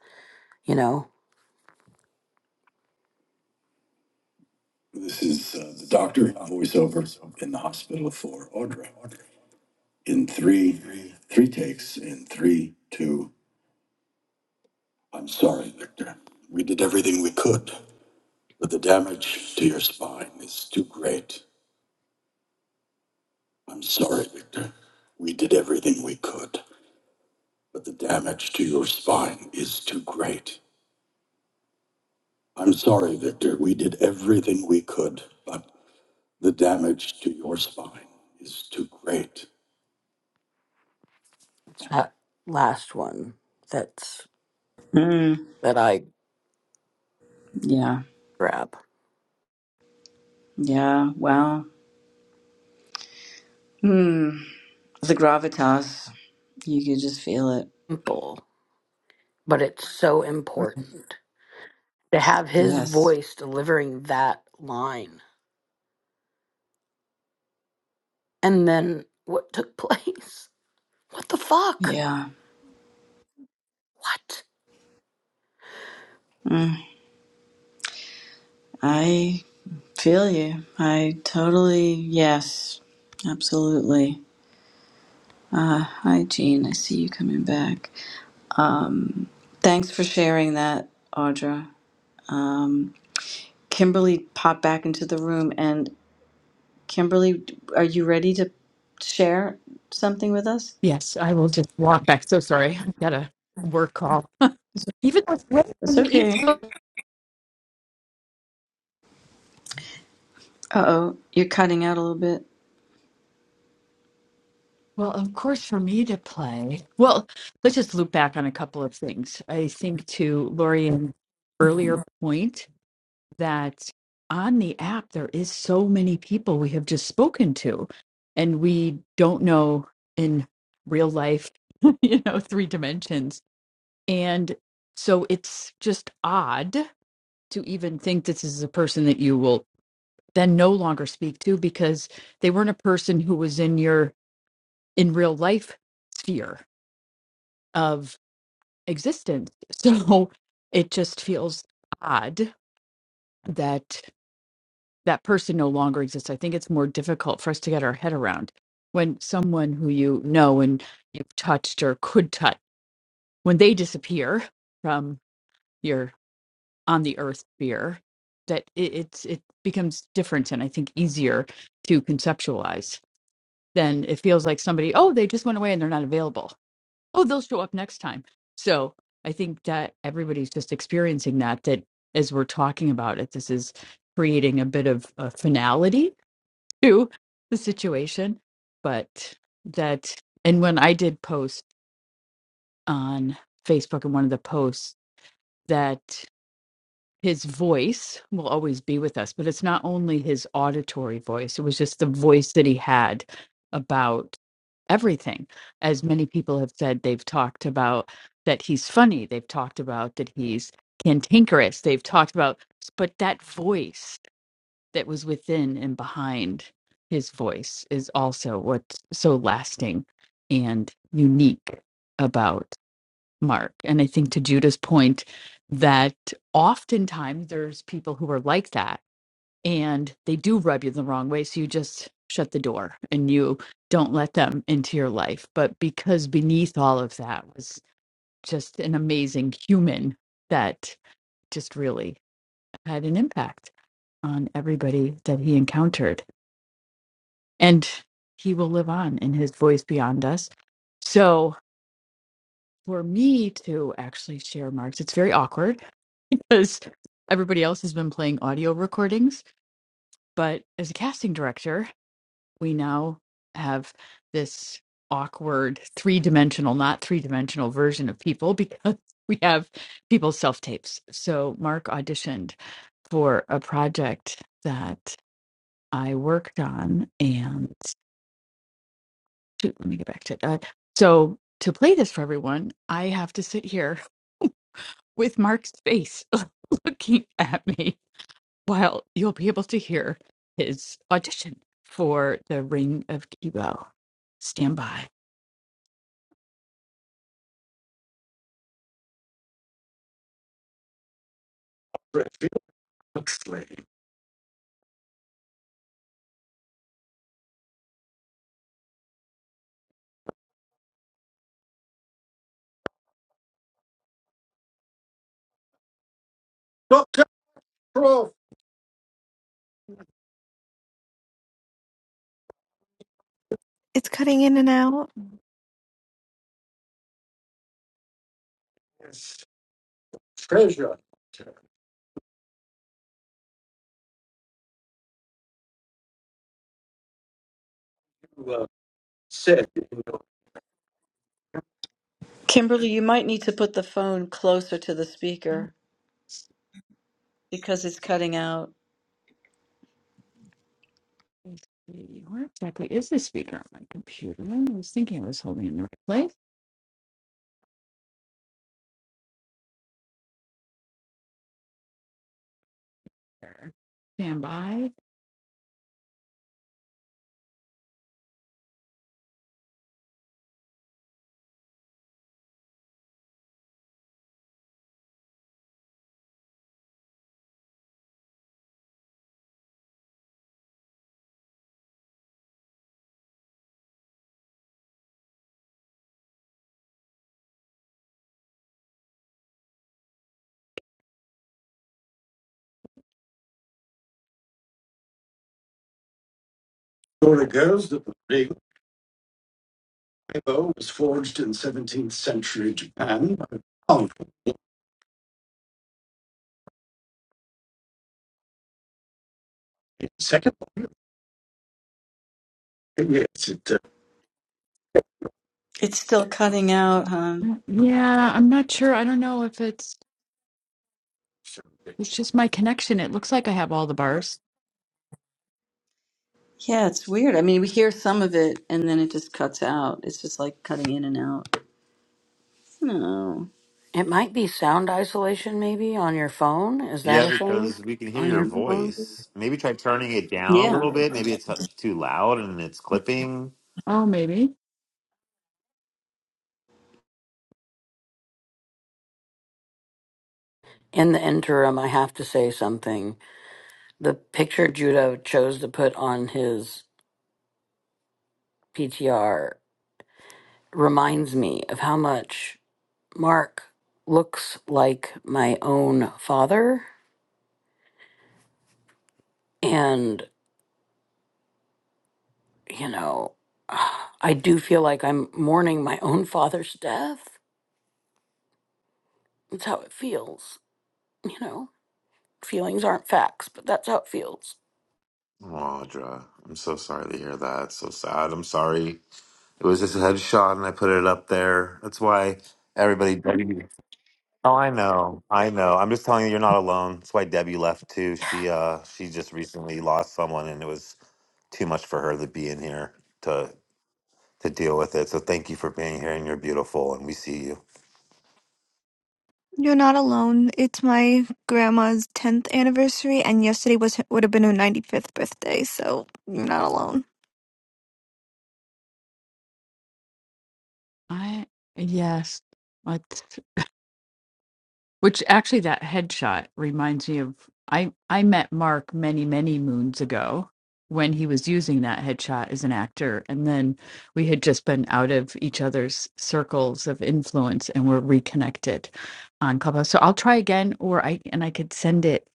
Speaker 11: you know this is uh, the doctor voiceover in the hospital for audra in three three takes in three two i'm sorry victor we did everything we could But the damage to your spine is too great. I'm sorry, Victor. We did everything we could, but the damage to your spine is too great. I'm sorry, Victor. We did everything we could, but the damage to your spine is too great. That last one that's
Speaker 1: Mm,
Speaker 11: that I
Speaker 1: yeah,
Speaker 11: grab.
Speaker 1: yeah. Wow. Hmm. the gravitas. You could just feel it.
Speaker 11: Simple, but it's so important to have his
Speaker 1: Yes.
Speaker 11: voice delivering that line and then what took place. What the fuck?
Speaker 1: Yeah.
Speaker 11: What?
Speaker 1: Mm, I feel you. I totally, yes. Absolutely. Uh, hi, Jean. I see you coming back. Um, thanks for sharing that, Audra. Um, Kimberly popped back into the room. And Kimberly, are you ready to share something with us?
Speaker 3: Yes, I will just walk back. So sorry. I've got a work call. Even though it's late
Speaker 1: It's
Speaker 3: on the East
Speaker 1: okay.
Speaker 3: Coast.
Speaker 1: Uh oh, you're cutting out a little bit.
Speaker 3: Well, of course, for me to play. Well, let's just loop back on a couple of things. I think to Lorian's earlier point that on the app there is so many people we have just spoken to, and we don't know in real life, you know, three dimensions. And so it's just odd to even think this is a person that you will then no longer speak to because they weren't a person who was in your in real life sphere of existence. So it just feels odd that that person no longer exists. I think it's more difficult for us to get our head around when someone who you know and you've touched or could touch, when they disappear from your on the earth sphere, that it, it's it becomes different and I think easier to conceptualize than it feels like somebody, oh, they just went away and they're not available oh they'll show up next time so i think that everybody's just experiencing that that as we're talking about it this is creating a bit of a finality to the situation but that and when i did post on facebook in one of the posts that his voice will always be with us, but it's not only his auditory voice, it was just the voice that he had about everything. As many people have said, they've talked about that he's funny, they've talked about that he's cantankerous, they've talked about, but that voice that was within and behind his voice is also what's so lasting and unique about mark. And I think to Judah's point, that oftentimes there's people who are like that and they do rub you the wrong way. So you just shut the door and you don't let them into your life. But because beneath all of that was just an amazing human that just really had an impact on everybody that he encountered. And he will live on in his voice beyond us. So for me to actually share marks, it's very awkward because everybody else has been playing audio recordings. But as a casting director, we now have this awkward three dimensional, not three dimensional version of people because we have people's self tapes. So Mark auditioned for a project that I worked on. And shoot, let me get back to it. Uh, so to play this for everyone, I have to sit here with Mark's face looking at me Well, you'll be able to hear his audition for the Ring of Kibo. Stand by. Redfield Slade.
Speaker 13: it's cutting in and out
Speaker 1: Kimberly, you might need to put the phone closer to the speaker because it's cutting out.
Speaker 3: Let's see, Where exactly is the speaker on my computer? I was thinking I was holding it in the right place. There. Stand by. Story goes that the Ring of Kibo was forged in 17th century Japan. Oh, second, yes, it uh,
Speaker 1: It's still cutting out, huh?
Speaker 3: Mm, Yeah, I'm not sure. I don't know if it's it's just my connection. It looks like I have all the bars.
Speaker 1: Yeah, it's weird. I mean, we hear some of it and then it just cuts out. It's just like cutting in and out. No.
Speaker 11: It might be sound isolation, maybe on your phone. Is that
Speaker 2: Yeah,
Speaker 11: a thing
Speaker 2: because we can hear
Speaker 11: on
Speaker 2: your
Speaker 11: your phone?
Speaker 2: voice. Maybe try turning it down a
Speaker 1: Yeah.
Speaker 2: little bit. Maybe it's too loud and it's clipping.
Speaker 3: Oh, maybe.
Speaker 11: In the interim, I have to say something. The picture Judah chose to put on his PTR reminds me of how much Mark looks like my own father. And, you know, I do feel like I'm mourning my own father's death. That's how it feels, you know? feelings aren't facts, but that's how it feels.
Speaker 2: Oh, Audra, I'm so sorry to hear that. It's so sad. I'm sorry. It was just a headshot and I put it up there. That's why everybody. Debbie. Oh, I know. I know. I'm just telling you, you're not alone. That's why Debbie left too.
Speaker 11: Yeah,
Speaker 2: She uh she just recently lost someone and it was too much for her to be in here to to deal with it. So thank you for being here and you're beautiful and we see you.
Speaker 13: You're not alone. It's my grandma's 10th anniversary, and yesterday was would have been her 95th birthday, so you're not alone.
Speaker 3: I yes. What which actually that headshot reminds me of I I met Mark many many moons ago when he was using that headshot as an actor and then we had just been out of each other's circles of influence and were reconnected on Clubhouse. So I'll try again or I and I could send it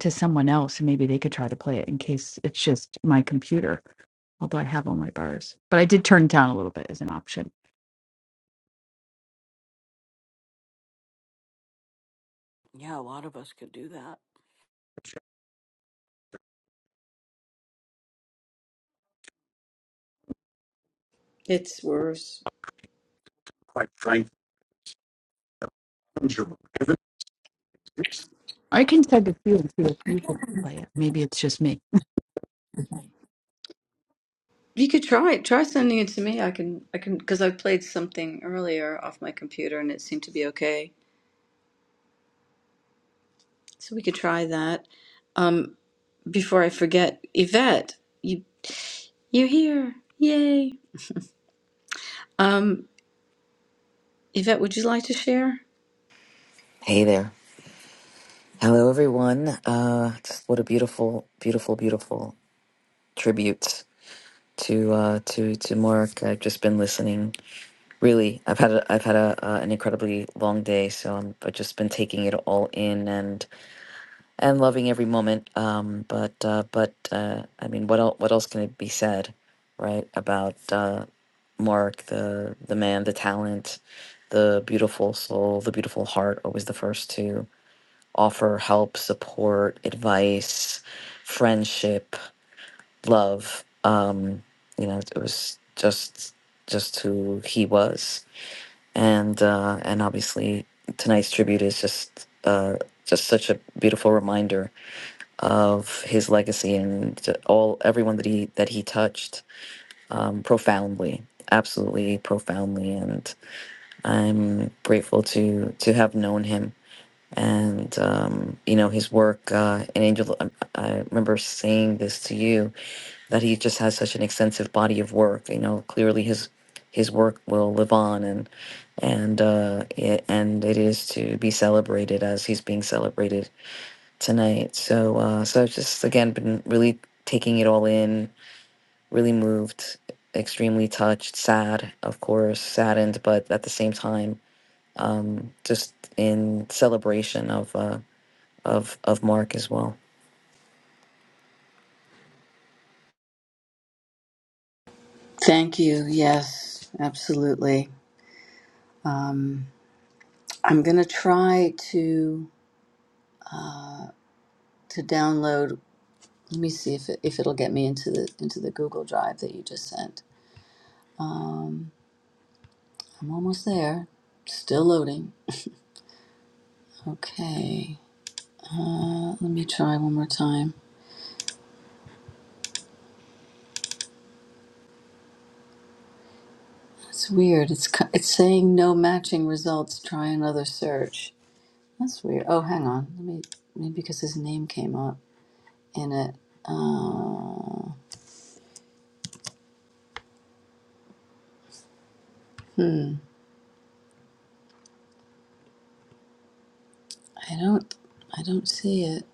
Speaker 3: to someone else and maybe they could try to play it in case it's just my computer although I have all my bars. But I did turn it down a little bit as an option.
Speaker 11: yeah, a lot of us could do that.
Speaker 3: I can send it to you and see if you could play it. Maybe it's just me.
Speaker 1: You could try it. Try sending it to me. I can I can because I played something earlier off my computer and it seemed to be okay. Try that. Um before I forget, Yvette, you you're here. Yay. Um Yvette
Speaker 22: Hey there. Hello, everyone. Uh, just what a beautiful, beautiful, beautiful tribute to uh, to to Mark. I've just been listening. Really, I've had a, I've had a, uh, an incredibly long day, so I'm, I've just been taking it all in and and loving every moment. Um, but uh, but uh, I mean, what else, what else can it be said, right? About uh, Mark, the the man, the talent, the beautiful soul, the beautiful heart. Always the first to. offer help, support, advice, friendship, love. Um, you know, it was just just who he was, and uh, and obviously tonight's tribute is just uh, just such a beautiful reminder of his legacy and to all everyone that he that he touched um, profoundly, absolutely profoundly, and I'm grateful to to have known him and um, you know his work. Uh, and Angel, I, I remember saying this to you that he just has such an extensive body of work. You know, clearly his his work will live on, and and uh, it, and it is to be celebrated as he's being celebrated tonight. So uh, so I've just again been really taking it all in, really moved, extremely touched, sad, of course, saddened, but at the same time, um, just in celebration of. Uh, of of Mark as well.
Speaker 1: Thank you. Yes, absolutely. Um I'm gonna try to to download. Let me see if it, if it'll get me into the into the Google Drive that you just sent. Um, I'm almost there. Still loading. Okay. Uh, let me try one more time. That's weird. It's co- it's saying no matching results. Try another search. That's weird. Oh, hang on. Let me maybe because his name came up in it. Uh, hmm. I don't I don't see it.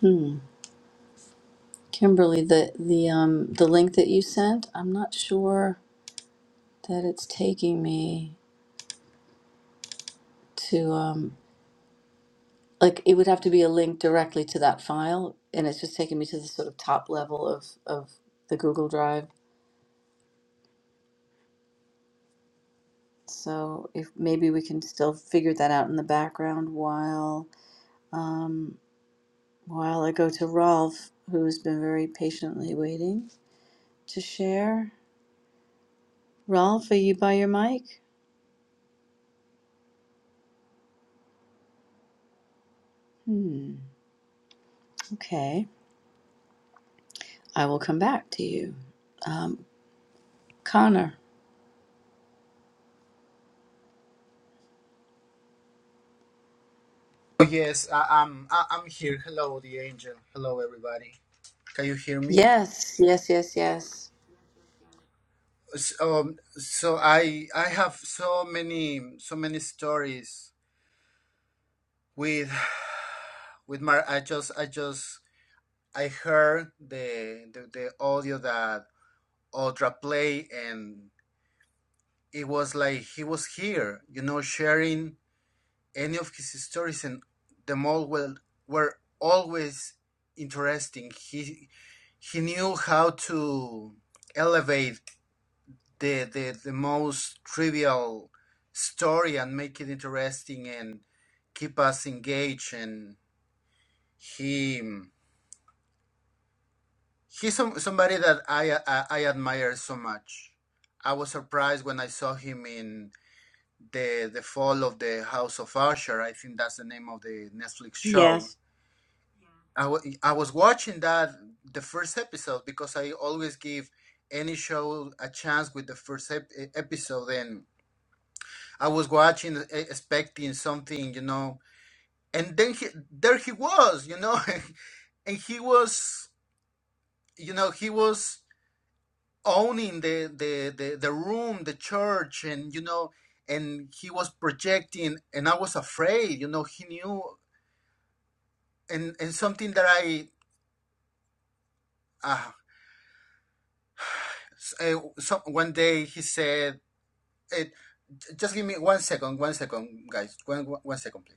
Speaker 1: Hmm. Kimberly, the the um the link that you sent, I'm not sure that it's taking me to um like it would have to be a link directly to that file and it's just taking me to the sort of top level of of the Google Drive. So if maybe we can still figure that out in the background while um while I go to Rolf, who's been very patiently waiting to share. Rolf, are you by your mic? Hmm. Okay. I will come back to you. Um, Connor.
Speaker 23: Oh, yes, I, I'm I, I'm here. Hello, the angel. Hello, everybody. Can you hear me?
Speaker 1: Yes, yes, yes, yes.
Speaker 23: So, um, so I I have so many so many stories with with my I just I just I heard the the, the audio that Audra play and it was like he was here, you know, sharing any of his stories, and them all were, were always interesting. He he knew how to elevate the, the the most trivial story and make it interesting and keep us engaged. And he he's some, somebody that I, I I admire so much. I was surprised when I saw him in the the fall of the House of Usher. I think that's the name of the Netflix show
Speaker 1: Yes.
Speaker 23: I wa- I was watching that the first episode because I always give any show a chance with the first ep- e-, episode, and I was watching e- expecting something, you know, and then he, there he was, you know, and he was, you know, he was owning the the the, the room, the church, and you know, and he was projecting, and I was afraid, you know, he knew, and and something that I. Uh, s- uh, so one day he said It, just give me one second, one second, guys. One, one one second, please.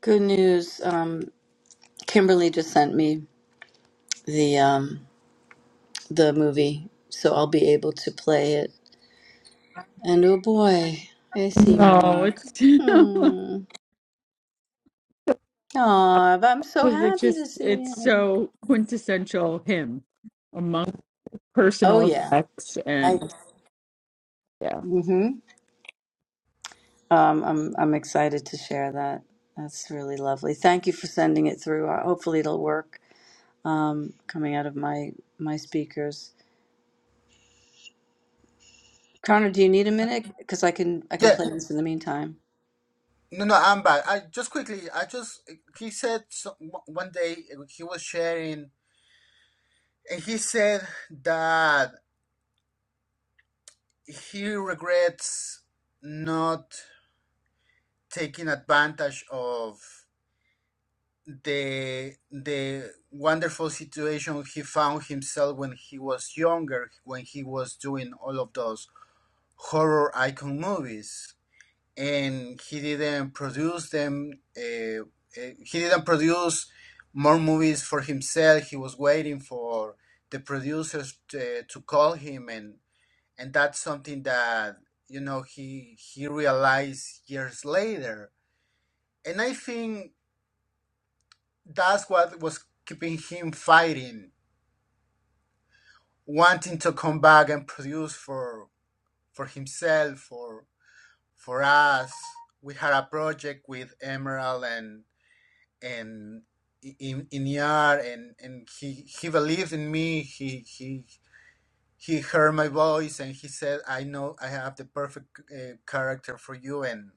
Speaker 1: Good news. Um, Kimberly just sent me the um, the movie, so I'll be able to play it. And oh boy, I see
Speaker 3: No,
Speaker 1: Mark.
Speaker 3: it's because
Speaker 1: Hmm. Aw, I'm so
Speaker 3: it
Speaker 1: happy to
Speaker 3: just
Speaker 1: see
Speaker 3: it's
Speaker 1: him.
Speaker 3: so quintessential him among
Speaker 1: Oh
Speaker 3: personal
Speaker 1: yeah.
Speaker 3: effects
Speaker 1: I.
Speaker 3: and yeah.
Speaker 1: Mhm. Um, I'm I'm excited to share that. That's really lovely. Thank you for sending it through. Uh, Hopefully it'll work. Um, coming out of my my speakers. Connor, do you need a minute? Because I can I can
Speaker 23: Yeah.
Speaker 1: play this in the meantime.
Speaker 23: No, no, I'm back. I just quickly, I just, he said so, one day he was sharing, and he said that he regrets not taking advantage of the the wonderful situation he found himself when he was younger, when he was doing all of those horror icon movies and he didn't produce them. Uh, uh, he didn't produce more movies for himself. He was waiting for the producers to, to call him, and and that's something that you know he he realized years later. And I think that's what was keeping him fighting, wanting to come back and produce for for himself, for for us. We had a project with Emerald and and in in ER and and he he believed in me. He he he heard my voice and he said, "I know I have the perfect uh, character for you." And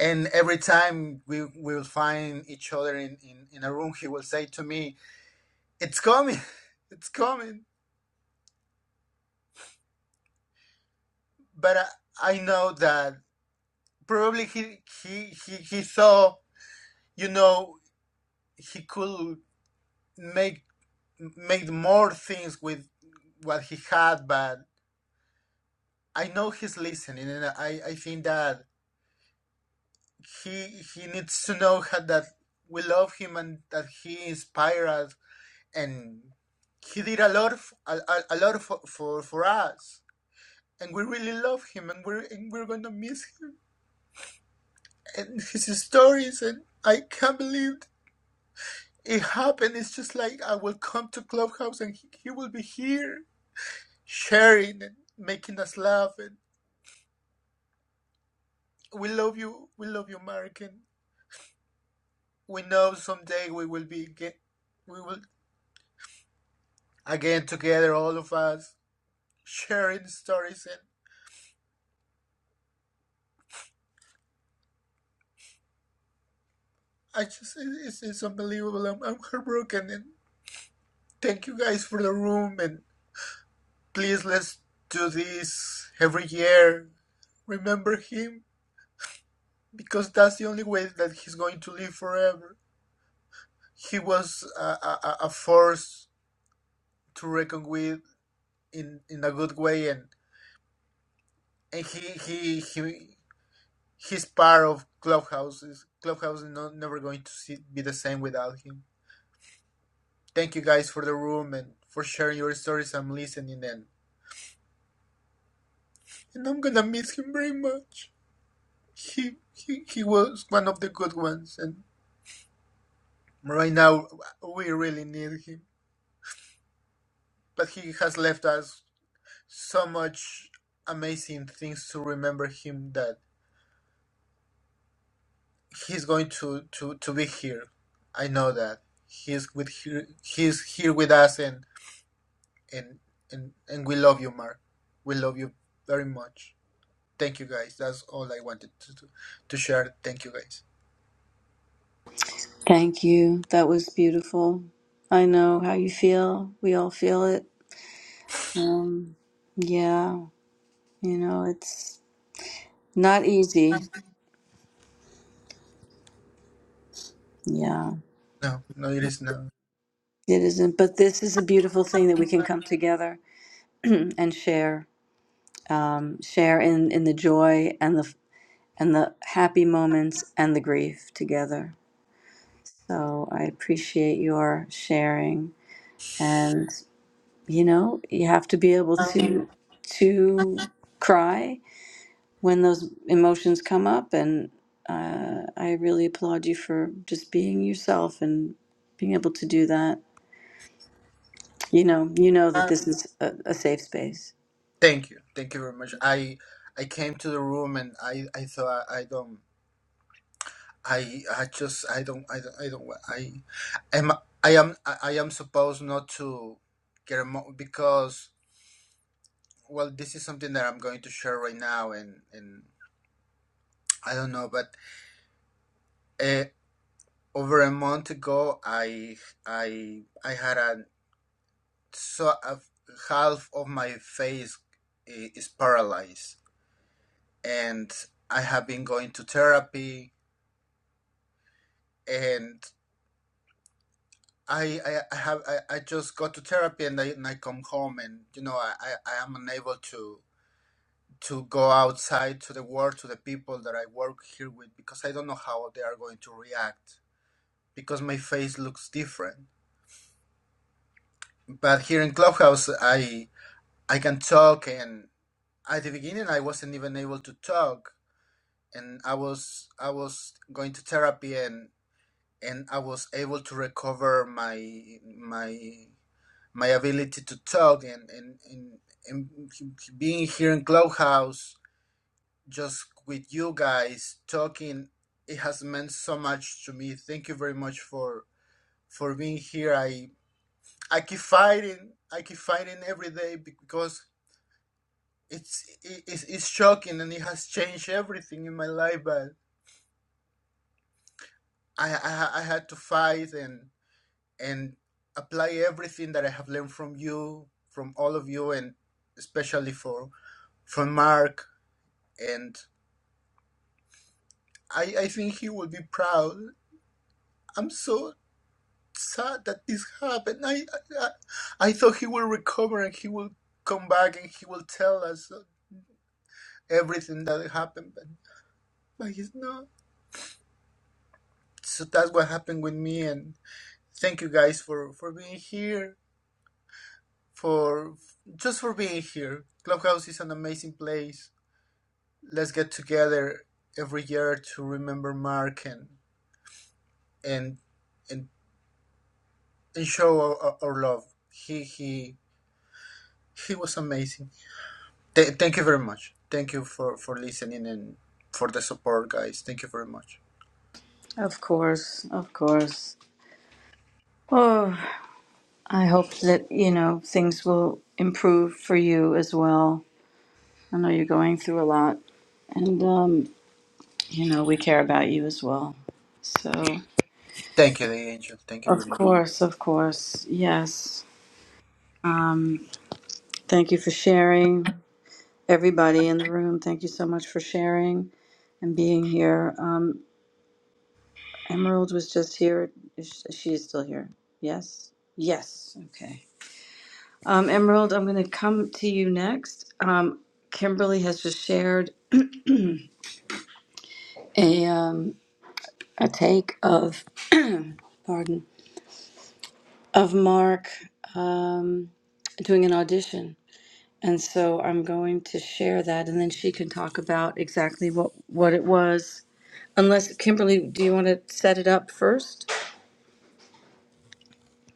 Speaker 23: and every time we will find each other in, in in a room, he will say to me, "It's coming, it's coming." But I, I know that probably he he he he saw you know he could make make more things with what he had, but I know he's listening, and I, I think that he he needs to know how, that we love him and that he inspired us, and he did a lot of, a, a, a lot for, for for us, and we really love him, and we're and we're gonna miss him and his stories, and I can't believe it happened. It's just like I will come to Clubhouse and he, he will be here sharing and making us laugh, and we love you, we love you, Mark, And we know someday we will be get, we will again together, all of us, sharing stories. And I just, it's, it's unbelievable. I'm, I'm heartbroken. And thank you guys for the room. And please, let's do this every year. Remember him because that's the only way that he's going to live forever. He was a, a, a a force to reckon with in, in a good way, and, and he, he he His part of clubhouse is Clubhouse is not, never going to see, be the same without him. Thank you guys for the room and for sharing your stories and listening. And, and I'm gonna miss him very much. He, he he was one of the good ones, and right now we really need him. But he has left us so much amazing things to remember him that he's going to, to, to be here. I know that he's with he he's here with us and and and and we love you, Mark. We love you very much. Thank you, guys. That's all I wanted to to, to share. Thank you, guys.
Speaker 1: Thank you. That was beautiful. I know how you feel. We all feel it. Um, yeah, you know it's not easy. Yeah,
Speaker 23: No, no, it is not.
Speaker 1: it isn't. But this is a beautiful thing that we can come together and share, um, share in in the joy and the and the happy moments and the grief together. So I appreciate your sharing you know you have to be able to to cry when those emotions come up and uh, i really applaud you for just being yourself and being able to do that you know you know that this is a, a safe space
Speaker 23: Thank you, thank you very much. I I came to the room and I I thought I don't I I just I don't I don't I don't wa- I am I am I I am supposed not to get emo- because well this is something that I'm going to share right now and and I don't know but. eh, over a month ago i i i had a so a, half of my face i- is paralyzed and i have been going to therapy and i i, I have I, I just go to therapy and I, and I come home and you know I, I i am unable to to go outside to the world to the people that i work here with because i don't know how they are going to react because my face looks different but here in clubhouse i I can talk and at the beginning I wasn't even able to talk and I was I was going to therapy and and I was able to recover my my my ability to talk and and, and, and being here in Clubhouse just with you guys talking it has meant so much to me. Thank you very much for for being here. I I keep fighting. I keep fighting every day because it's it's it's shocking and it has changed everything in my life but I, I i had to fight and and apply everything that i have learned from you from all of you and especially for from mark and i i think he will be proud i'm so sad that this happened i i, I thought he will recover and he will come back and he will tell us everything that happened but but he's not so that's what happened with me and Thank you guys for for being here. For just for being here. Clubhouse is an amazing place. Let's get together every year to remember Mark and and and, and show our, our love. He he he was amazing. Th- thank you very much. Thank you for for listening and for the support, guys. Thank you very much.
Speaker 1: Of course, of course. Oh, I hope that, you know, things will improve for you as well. I know you're going through a lot, and, um, you know, we care about you as well. So,
Speaker 23: Thank you, the angel. Thank you very
Speaker 1: of
Speaker 23: much.
Speaker 1: course, of course. pardon, of Mark um, doing an audition. And so I'm going to share that, and then she can talk about exactly what, what it was. Unless, Kimberly, do you want to set it up first?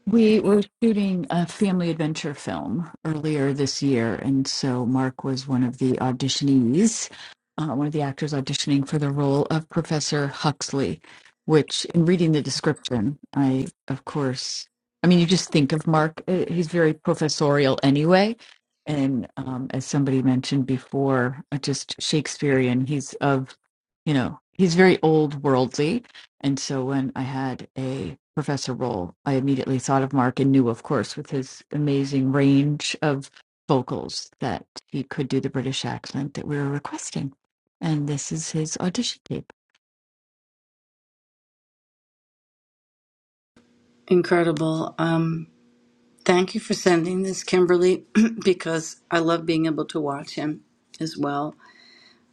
Speaker 3: We were shooting a family adventure film earlier this year, and so Mark was one of the auditionees, uh, one of the actors auditioning for the role of Professor Huxley. Which, in reading the description, I, of course, I mean, you just think of Mark. uh, He's very professorial anyway. And um, as somebody mentioned before, uh, just Shakespearean, he's of, you know, he's very old worldly and so when I had a professor role, I immediately thought of Mark and knew, of course, with his amazing range of vocals that he could do the British accent that we were requesting. And this is his audition tape.
Speaker 1: Incredible. Um, thank you for sending this, Kimberly, because I love being able to watch him as well.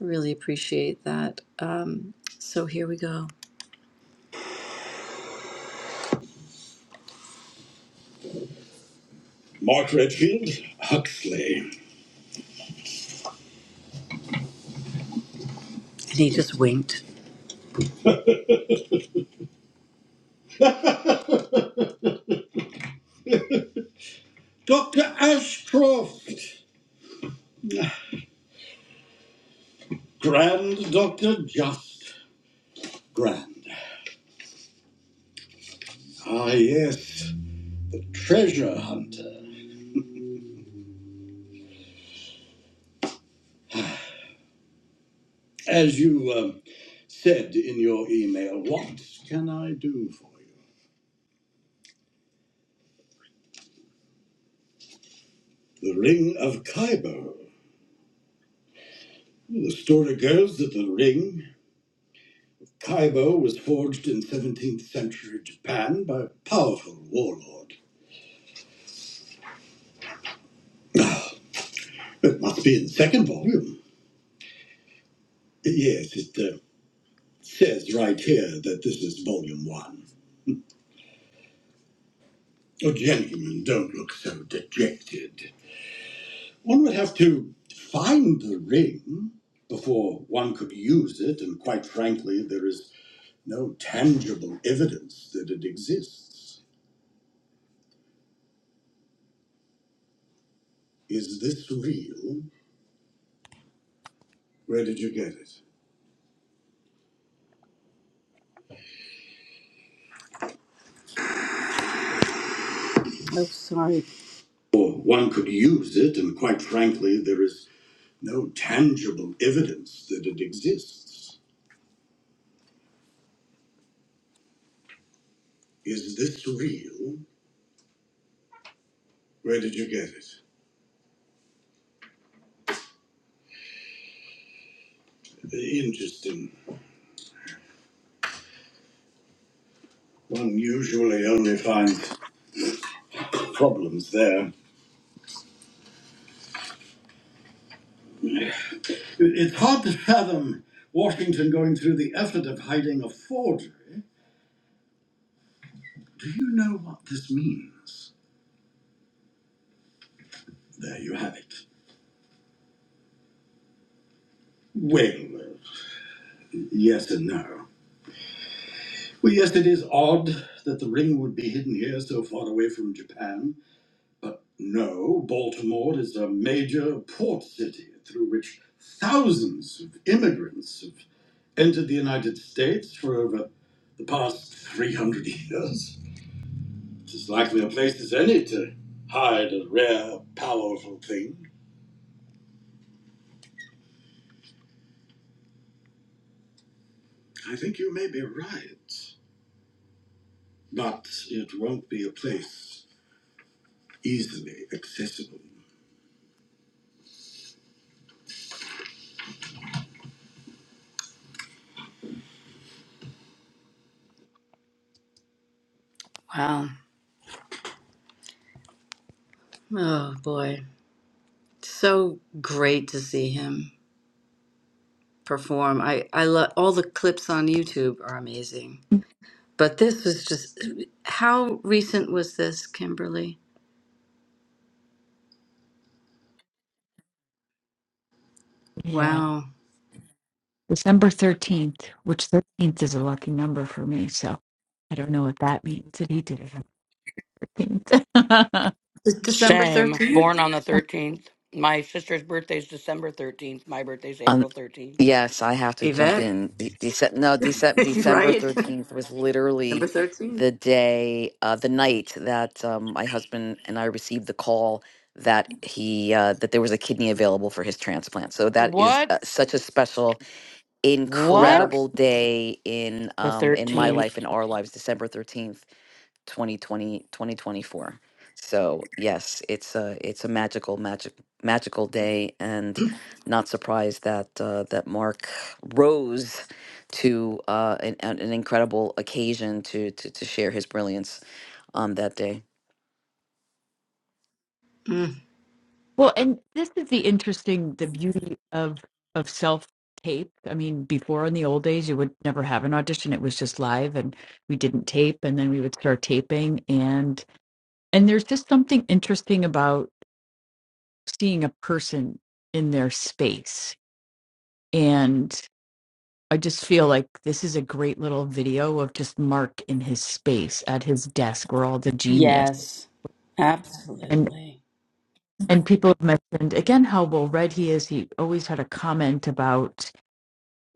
Speaker 1: I really appreciate that. Um, so here we go. Mark Redfield Huxley. And he just winked. Dr. Ashcroft, Grand Dr. Just Grand. Ah, yes, the treasure hunter. As you um, said in your email, what can I do for you? The Ring of Kaibo. The story goes that the ring, Kaibo, was forged in 17th century Japan by a powerful warlord. It must be in the second volume. Yes, it uh, says right here that this is volume one. Oh, gentlemen, don't look so dejected. One would have to find the ring before one could use it, and quite frankly, there is no tangible evidence that it exists. Is this real? Where did you get it? Or one could use it, and quite frankly, there is no tangible evidence that it exists. Is this real? Where did you get it? Interesting. One usually only finds problems there. It's hard to fathom Washington going through the effort of hiding a forgery. Do you know what this means? There you have it. Well, yes and no. Well, yes, it is odd that the ring would be hidden here so far away from Japan, but no, Baltimore is a major port city through which thousands of immigrants have entered the United States for over the past 300 years. It is likely a place as any to hide a rare, powerful thing. I think you may be right, but it won't be a place easily accessible. Oh boy, so great to see him perform. I I love all the clips on YouTube are amazing. But this was just how recent was this, Kimberly?
Speaker 3: Yeah.
Speaker 1: Wow.
Speaker 3: December 13th, which 13th is a lucky number for me. So I don't know what that means that he did it. Paint.
Speaker 1: December
Speaker 11: Same. Born
Speaker 1: 13th?
Speaker 11: on the 13th. My sister's birthday's December 13th. My birthday's
Speaker 22: Um,
Speaker 11: April 13th.
Speaker 22: yes, I have to jump
Speaker 1: Yvette?
Speaker 22: in. De- Dece- no, Dece- December thirteenth was literally the day, uh, the night that um, my husband and I received the call that he uh, that there was a kidney available for his transplant. So that is
Speaker 11: What?
Speaker 22: uh, such a special,
Speaker 11: What?
Speaker 22: incredible day in
Speaker 11: The
Speaker 22: um, in my
Speaker 11: 13th.
Speaker 22: life in our lives. December thirteenth 2020 2024. so yes it's a it's a magical magic magical day and not surprised that uh, that mark rose to uh, an, an an incredible occasion to, to to share his brilliance on that day
Speaker 3: well, and this is the interesting, the beauty of of self tape. I mean, before in the old days, you would never have an audition; it was just live, and we didn't tape, and then we would start taping, and and there's just something interesting about. seeing a person in their space. And I just feel like this is a great little video of just Mark in his space at his desk We're all the genius and
Speaker 1: Absolutely.
Speaker 3: and people have mentioned again how well read he is. He always had a comment about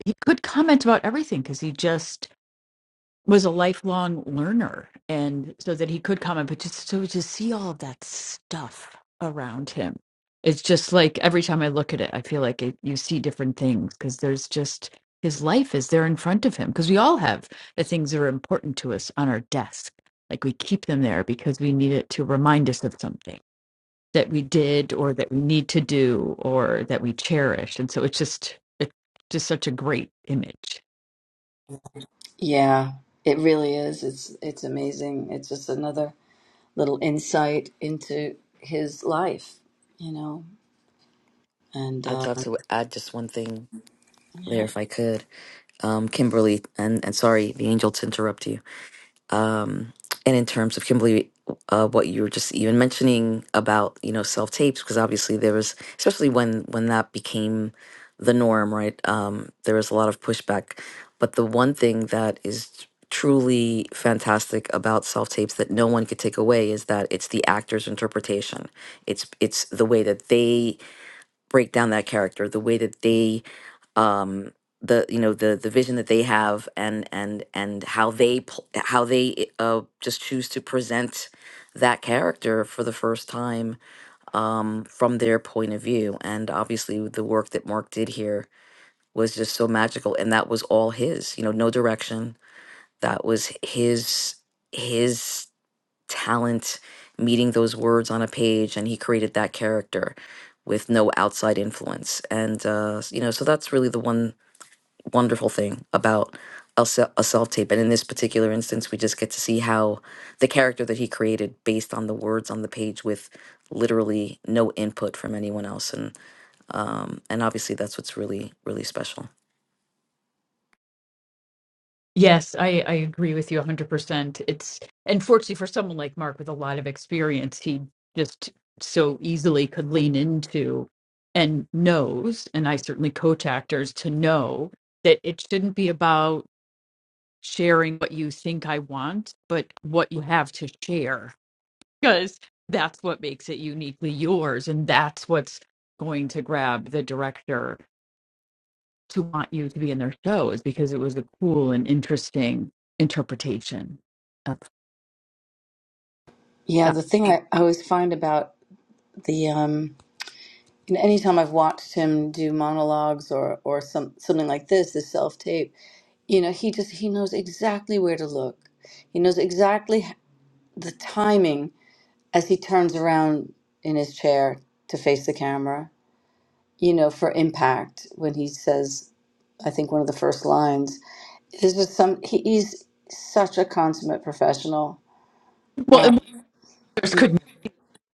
Speaker 3: he could comment about everything because he just was a lifelong learner and so that he could comment but just so to see all of that stuff around him it's just like every time i look at it i feel like it, you see different things because there's just his life is there in front of him because we all have the things that are important to us on our desk like we keep them there because we need it to remind us of something that we did or that we need to do or that we cherish and so it's just it's just such a great image
Speaker 1: Yeah, it really is. It's it's amazing. It's just another little insight into his life, you know. And
Speaker 22: i'd
Speaker 1: uh,
Speaker 22: love to add just one thing there
Speaker 1: yeah,
Speaker 22: if i could um kimberly and and sorry the angel to interrupt you um, and in terms of Kimberly, uh, what you were just even mentioning about you know self tapes, because obviously there was, especially when when that became the norm, right? Um, there was a lot of pushback. But the one thing that is truly fantastic about self tapes that no one could take away is that it's the actor's interpretation. It's it's the way that they break down that character, the way that they um the you know the the vision that they have and and and how they pl- how they uh just choose to present that character for the first time um from their point of view and obviously the work that Mark did here was just so magical and that was all his you know no direction that was his his talent meeting those words on a page and he created that character with no outside influence and uh you know so that's really the one wonderful thing about a, se- a self tape. And in this particular instance, we just get to see how the character that he created based on the words on the page with literally no input from anyone else. And, um, and obviously that's what's really, really special.
Speaker 3: Yes, I, I agree with you 100%. It's unfortunately for someone like Mark with a lot of experience, he just so easily could lean into and knows, and I certainly coach actors to know that it shouldn't be about sharing what you think I want, but what you have to share, because that's what makes it uniquely yours, and that's what's going to grab the director to want you to be in their show is because it was a cool and interesting interpretation of
Speaker 1: yeah.
Speaker 3: that.
Speaker 1: The thing I, I always find about the um, you know, anytime I've watched him do monologues or or some something like this, this self tape, you know, he just he knows exactly where to look. He knows exactly the timing as he turns around in his chair to face the camera. You know, for impact when he says I think one of the first lines. Is just some. He, he's such a consummate professional.
Speaker 3: Well, and
Speaker 1: Uh,
Speaker 3: what others could not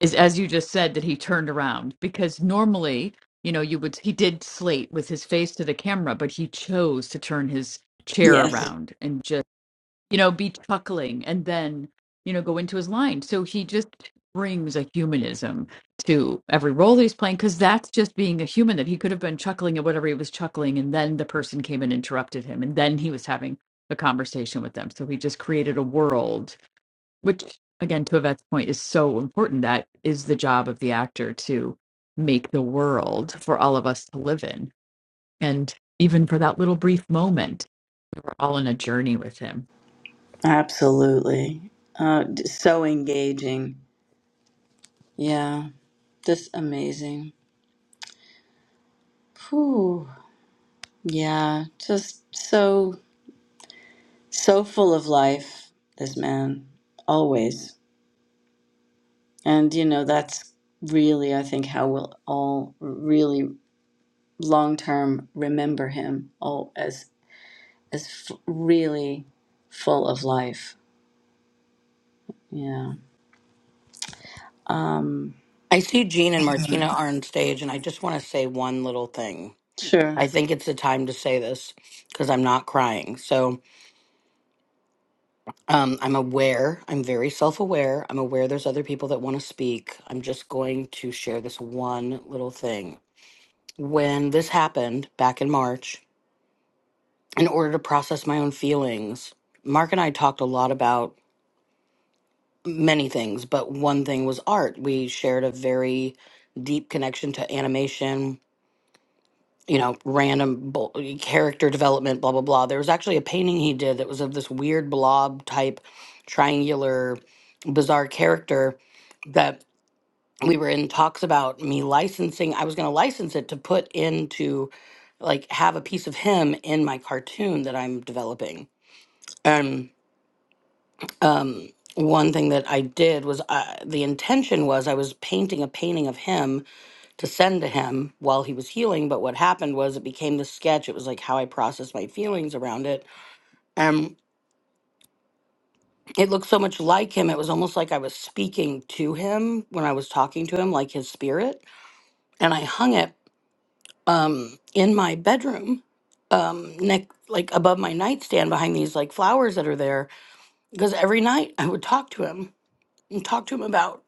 Speaker 3: is as you just said that he turned around because normally, you know, you would he did slate with his face to the camera, but he chose to turn his chair around and just. you know, be chuckling and then, you know, go into his line. So he just brings a humanism to every role he's playing because that's just being a human that he could have been chuckling at whatever he was chuckling. And then the person came and interrupted him. And then he was having a conversation with them. So he just created a world, which, again, to Yvette's point, is so important. That is the job of the actor to make the world for all of us to live in. And even for that little brief moment all on a journey with him.
Speaker 1: absolutely, uh, d- so engaging. Yeah, just amazing. Whew. Yeah, just so so full of life. This man always, and you know that's really I think how we'll all really long term remember him. Oh, as as f- really full of life. Yeah. Um,
Speaker 11: I see Jean and Martina are on stage, and I just want to say one little thing. I think it's the time to say this because I'm not crying. So um, I'm aware. I'm very self aware. I'm aware there's other people that want to speak. I'm just going to share this one little thing. when this happened back in March, in order to process my own feelings, Mark and I talked a lot about many things, but one thing was art. We shared a very deep connection to animation, you know, random bull- character development, blah, blah, blah. There was actually a painting he did that was of this weird blob type, triangular, bizarre character that we were in talks about me licensing i was going to license it to put into like have a piece of him in my cartoon that i'm developing and um one thing that i did was I, the intention was i was painting a painting of him to send to him while he was healing but what happened was it became the sketch it was like how i processed my feelings around it um it looked so much like him it was almost like i was speaking to him when i was talking to him like his spirit and i hung it um, in my bedroom, um, neck like above my nightstand behind these like flowers that are there, because every night I would talk to him and talk to him about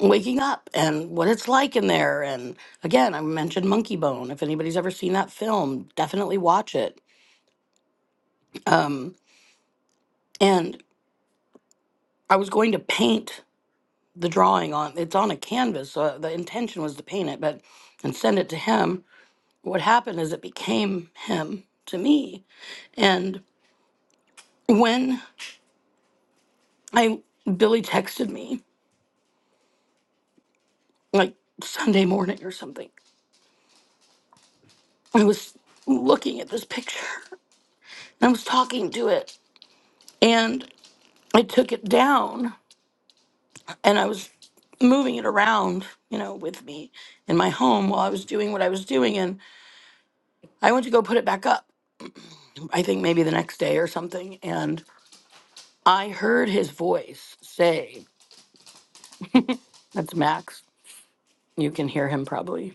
Speaker 11: waking up and what it's like in there. And again, I mentioned Monkey Bone. If anybody's ever seen that film, definitely watch it. And I was going to paint the drawing on it's on a canvas, so the intention was to paint it, but and send it to him. What happened is it became him to me. And when I Billy texted me like Sunday morning or something. I was looking at this picture. and I was talking to it and I took it down and I was moving it around, you know, with me in my home while I was doing what I was doing and I went to go put it back up. I think maybe the next day or something and I heard his voice say, that's Max. You can hear him probably.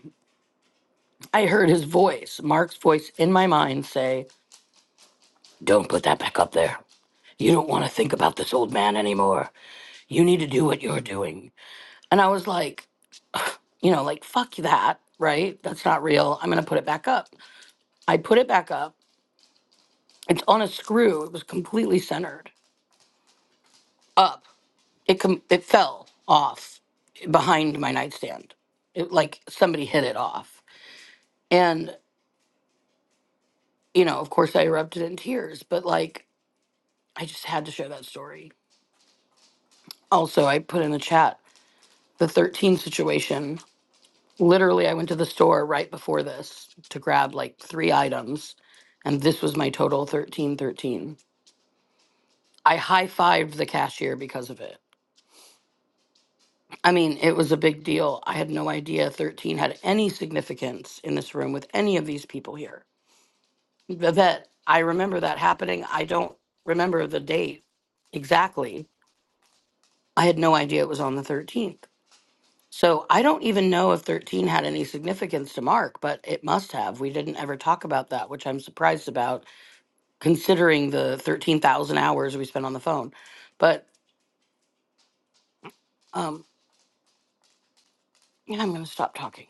Speaker 11: I heard his voice, Mark's voice in my mind say, "Don't put that back up there." You don't want to think about this old man anymore. You need to do what you're doing. And I was like, you know, like, fuck that, right? That's not real. I'm going to put it back up. I put it back up. It's on a screw. It was completely centered up. It, com- it fell off behind my nightstand. It, like somebody hit it off. And, you know, of course I erupted in tears, but like, I just had to share that story. Also, I put in the chat the 13 situation literally I went to the store right before this to grab like three items and this was my total 1313. I high-fived the cashier because of it. I mean, it was a big deal. I had no idea 13 had any significance in this room with any of these people here. Vivette, I remember that happening. I don't remember the date exactly. I had no idea it was on the 13th. So I don't even know if 13 had any significance to Mark, but it must have. We didn't ever talk about that, which I'm surprised about considering the 13,000 hours we spent on the phone. But um, yeah, I'm going to stop talking.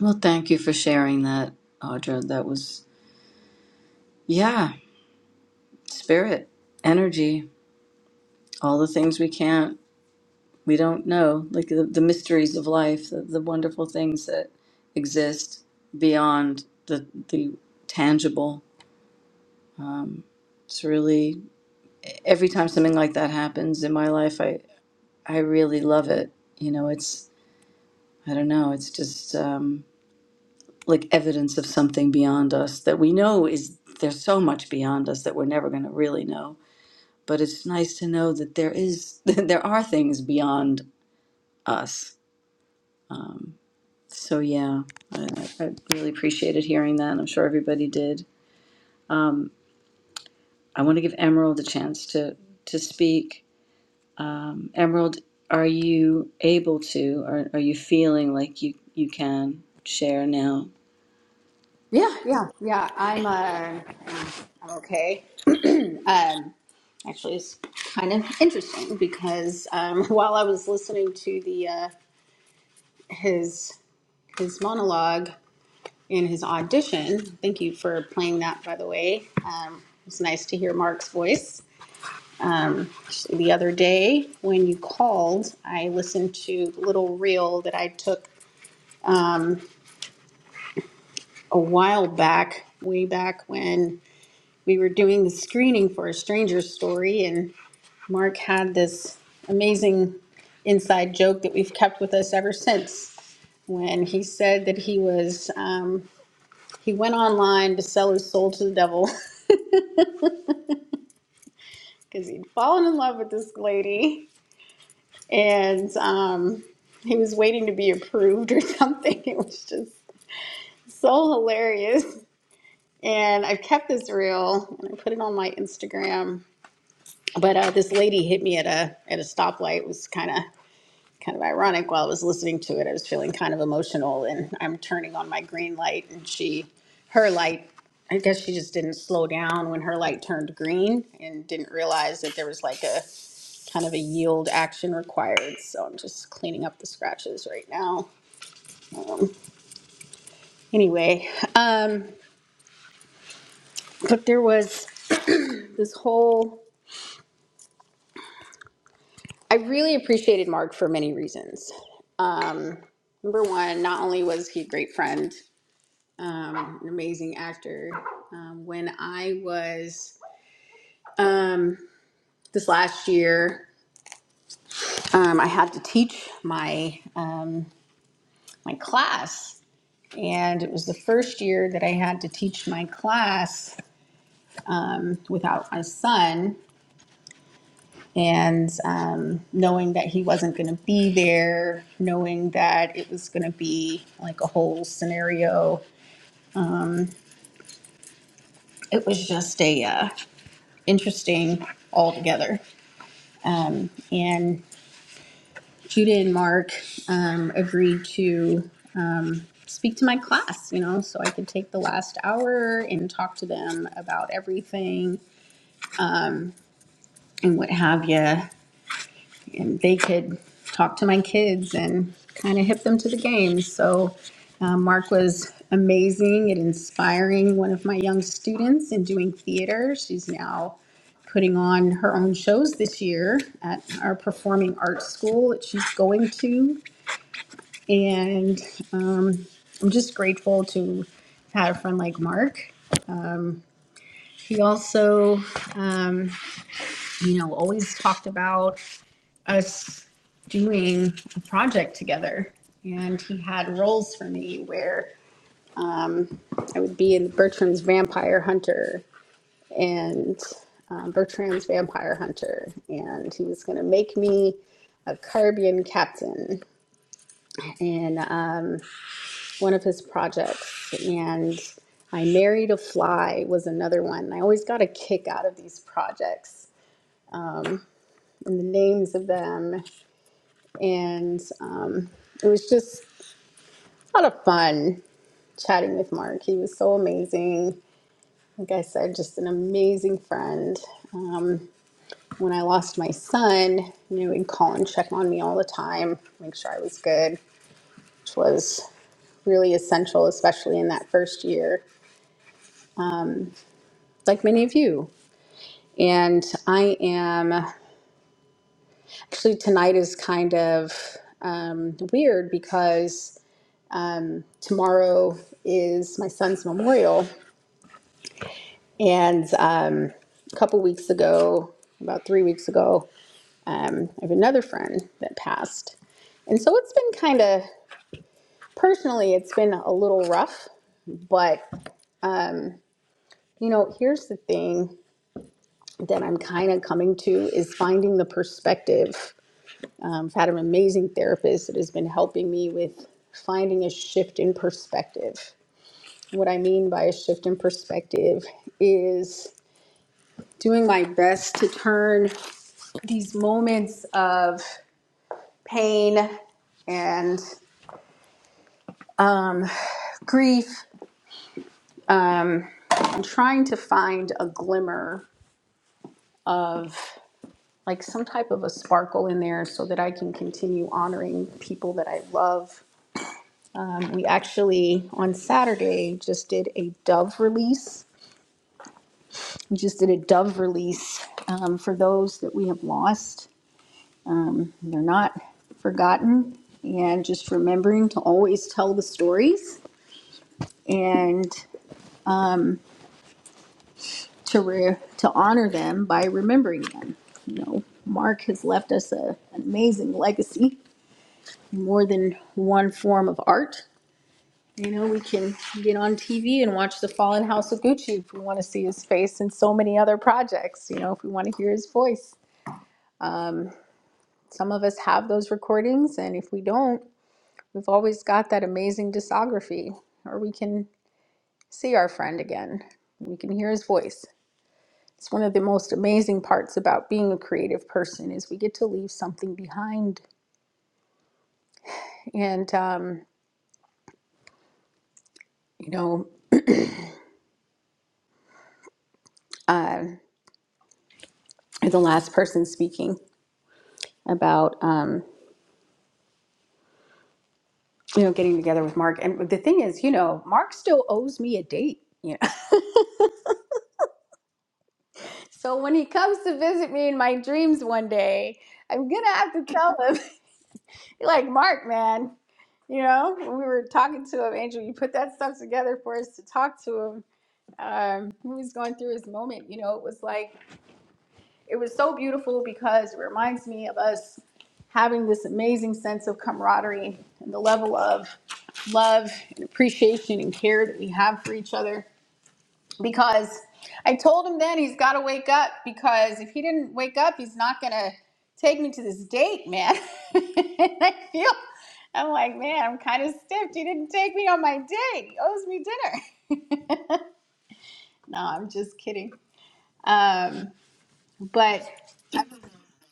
Speaker 1: well, thank you for sharing that, Audra. That was, yeah, spirit, energy, all the things we can't, we don't know, like the, the mysteries of life, the, the wonderful things that exist beyond the, the tangible. Um, it's really, every time something like that happens in my life, I, I really love it. You know, it's, I don't know, it's just, um, like evidence of something beyond us that we know is there's so much beyond us that we're never going to really know but it's nice to know that there is that there are things beyond us um, so yeah I, I really appreciated hearing that and i'm sure everybody did um, i want to give emerald a chance to to speak um, emerald are you able to or are you feeling like you you can share now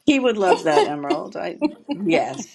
Speaker 1: he would love that emerald i yes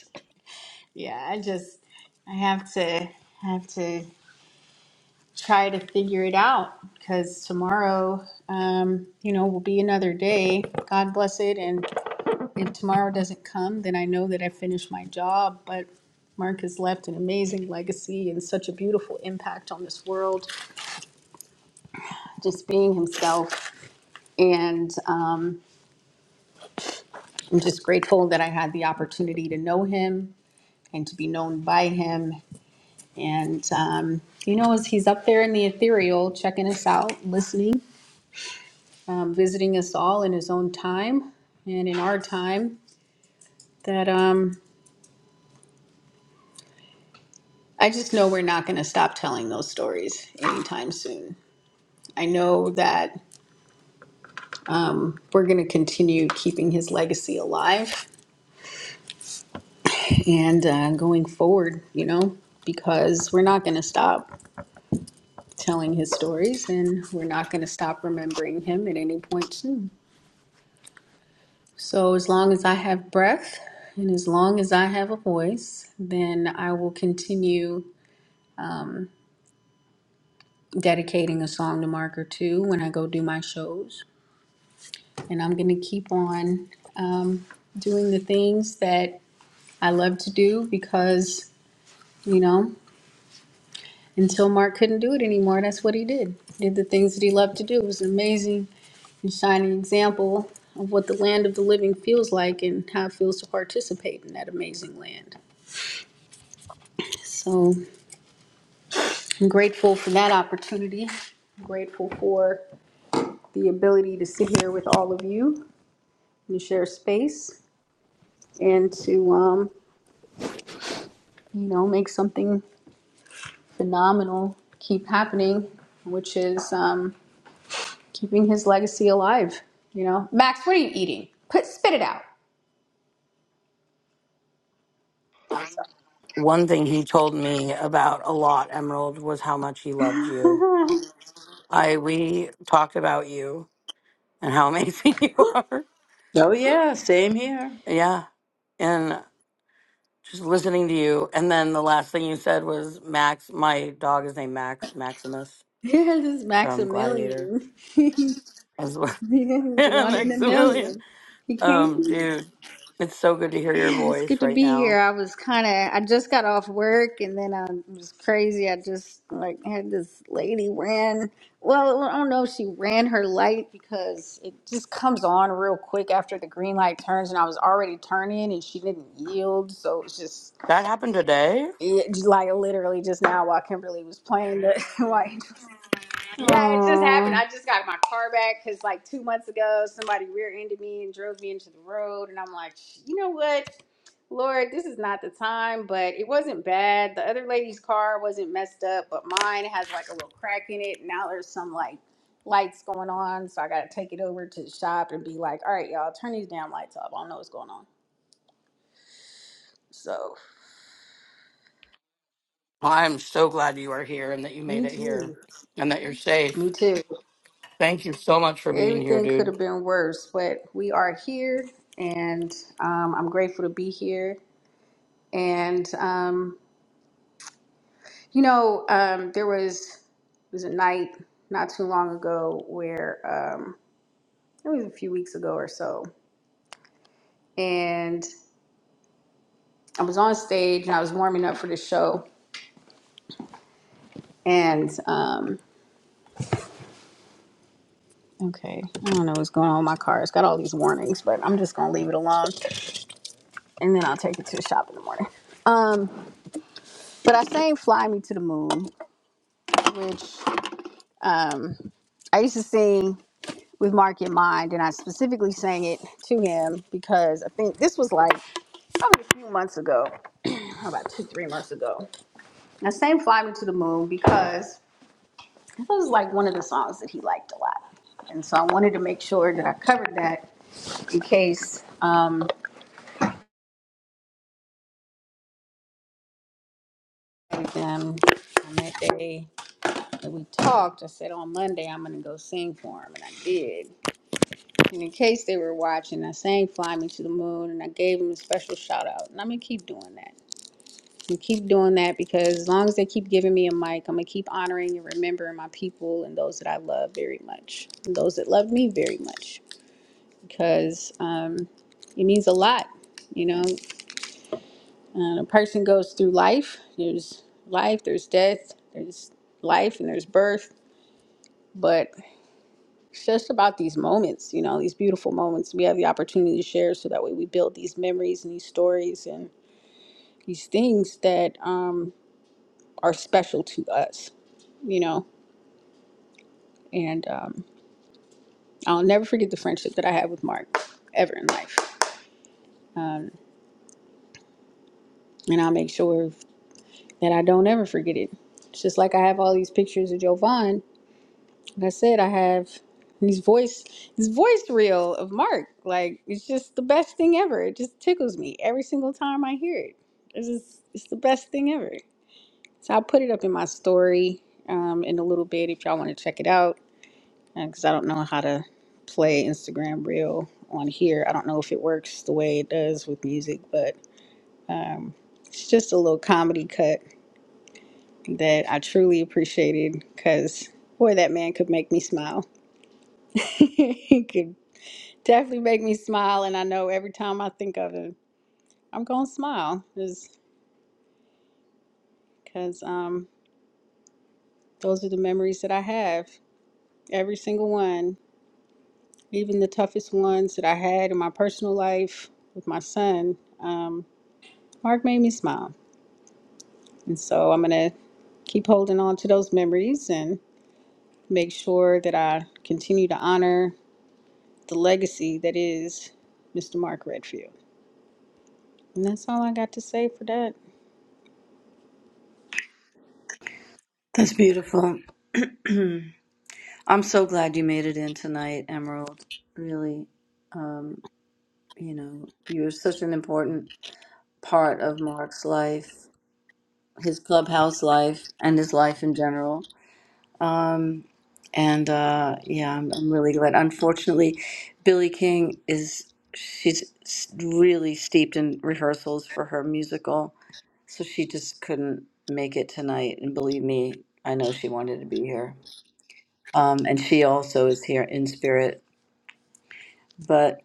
Speaker 11: One thing he told me about a lot, Emerald, was how much he loved you. I we talked about you and how amazing you are.
Speaker 1: Oh, yeah, same here.
Speaker 11: Yeah, and just listening to you. And then the last thing you said was Max. My dog is named Max Maximus from Gladiator as well. Yeah, Maximilian. Um, dude, it's so good to hear your voice right now That happened today? I'm so glad you are here and that you made it here and that you're safe. Thank you so much for being here, dude.
Speaker 1: That's beautiful. I'm so glad you made it in tonight, Emerald. Really, um, you know, you're such an important part of Mark's life, his clubhouse life, and his life in general. Um, and uh, yeah, I'm, I'm really glad. Unfortunately, Billie King is she's s- really steeped in rehearsals for her musical, so she just couldn't make it tonight. And believe me, I know she wanted to be here. Um, and she also is here in spirit. But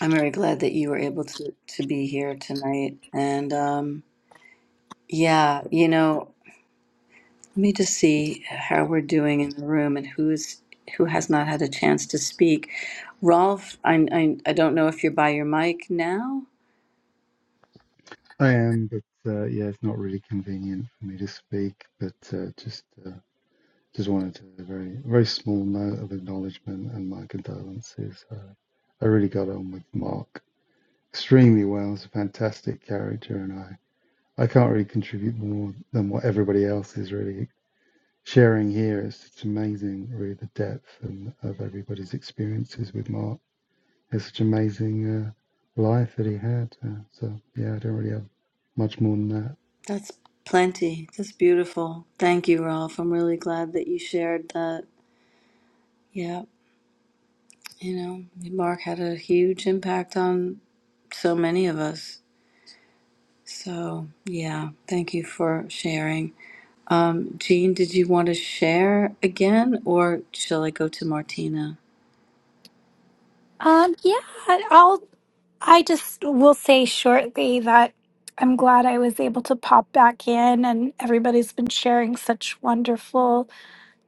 Speaker 1: I'm very glad that you were able to to be here tonight. And um, yeah, you know. Let me just see how we're doing in the room and who's who has not had a chance to speak. Rolf, I, I, I don't know if you're by your mic now.
Speaker 24: I am, but uh, yeah, it's not really convenient for me to speak. But uh, just uh, just wanted to a very very small note of acknowledgement and my condolences. Uh, I really got on with Mark extremely well. He's a fantastic character, and I I can't really contribute more than what everybody else is really sharing here. It's it's amazing, really, the depth and of everybody's experiences with Mark. It's such amazing uh, life that he had. Uh, so yeah, I don't really have much more than that.
Speaker 1: That's plenty. That's beautiful. Thank you, Rolf. I'm really glad that you shared that. Yeah, you know, Mark had a huge impact on so many of us. So, yeah, thank you for sharing. Um, Jean, did you want to share again, or shall I go to Martina?
Speaker 5: Um, yeah, I'll, I just will say shortly that I'm glad I was able to pop back in and everybody's been sharing such wonderful,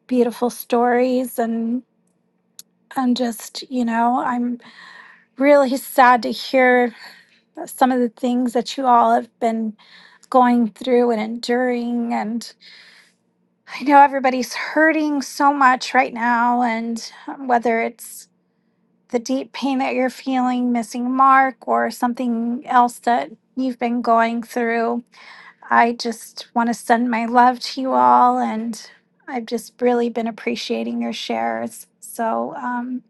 Speaker 5: beautiful stories and and just, you know, I'm really sad to hear some of the things that you all have been going through and enduring and I know everybody's hurting so much right now and whether it's the deep pain that you're feeling, missing Mark, or something else that you've been going through. I just want to send my love to you all, and I've just really been appreciating your shares. So, um,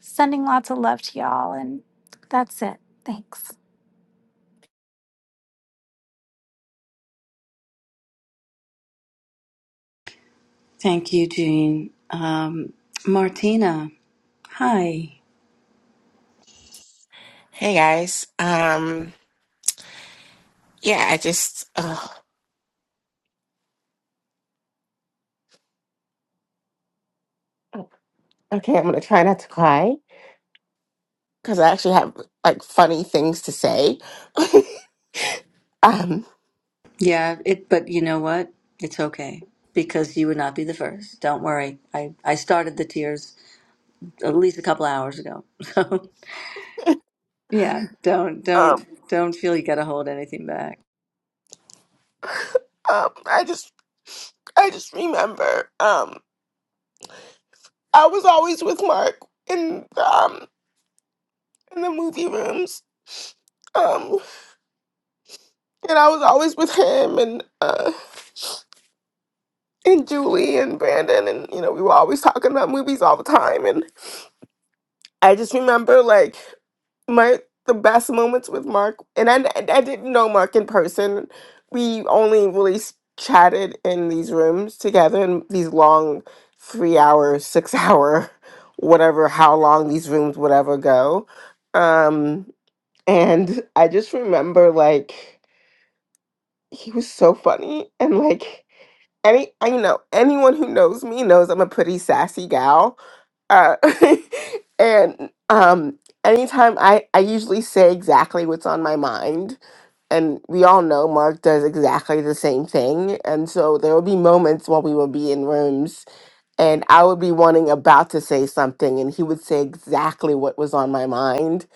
Speaker 5: sending lots of love to y'all, and that's it. Thanks.
Speaker 1: Thank you, Jean. Um, Martina, hi.
Speaker 25: Hey guys. Um yeah, I just uh, okay, I'm going to try not to cry cuz I actually have like funny things to say. um,
Speaker 1: Yeah, it. But you know what? It's okay. Be copy the first. Don't worry. I I started the tears at least a couple hours ago. So yeah, don't
Speaker 25: um
Speaker 1: don't don't feel you got to hold anything back.
Speaker 25: um I just I just remember um I was always with Mark in um in the movie rooms. Um and I was always with him and uh and Julie and Brandon and you know we were always talking about movies all the time and. I just remember like my the best moments with Mark, and I I didn't know Mark in person. We only really s- chatted in these rooms together in these long, three hour, six hour, whatever, how long these rooms would ever go. Um, and I just remember like he was so funny and like any I you know anyone who knows me knows I'm a pretty sassy gal uh, and um, anytime I, I usually say exactly what's on my mind. And we all know Mark does exactly the same thing. And so there will be moments when we will be in rooms and I would be wanting about to say something and he would say exactly what was on my mind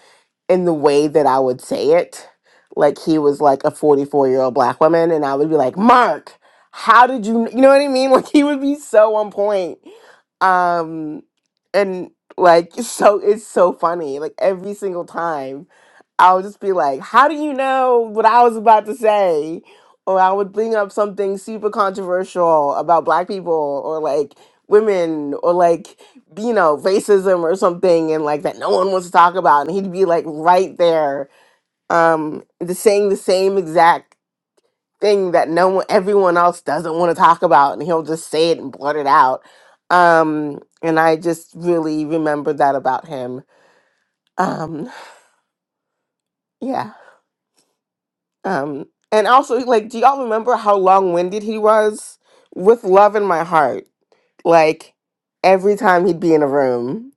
Speaker 25: in the way that I would say it. Like he was like a 44 year old black woman. And I would be like, Mark, how did you, kn-" you know what I mean? Like he would be so on point um, and like so it's so funny. Like every single time I'll just be like, How do you know what I was about to say? Or I would bring up something super controversial about black people or like women or like you know, racism or something and like that no one wants to talk about and he'd be like right there um the saying the same exact thing that no one everyone else doesn't want to talk about and he'll just say it and blurt it out um and i just really remember that about him um yeah um and also like do y'all remember how long-winded he was with love in my heart like every time he'd be in a room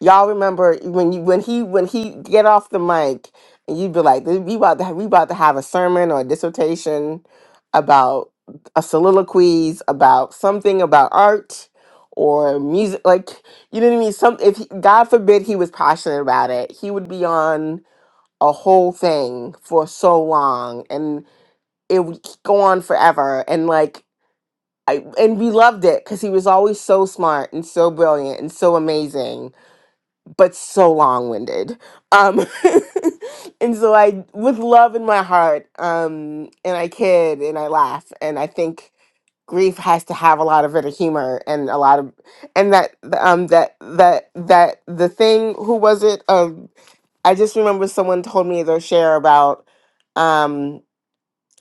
Speaker 25: Y'all remember when you when he when he get off the mic and you'd be like, we about to have, we about to have a sermon or a dissertation about a soliloquies about something about art or music like you know what I mean some if he, God forbid he was passionate about it he would be on a whole thing for so long and it would go on forever and like I and we loved it because he was always so smart and so brilliant and so amazing but so long winded. Um, and so I, with love in my heart, um, and I kid and I laugh, and I think grief has to have a lot of inner humor and a lot of, and that um that that that the thing who was it um I just remember someone told me their share about. um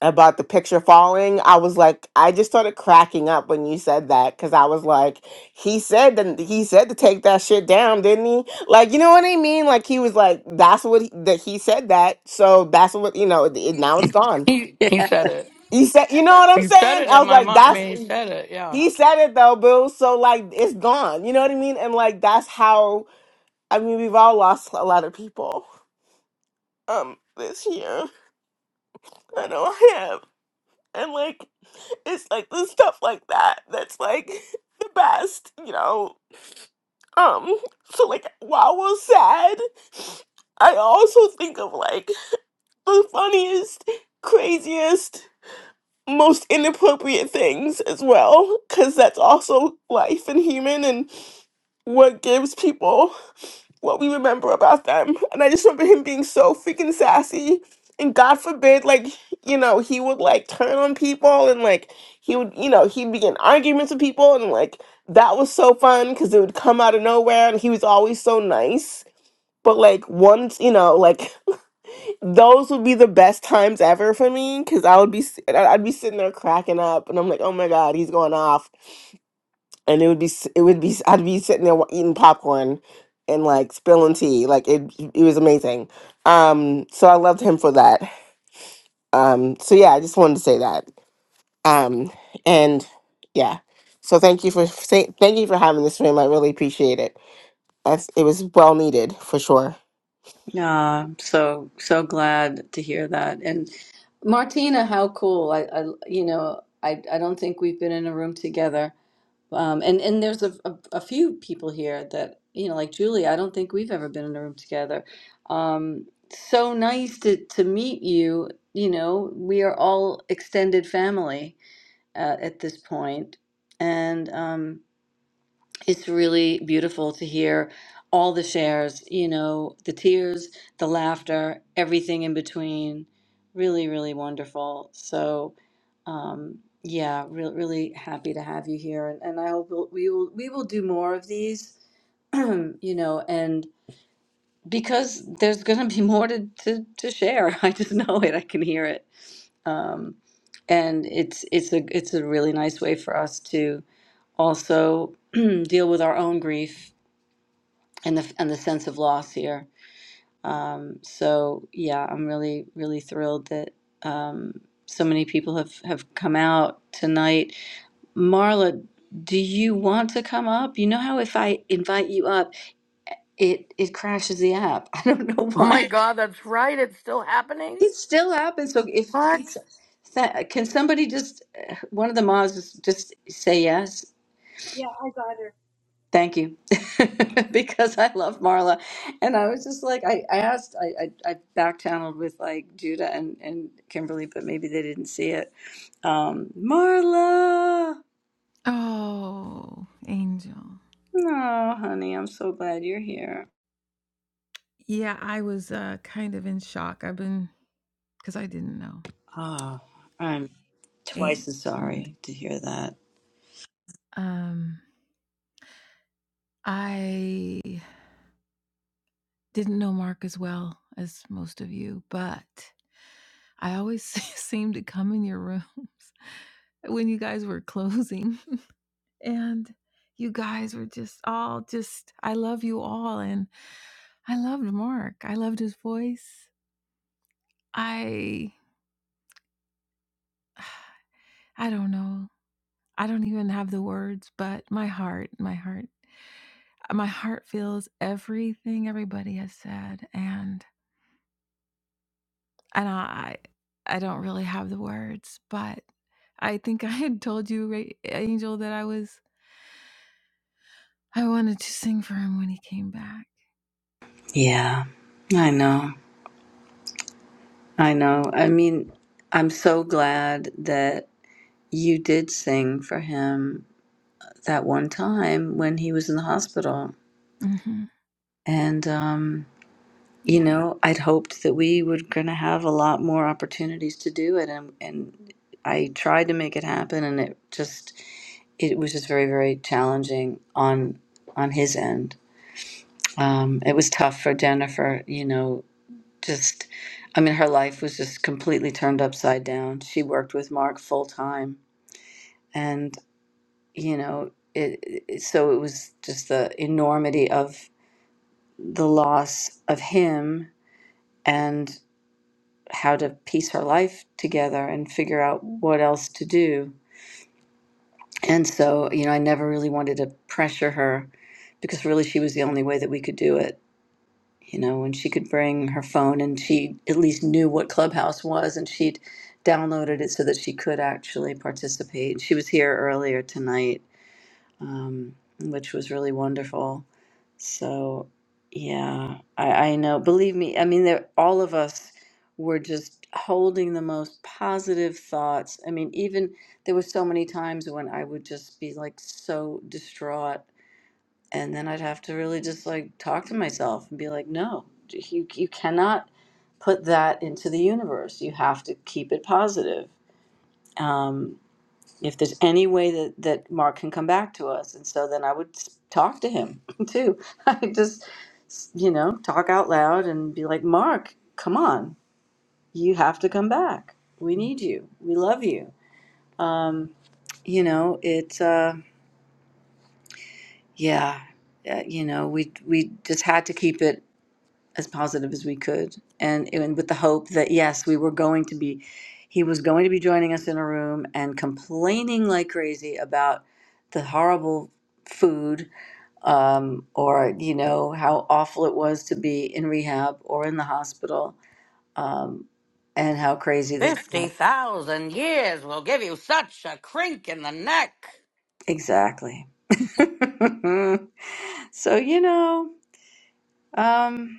Speaker 25: about the picture falling, I was like, I just started cracking up when you said that because I was like, he said that he said to take that shit down, didn't he? Like, you know what I mean? Like he was like, that's what he, that he said that, so that's what you know. It, it- now it's gone.
Speaker 11: He he said it.
Speaker 25: He said, you know what I'm
Speaker 11: He said
Speaker 25: saying?
Speaker 11: it
Speaker 25: I
Speaker 11: in
Speaker 25: was
Speaker 11: my
Speaker 25: like,
Speaker 11: mind. I
Speaker 25: that's
Speaker 11: mean, he said it, yeah.
Speaker 25: he said it though, boo. So like, it's gone. You know what I mean? And like, that's how I mean, we've all lost a lot of people um this year. I know I have, and like. it's like the stuff like that that's like the best, you know. Um, so like while we're sad, I also think of like the funniest, craziest, most inappropriate things as well, because that's also life and human and what gives people what we remember about them. And I just remember him being so freaking sassy. And God forbid, like, you know, he would like turn on people and like he would, you know, he'd begin arguments with people. And like that was so fun because it would come out of nowhere and he was always so nice. But like once, you know, like those would be the best times ever for me because I would be, s- I'd I'd be sitting there cracking up and I'm like, oh my God, he's going off and it would be s- it would be i I'd be sitting there wa- eating popcorn and like spilling tea like it it was amazing um so I loved him for that um so yeah I just wanted to say that um and yeah so thank you for say, thank you for having this room I really appreciate it That's, it was well needed for sure
Speaker 1: Ah, so so glad to hear that. And Martina, how cool. I I you know I I don't think we've been in a room together Um, and and there's a, a a few people here that you know, like Julie. I don't think we've ever been in a room together. Um, so nice to to meet you. You know, we are all extended family uh, at this point, and um, it's really beautiful to hear all the shares, you know, the tears, the laughter, everything in between. Really, really wonderful. So, um, yeah, re- really happy to have you here, and, and I hope we'll, we will we will do more of these, you know, and because there's going to be more to, to, to share. I just know it. I can hear it, um, and it's it's a it's a really nice way for us to also deal with our own grief and the and the sense of loss here. Um, so yeah, I'm really really thrilled that um, so many people have have come out tonight. Marla, do you want to come up? You know how if I invite you up, it it crashes the app. I don't know
Speaker 11: Oh my
Speaker 1: why.
Speaker 11: god, that's right. It's still happening?
Speaker 1: It still happens. So if can,
Speaker 11: What?
Speaker 1: s- sa- can somebody just uh, one of the mods just just say yes Thank you, because I love Marla, and I was just like, I, I asked, I, I, I back channeled with like Judah and and Kimberly, but maybe they didn't see it. Um, Ma,
Speaker 26: Oh, Angel.
Speaker 1: no, honey, I'm so glad you're here.
Speaker 26: Yeah, I was uh, kind of in shock. I've been because I didn't know,
Speaker 1: Oh, I'm twice as
Speaker 26: and
Speaker 1: sorry to hear that.
Speaker 26: um, I didn't know Mark as well as most of you, but I always seemed to come in your rooms when you guys were closing, and you guys were just all just. I love you all, and I loved Mark. I loved his voice. I I don't know. I don't even have the words, but my heart, my heart, my heart feels everything everybody has said, and and I, I don't really have the words, but I think I had told you, Ra- Angel, that I was I wanted to sing for him when he came back.
Speaker 1: Yeah, I know, I know. I mean, I'm so glad that you did sing for him that one time when he was in the hospital,
Speaker 26: hmm
Speaker 1: and um. you
Speaker 26: Yeah.
Speaker 1: know, I'd hoped that we were going to have a lot more opportunities to do it, and and I tried to make it happen, and it just it was just very very challenging on on his end. Um, it was tough for Jennifer, you know, just I mean, her life was just completely turned upside down. She worked with Mark full time, and you know, it, it so it was just the enormity of the loss of him how to piece her life together and figure out what else to do. And so, you know, I never really wanted to pressure her because really she was the only way that we could do it. You know, when she could bring her phone and she at least knew what Clubhouse was and she'd downloaded it so that she could actually participate. She was here earlier tonight um, which was really wonderful. So, yeah, I, I know. Believe me, I mean, there, all of us were just holding the most positive thoughts. I mean, even there were so many times when I would just be like so distraught, and then I'd have to really just like talk to myself and be like, no, you you cannot put that into the universe. You have to keep it positive. Um, if there's any way that that Mark can come back to us, and so then I would s- talk to him too. I just s- you know talk out loud and be like, Mark, come on, you have to come back. We need you. We love you. Um, you know, it's uh, yeah, uh, you know, we we just had to keep it. as positive as we could and, and with the hope that yes we were going to be he was going to be joining us in a room and complaining like crazy about the horrible food um, or you know how awful it was to be in rehab or in the hospital um, and how crazy this
Speaker 11: 50,000 years will give you such a crink in the neck.
Speaker 1: exactly um,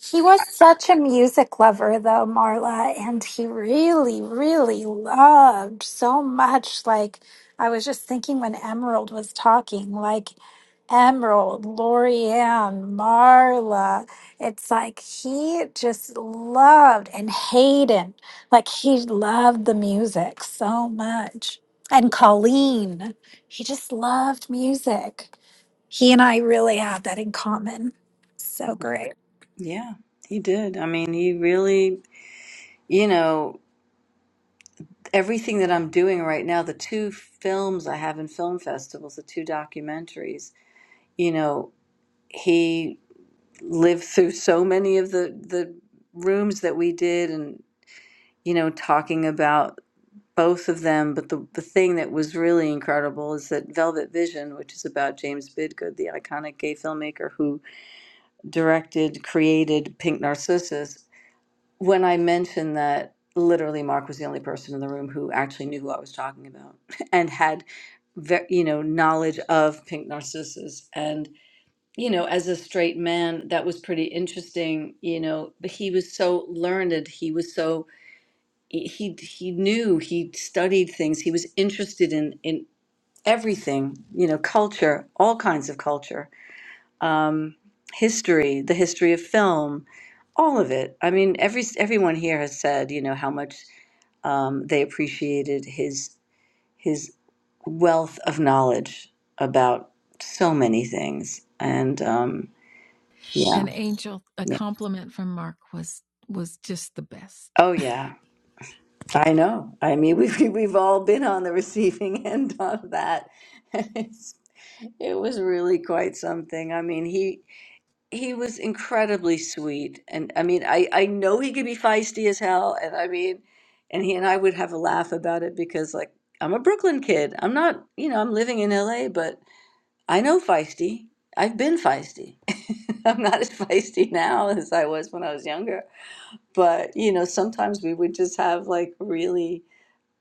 Speaker 5: He was such a music lover, though, Marla, and he really, really loved so much. Like, I was just thinking when Emerald was talking, like, Emerald, Lorianne, Marla. It's like he just loved, and Hayden, like, he loved the music so much. And Colleen, he just loved music. He and I really have that in common. So great.
Speaker 1: yeah he did i mean he really you know everything that I'm doing right now, the two films I have in film festivals, the two documentaries, you know, he lived through so many of the the rooms that we did and you know talking about both of them but the, the thing that was really incredible is that velvet vision which is about james bidgood the iconic gay filmmaker who directed created pink narcissus when i mentioned that literally mark was the only person in the room who actually knew who i was talking about and had ve- you know knowledge of pink narcissus and you know as a straight man that was pretty interesting you know but he was so learned he was so he he knew he studied things he was interested in in everything you know culture all kinds of culture um history the history of film all of it i mean every everyone here has said you know how much um they appreciated his his wealth of knowledge about so many things. And um, yeah,
Speaker 26: an angel, a
Speaker 1: yeah.
Speaker 26: compliment from Mark was was just the best.
Speaker 1: Oh, yeah. I know. I mean, we've we've all been on the receiving end of that. It's, it was really quite something. I mean, he he was incredibly sweet, and I mean, I I know he could be feisty as hell, and I mean, and he and I would have a laugh about it because, like, I'm a Brooklyn kid. I'm not, you know, I'm living in LA, but I know feisty. I've been feisty. I'm not as feisty now as I was when I was younger. But, you know, sometimes we would just have like really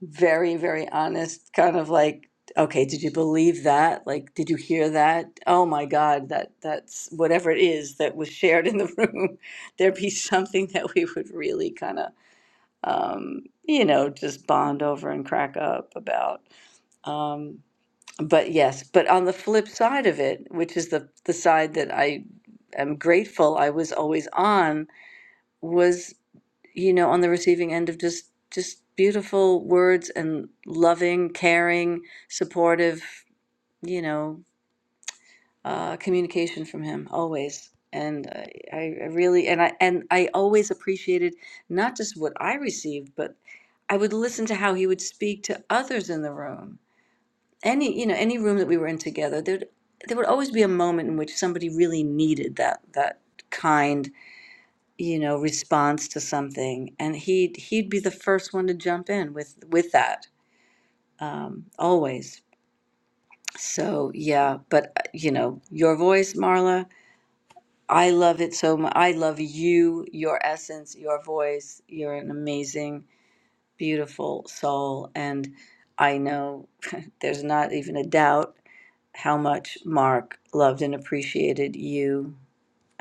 Speaker 1: very, very honest kind of like, okay, did you believe that? Like, did you hear that? Oh my God, that that's whatever it is that was shared in the room. There'd be something that we would really kind of, um, you know, just bond over and crack up about. Um, but yes, but on the flip side of it, which is the the side that I am grateful I was always on, was you know on the receiving end of just just beautiful words and loving, caring, supportive, you know, uh, communication from him always. And I, I I really and I and I always appreciated not just what I received, but I would listen to how he would speak to others in the room any you know any room that we were in together there there would always be a moment in which somebody really needed that that kind you know response to something and he'd he'd be the first one to jump in with with that um always so yeah but uh, you know your voice marla i love it so much i love you your essence your voice you're an amazing beautiful soul and i know there's not even a doubt how much Mark loved and appreciated you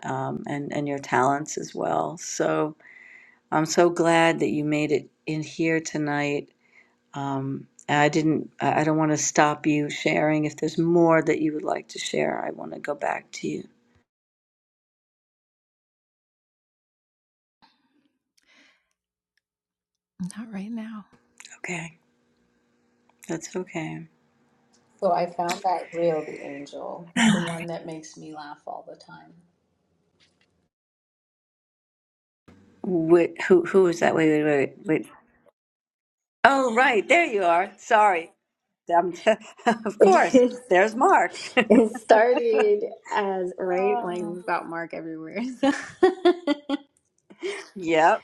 Speaker 1: um, and and your talents as well. So I'm so glad that you made it in here tonight. Um, I didn't. I I don't want to stop you sharing. If there's more that you would like to share, I want to go back to you.
Speaker 26: Not right now.
Speaker 1: Okay, that's okay. Wait, who who is that? Wait, wait, wait, wait. Oh, right, there you are. Sorry, Um, of course. There's Mark. Oh. Yep.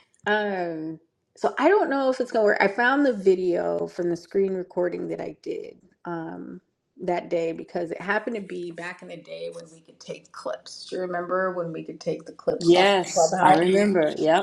Speaker 1: Yes, I remember. Yep.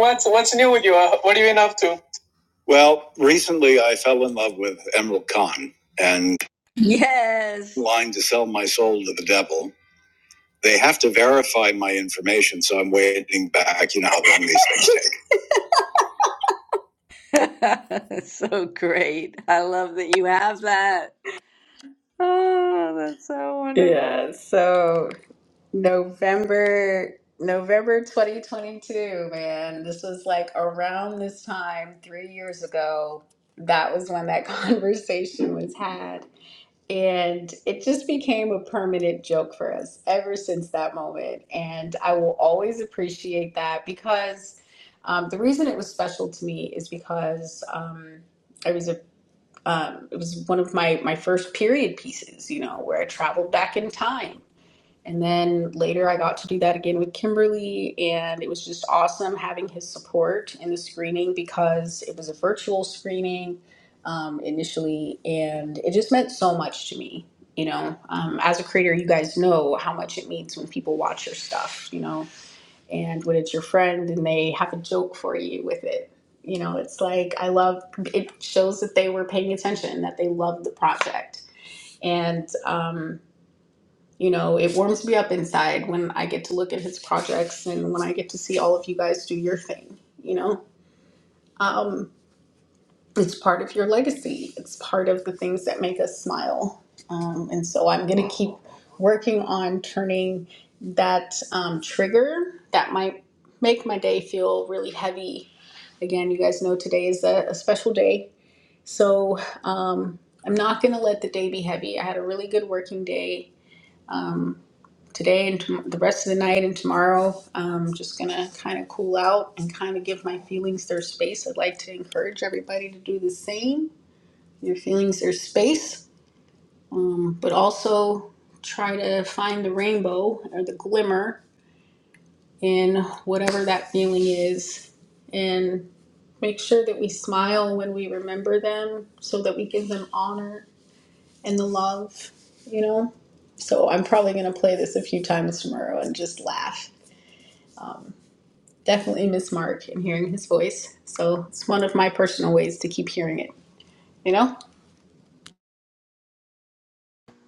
Speaker 27: what's what's new with you? Uh, What have you been up to? Well, recently I fell in love with Emerald Khan and
Speaker 1: Yes.
Speaker 27: lying to sell my soul to the devil. They have to verify my information, so I'm waiting back. You know how long these things take.
Speaker 1: So great. I love that you have that.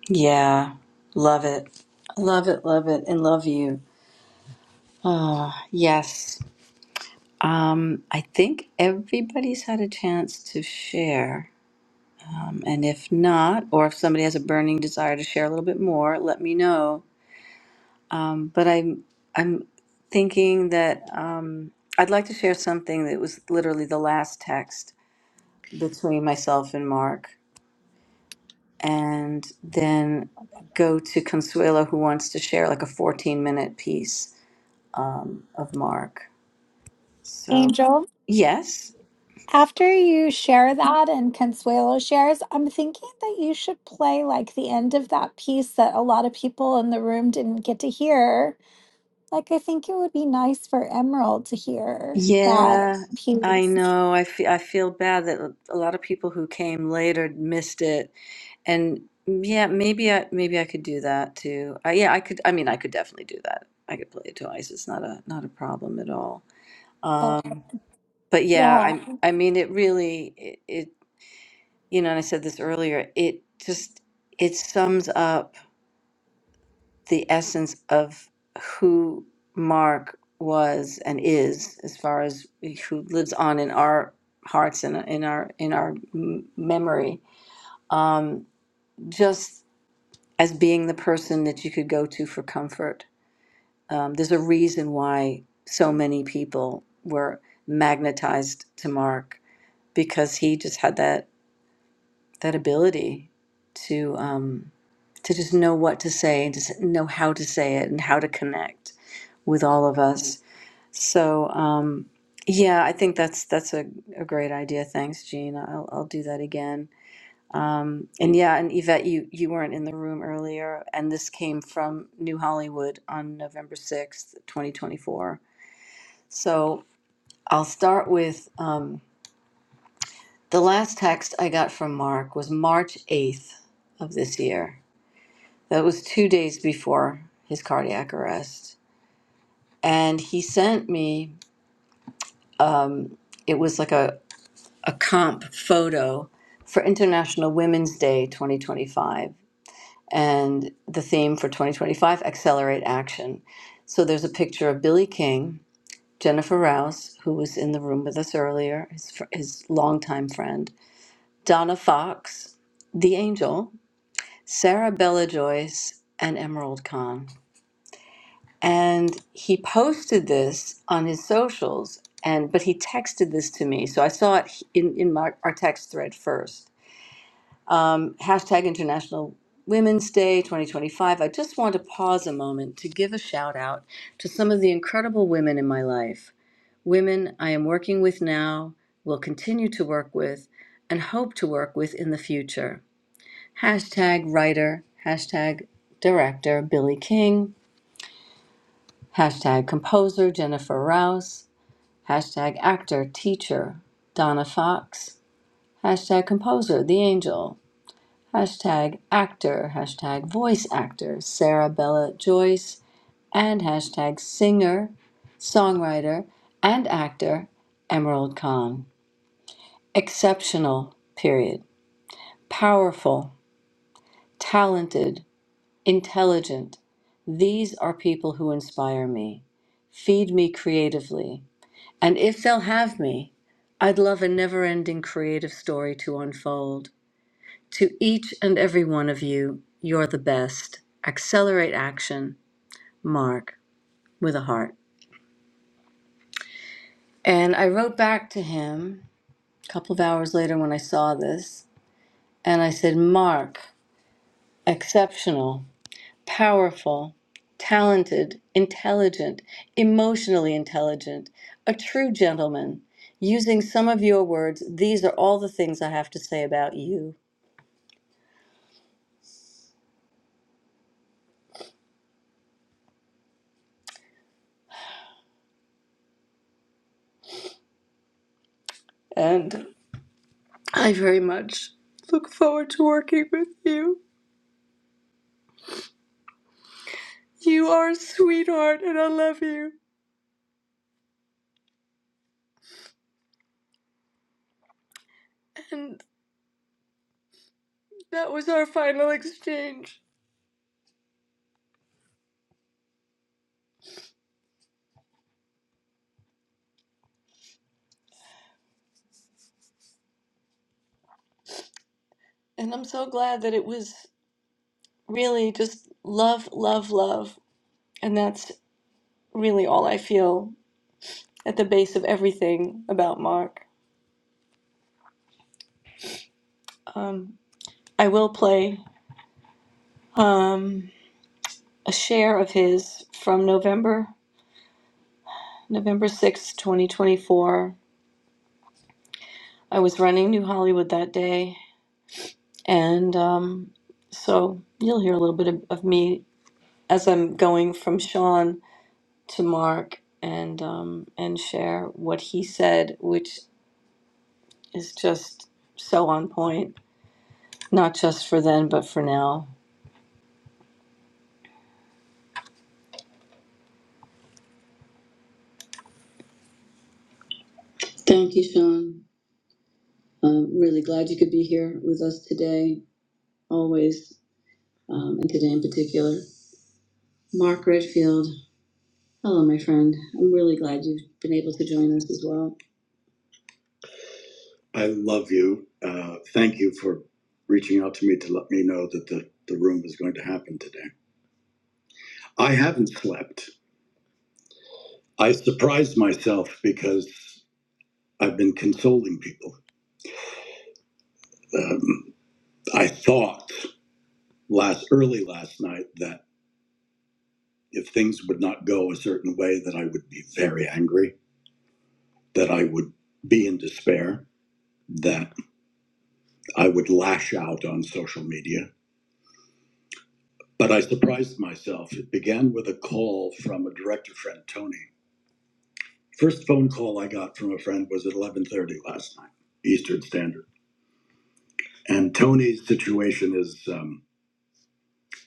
Speaker 1: Yeah. Love it. Love it, love it, and love you. Oh, yes. Um, I think everybody's had a chance to share. Um, and if not, or if somebody has a burning desire to share a little bit more, let me know. Um, but I'm I'm thinking that um, I'd like to share something that was literally the last text between myself and Mark. and then go to Consuelo, who wants to share like a 14 minute piece um, of Mark. So,
Speaker 5: Angel,
Speaker 1: yes.
Speaker 5: after you share that and Consuelo shares, I'm thinking that you should play like the end of that piece that a lot of people in the room didn't get to hear. Like, I think it would be nice for Emerald to hear that
Speaker 1: Yeah, I
Speaker 5: piece.
Speaker 1: know. I feel I feel bad that a lot of people who came later missed it. And yeah, maybe I maybe I could do that too. I, yeah, I could. I mean, I could definitely do that. I could play it twice. It's not a not a problem at all.
Speaker 5: But
Speaker 1: Um, but yeah,
Speaker 5: yeah,
Speaker 1: I I mean, it really it, you know, and I said this earlier, it just it sums up the essence of who Mark was and is as far as who lives on in our hearts and in our in our m- memory um, just as being the person that you could go to for comfort um, there's a reason why so many people were magnetized to mark because he just had that that ability to um, to just know what to say and just know how to say it and how to connect with all of us. So um, yeah, I think that's that's a, a great idea. Thanks, Jean. I'll, I'll do that again. Um, and yeah, and Yvette, you you weren't in the room earlier, and this came from New Hollywood on November sixth, twenty twenty four. So I'll start with um, the last text I got from Mark was March eighth of this year That was two days before his cardiac arrest. And he sent me, um, it was like a, a comp photo for International Women's Day 2025. And the theme for 2025 Accelerate Action. So there's a picture of Billy King, Jennifer Rouse, who was in the room with us earlier, his, fr- his longtime friend, Donna Fox, The Angel, Sarah Bella Joyce, and Emerald Khan. and he posted this on his socials and but he texted this to me so i saw it in, in my, our text thread first um, hashtag international women's day 2025 i just want to pause a moment to give a shout out to some of the incredible women in my life women i am working with now will continue to work with and hope to work with in the future hashtag writer hashtag director billy king hashtag composer jennifer rouse Hashtag actor, teacher, Donna Fox. Hashtag composer, The Angel. Hashtag actor, hashtag voice actor, Sarah Bella Joyce. And hashtag singer, songwriter, and actor, Emerald Khan. Exceptional, period. Powerful, talented, intelligent. These are people who inspire me, feed me creatively, And if they'll have me, I'd love a never ending creative story to unfold. To each and every one of you, you're the best. Accelerate action, Mark, with a heart. And I wrote back to him a couple of hours later when I saw this, and I said, Mark, exceptional, powerful, talented, intelligent, emotionally intelligent, a true gentleman. Using some of your words, these are all the things I have to say about you. and I very much look forward to working with you. You are a sweetheart, and I love you. And that was our final exchange. And I'm so glad that it was really just love, love, love. And that's really all I feel at the base of everything about Mark. A Share of his from November, November sixth, 24. I was running New Hollywood that day, and um, so you'll hear a little bit of, of me as I'm going from Sean to Mark and um, and share what he said, which is just so on point, not just for then but for now. Thank you, Sean. I'm really glad you could be here with us today, always, um, and today in particular. Mark Redfield, hello, my friend. I'm really glad you've been able to join us as well. I love you. Uh, thank you for reaching out to me to let me know that the, the room is going to happen today. I haven't slept. I surprised myself because I've been consoling people. Um, I thought last early last night that if things would not go a certain way, that I would be very angry, that I would be in despair, that I would lash out on social media. But I surprised myself. It began with a call from a director friend, Tony. First phone call I got from a friend was at 11:30 last night, Eastern Standard. And Tony's situation is. um,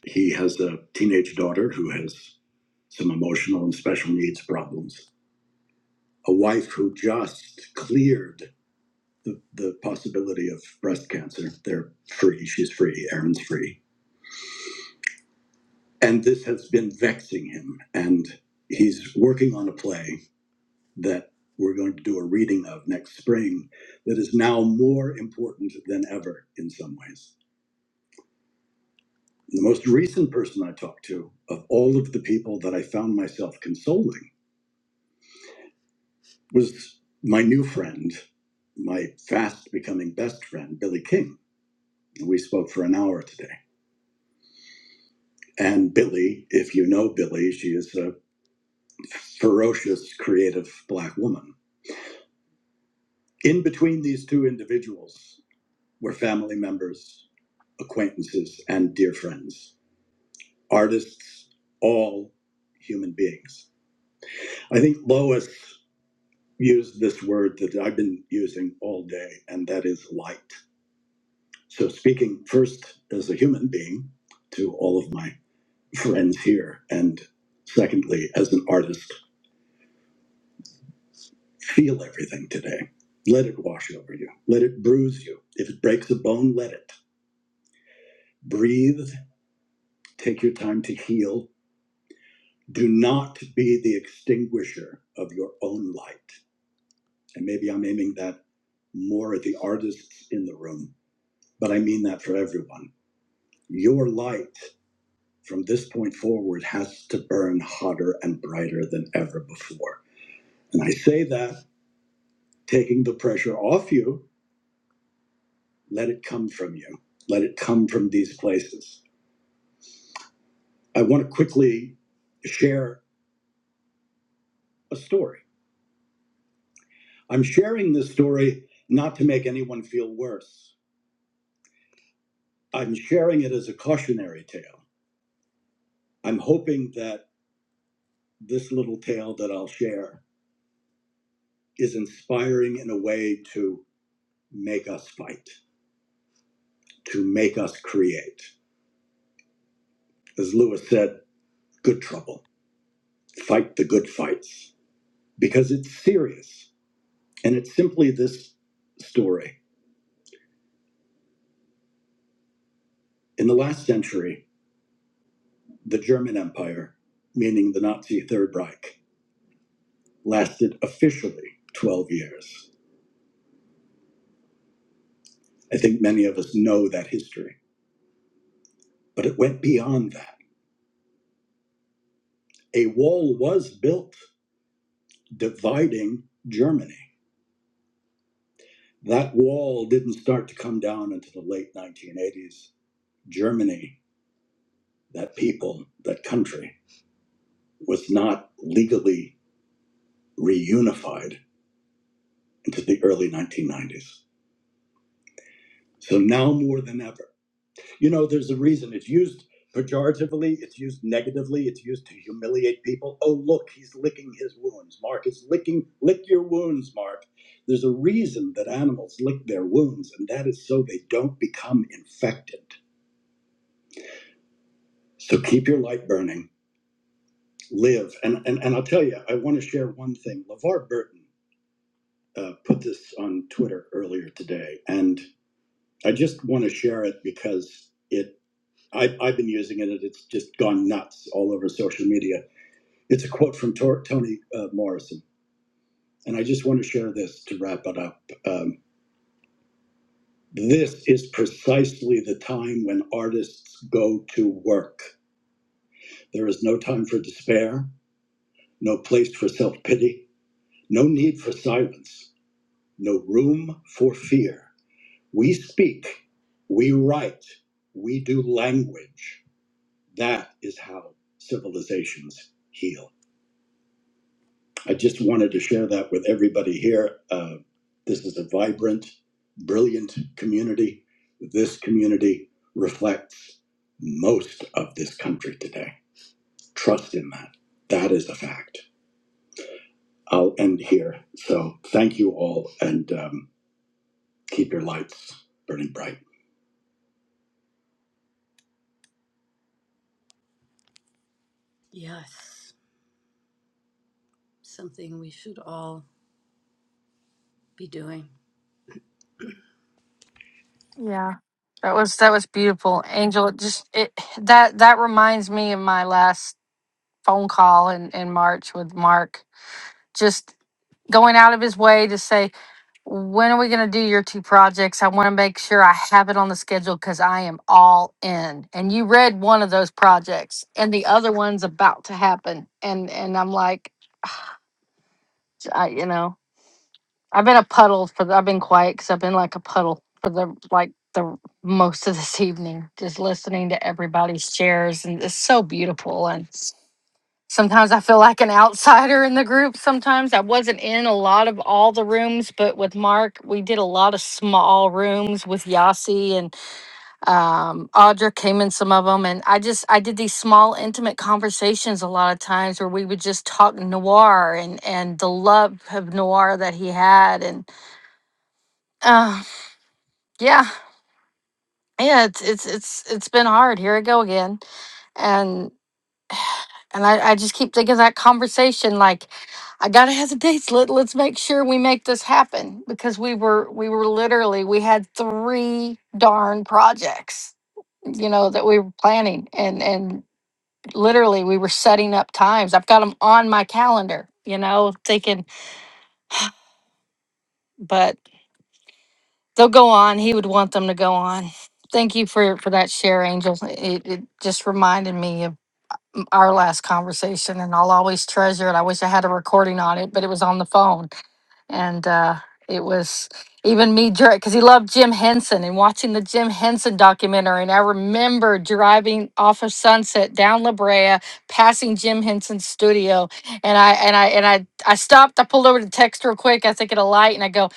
Speaker 1: He has a teenage daughter who has some emotional and special needs problems, a wife who just cleared the, the possibility of breast cancer. They're free, she's free, Aaron's free. And this has been vexing him. And he's working on a play that we're going to do a reading of next spring that is now more important than ever in some ways. The most recent person I talked to, of all of the people that I found myself consoling, was my new friend, my fast becoming best friend, Billy King. we spoke for an hour today. And Billy, if you know Billy, she is a ferocious, creative black woman. In between these two individuals were family members, acquaintances, and dear friends, artists, all human beings. I think Lois used this word that I've been using all day, and that is light. So, speaking first as a human being to all of my friends here, and secondly, as an artist, feel everything today. Let it wash over you, let it bruise you. If it breaks a bone, let it. Breathe, take your time to heal. Do not be the extinguisher of your own light. And maybe I'm aiming that more at the artists in the room, but I mean that for everyone. Your light. from this point forward has to burn hotter and brighter than ever before. And I say that taking the pressure off you, let it come from you, let it come from these places. I want to quickly share a story. I'm sharing this story not to make anyone feel worse, I'm sharing it as a cautionary tale. I'm hoping that this little tale that I'll share is inspiring in a way to make us fight, to make us create. as Lewis said, good trouble. Fight the good fights because it's serious. And it's simply this story. In the last century, the German Empire, meaning the Nazi Third Reich, lasted officially 12 years. I think many of us know that history, but it went beyond that. A wall was built dividing Germany. That wall didn't start to come down until the late 1980s. Germany, that people, that country, was not legally reunified until the early 1990s. So now more than ever. You know, there's a reason it's used pejoratively, it's used negatively, it's used to humiliate people. Oh, look, he's licking his wounds. Mark is licking, lick your wounds, Mark. There's a reason that animals lick their wounds, and that is so they don't become infected. So keep your light burning, live. And, and, and I'll tell you, I want to share one thing. LeVar Burton uh, put this on Twitter earlier today, and I just want to share it because it I, I've been using it, and it's just gone nuts all over social media. It's a quote from Tor- Toni uh, Morrison, and I just want to share this to wrap it up. Um, this is precisely the time when artists go to work. There is no time for despair, no place for self pity, no need for silence, no room for fear. We speak, we write, we do language. That is how civilizations heal. I just wanted to share that with everybody here. Uh, this is a vibrant, brilliant community. This community reflects most of this country today. Trust in that. That is a fact. I'll end here. So thank you all and um, keep your lights burning bright. Yes. something we should all. be doing.
Speaker 12: Yeah. That was that was beautiful. Angel, it just it that that reminds me of my last phone call in in March with Mark. Just going out of his way to say, "When are we going to do your two projects? I want to make sure I have it on the schedule cuz I am all in." And you read one of those projects and the other one's about to happen. And and I'm like, I, you know, I've been a puddle for the, I've been quiet because I've been like a puddle for the like the most of this evening, just listening to everybody's shares and it's so beautiful. And sometimes I feel like an outsider in the group. Sometimes I wasn't in a lot of all the rooms, but with Mark, we did a lot of small rooms with Yasi and um, Audra came in some of them. And I just I did these small intimate conversations a lot of times where we would just talk noir and and the love of noir that he had and uh, yeah, yeah. It's it's it's it's been hard. Here I go again, and and I I just keep thinking of that conversation. Like, I gotta have the dates. Let Let's make sure we make this happen because we were we were literally we had three darn projects, you know, that we were planning, and and literally we were setting up times. I've got them on my calendar, you know, thinking, but They'll go on. He would want them to go on. Thank you for for that share, Angel. It, it just reminded me of our last conversation, and I'll always treasure it. I wish I had a recording on it, but it was on the phone, and uh, it was even me because he loved Jim Henson and watching the Jim Henson documentary. And I remember driving off of Sunset down La Brea, passing Jim Henson's studio, and I and I and I I stopped. I pulled over to text real quick. I think at a light, and I go,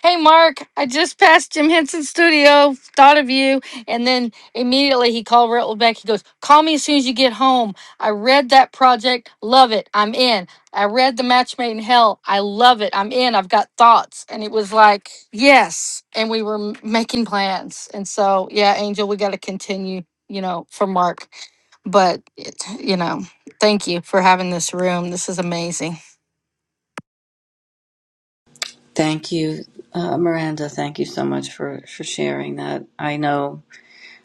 Speaker 12: Hey, Mark, I just passed Jim Henson's studio, thought of you. And then immediately he called Raoul back. He goes, Call me as soon as you get home. I read that project, love it, I'm in. I read The Match Made in Hell, I love it, I'm in, I've got thoughts. And it was like, Yes. And we were m- making plans. And so, yeah, Angel, we got to continue, you know, for Mark. But, it, you know, thank you for having this room. This is amazing.
Speaker 1: Thank you, uh, Miranda. Thank you so much for, for sharing that. I know,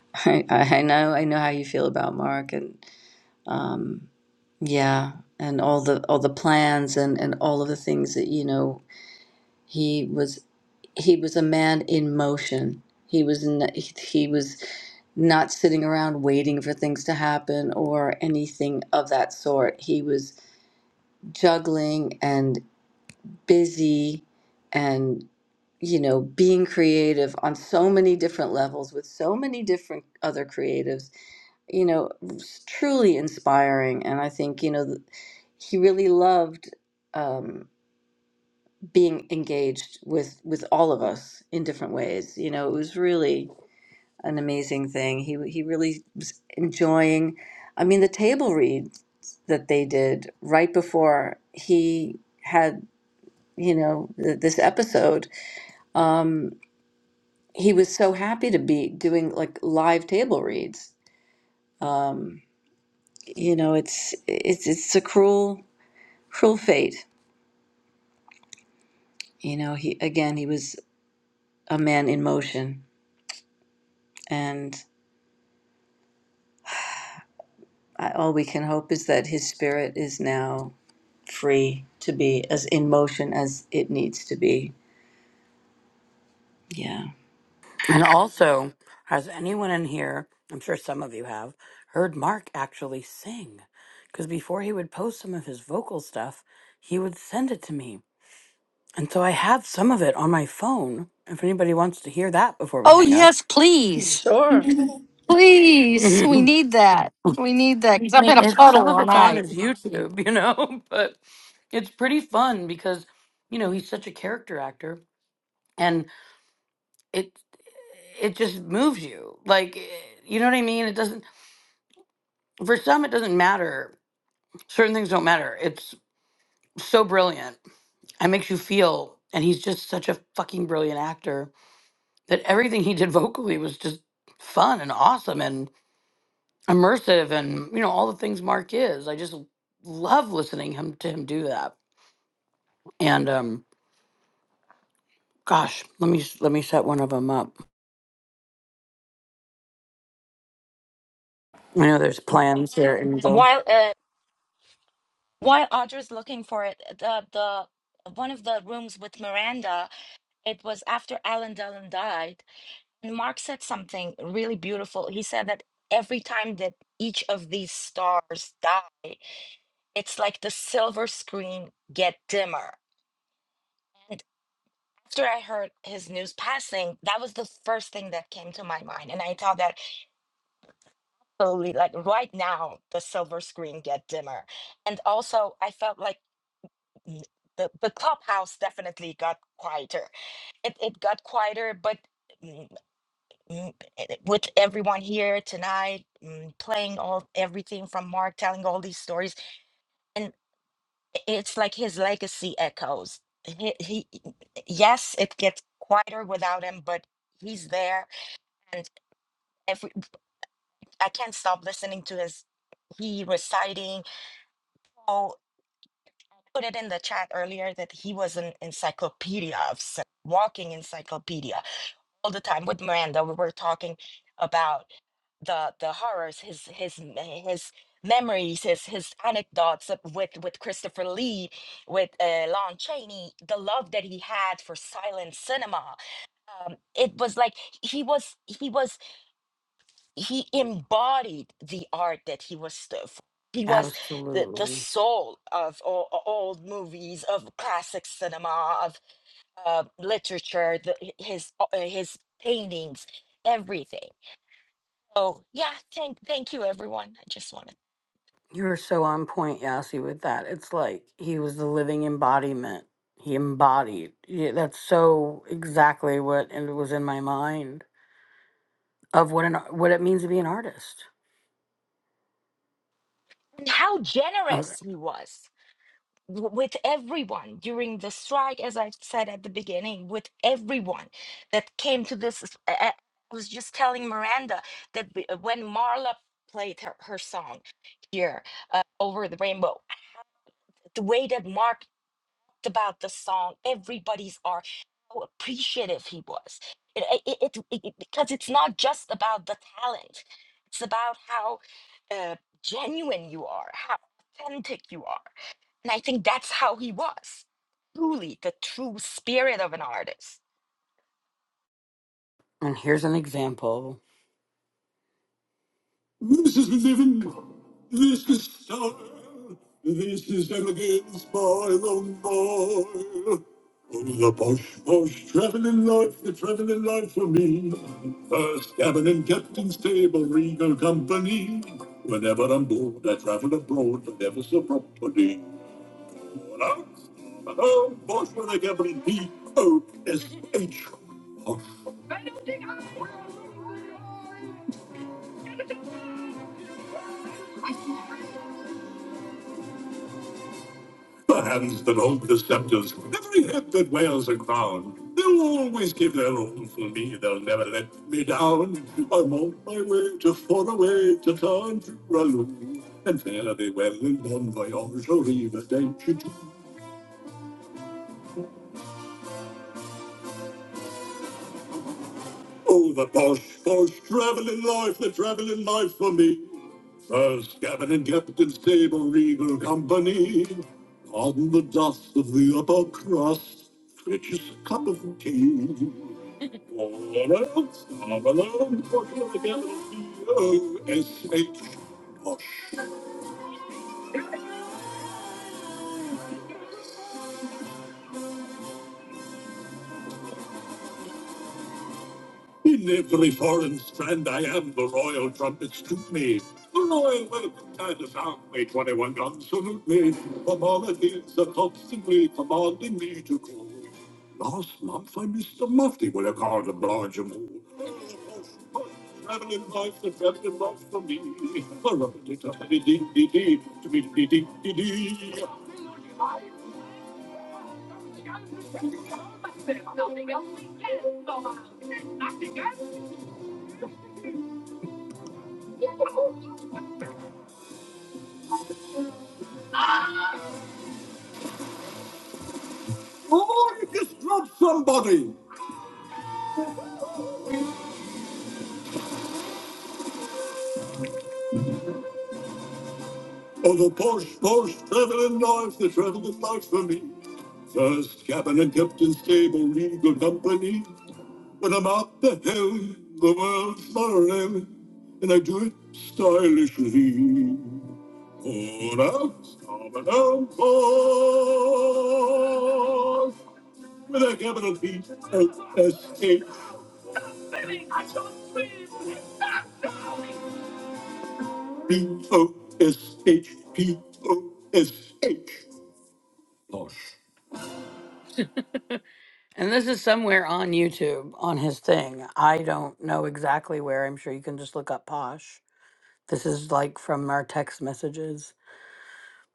Speaker 1: I, I know, I know how you feel about Mark, and um, yeah, and all the all the plans and and all of the things that you know he was he was a man in motion. He was n- he was not sitting around waiting for things to happen or anything of that sort. He was juggling and busy and. you know, being creative on so many different levels with so many different other creatives, you know, was truly inspiring. And I think, you know, th- he really loved um, being engaged with with all of us in different ways. You know, it was really an amazing thing. He he really was enjoying. I mean, the table read that they did right before he had, you know, th- this episode. Um, he was so happy to be doing like live table reads. Um, you know, it's it's it's a cruel cruel fate. You know, he again he was a man in motion, and I, all we can hope is that his spirit is now free to be as in motion as it needs to be. Yeah.
Speaker 11: And also, has anyone in here, I'm sure some of you have, heard Mark actually sing? Because before he would post some of his vocal stuff, he would send it to me. And so I have some of it on my phone. If anybody wants to hear that before we
Speaker 12: Oh,
Speaker 11: hang up,
Speaker 12: yes, please.
Speaker 1: Sure.
Speaker 12: Mhm. Please. We
Speaker 11: I
Speaker 12: need that. We need that because I'm in
Speaker 11: mean,
Speaker 12: a
Speaker 11: if some
Speaker 12: puddle
Speaker 11: of
Speaker 12: all
Speaker 11: it's on
Speaker 12: night.
Speaker 11: his YouTube, you know, but it's pretty fun because, you know, he's such a character actor and it it just moves you. Like, eh, you know what I mean? It doesn't for some it doesn't matter. Certain things don't matter. It's so brilliant. It makes you feel and he's just such a fucking brilliant actor that everything he did vocally was just fun and awesome and. immersive and you know all the things Mark is. I just love listening him to him do that. And um, gosh, let me s- let me set one of them up. I know there's plans here, Enzo.
Speaker 9: while uh, While Audra's looking for it, the the one of the rooms with Miranda, it was after Alan Dillon died, and Mark said something really beautiful. He said that every time that each of these stars die, it's like the silver screen get dimmer. And after I heard his news passing, that was the first thing that came to my mind, and I thought that slowly, like right now, the silver screen get dimmer. And also, I felt like y- the, the clubhouse definitely got quieter. It, it got quieter, but mm, mm, eh, with everyone here tonight, mm, playing all everything from Mark, telling all these stories, and i- it's like his legacy echoes. He, he, yes, it gets quieter without him, but he's there, and if we, I can't stop listening to his he reciting. Oh, put it in the chat earlier that he was an encyclopedia of s- walking encyclopedia all the time with Miranda. We were talking about the the horrors, his his m- his memories, his his anecdotes of- with with Christopher Lee, with uh, Lon Chaney, the love that he had for silent cinema. Um, it was like he was he was he embodied the art that he was st- f- he was the, the
Speaker 11: Absolutely,
Speaker 9: soul of all, all movies of classic cinema uh, literature, the, his uh, his paintings, everything. So yeah, thank thank you, everyone. I just wanted
Speaker 11: you're so on point, Yasi, with that. It's like he was the living embodiment. He embodied. Yeah, that's so exactly what and it was in my mind of what an what it means to be an artist.
Speaker 9: and how
Speaker 11: Okay.
Speaker 9: generous he was w- with everyone during the strike, as I said at the beginning, with everyone that came to this. I I- I was just telling Miranda that b- uh, when Marla played her, her song here uh, over the rainbow the way that Mark about the song, everybody's art, how appreciative he was. It, it, it, it- it- because it's not just about the talent, it's about how uh, genuine you are, how authentic you are. And I think that's how he was truly the true spirit of an artist
Speaker 11: And here's an example. This is living. This is style. This is elegance by the mile. Oh, the posh, posh, traveling life, the traveling life for me. First cabin and captain's table, regal company. Whenever I'm bored, I travel abroad, but never so properly. All out, oh, posh with a capital P O S H. Posh, Perhaps that old deceptors, every hip that wears a crown, they'll always give their all for me, they'll never let me down. I'm on my way to faraway to town, Raloo, and fare thee well and bon voyage, or even danger. Oh, the posh, posh, travelling life, the travelling life for me. First cabin and captain, stable, regal company. On the dust of the upper crust, fetch cup of tea. O-S-H. In every foreign strand, I am the royal trumpets to me. The royal welcome time to sound. May 21 guns salute me. From all the fields are constantly commanding me to call. Last month, I missed a mufti with a card of Blargemo. Traveling life, the traveling life for me. A rubbity, tubbity, dee, dee, dee, dee, dee, dee, dee, dee Oh, you just dropped somebody. Oh, the posh, posh, traveling knives, the traveling is life for me. First cabin and captain stable, legal company. When I'm up the hill, the world's my realm, and I do it stylishly. Call out, starboard down, posh, with a capital P O S H P O S H P O S H. Posh. And this is somewhere on YouTube on his thing. I don't know exactly where. I'm sure you can just look up Posh. This is like from our text messages.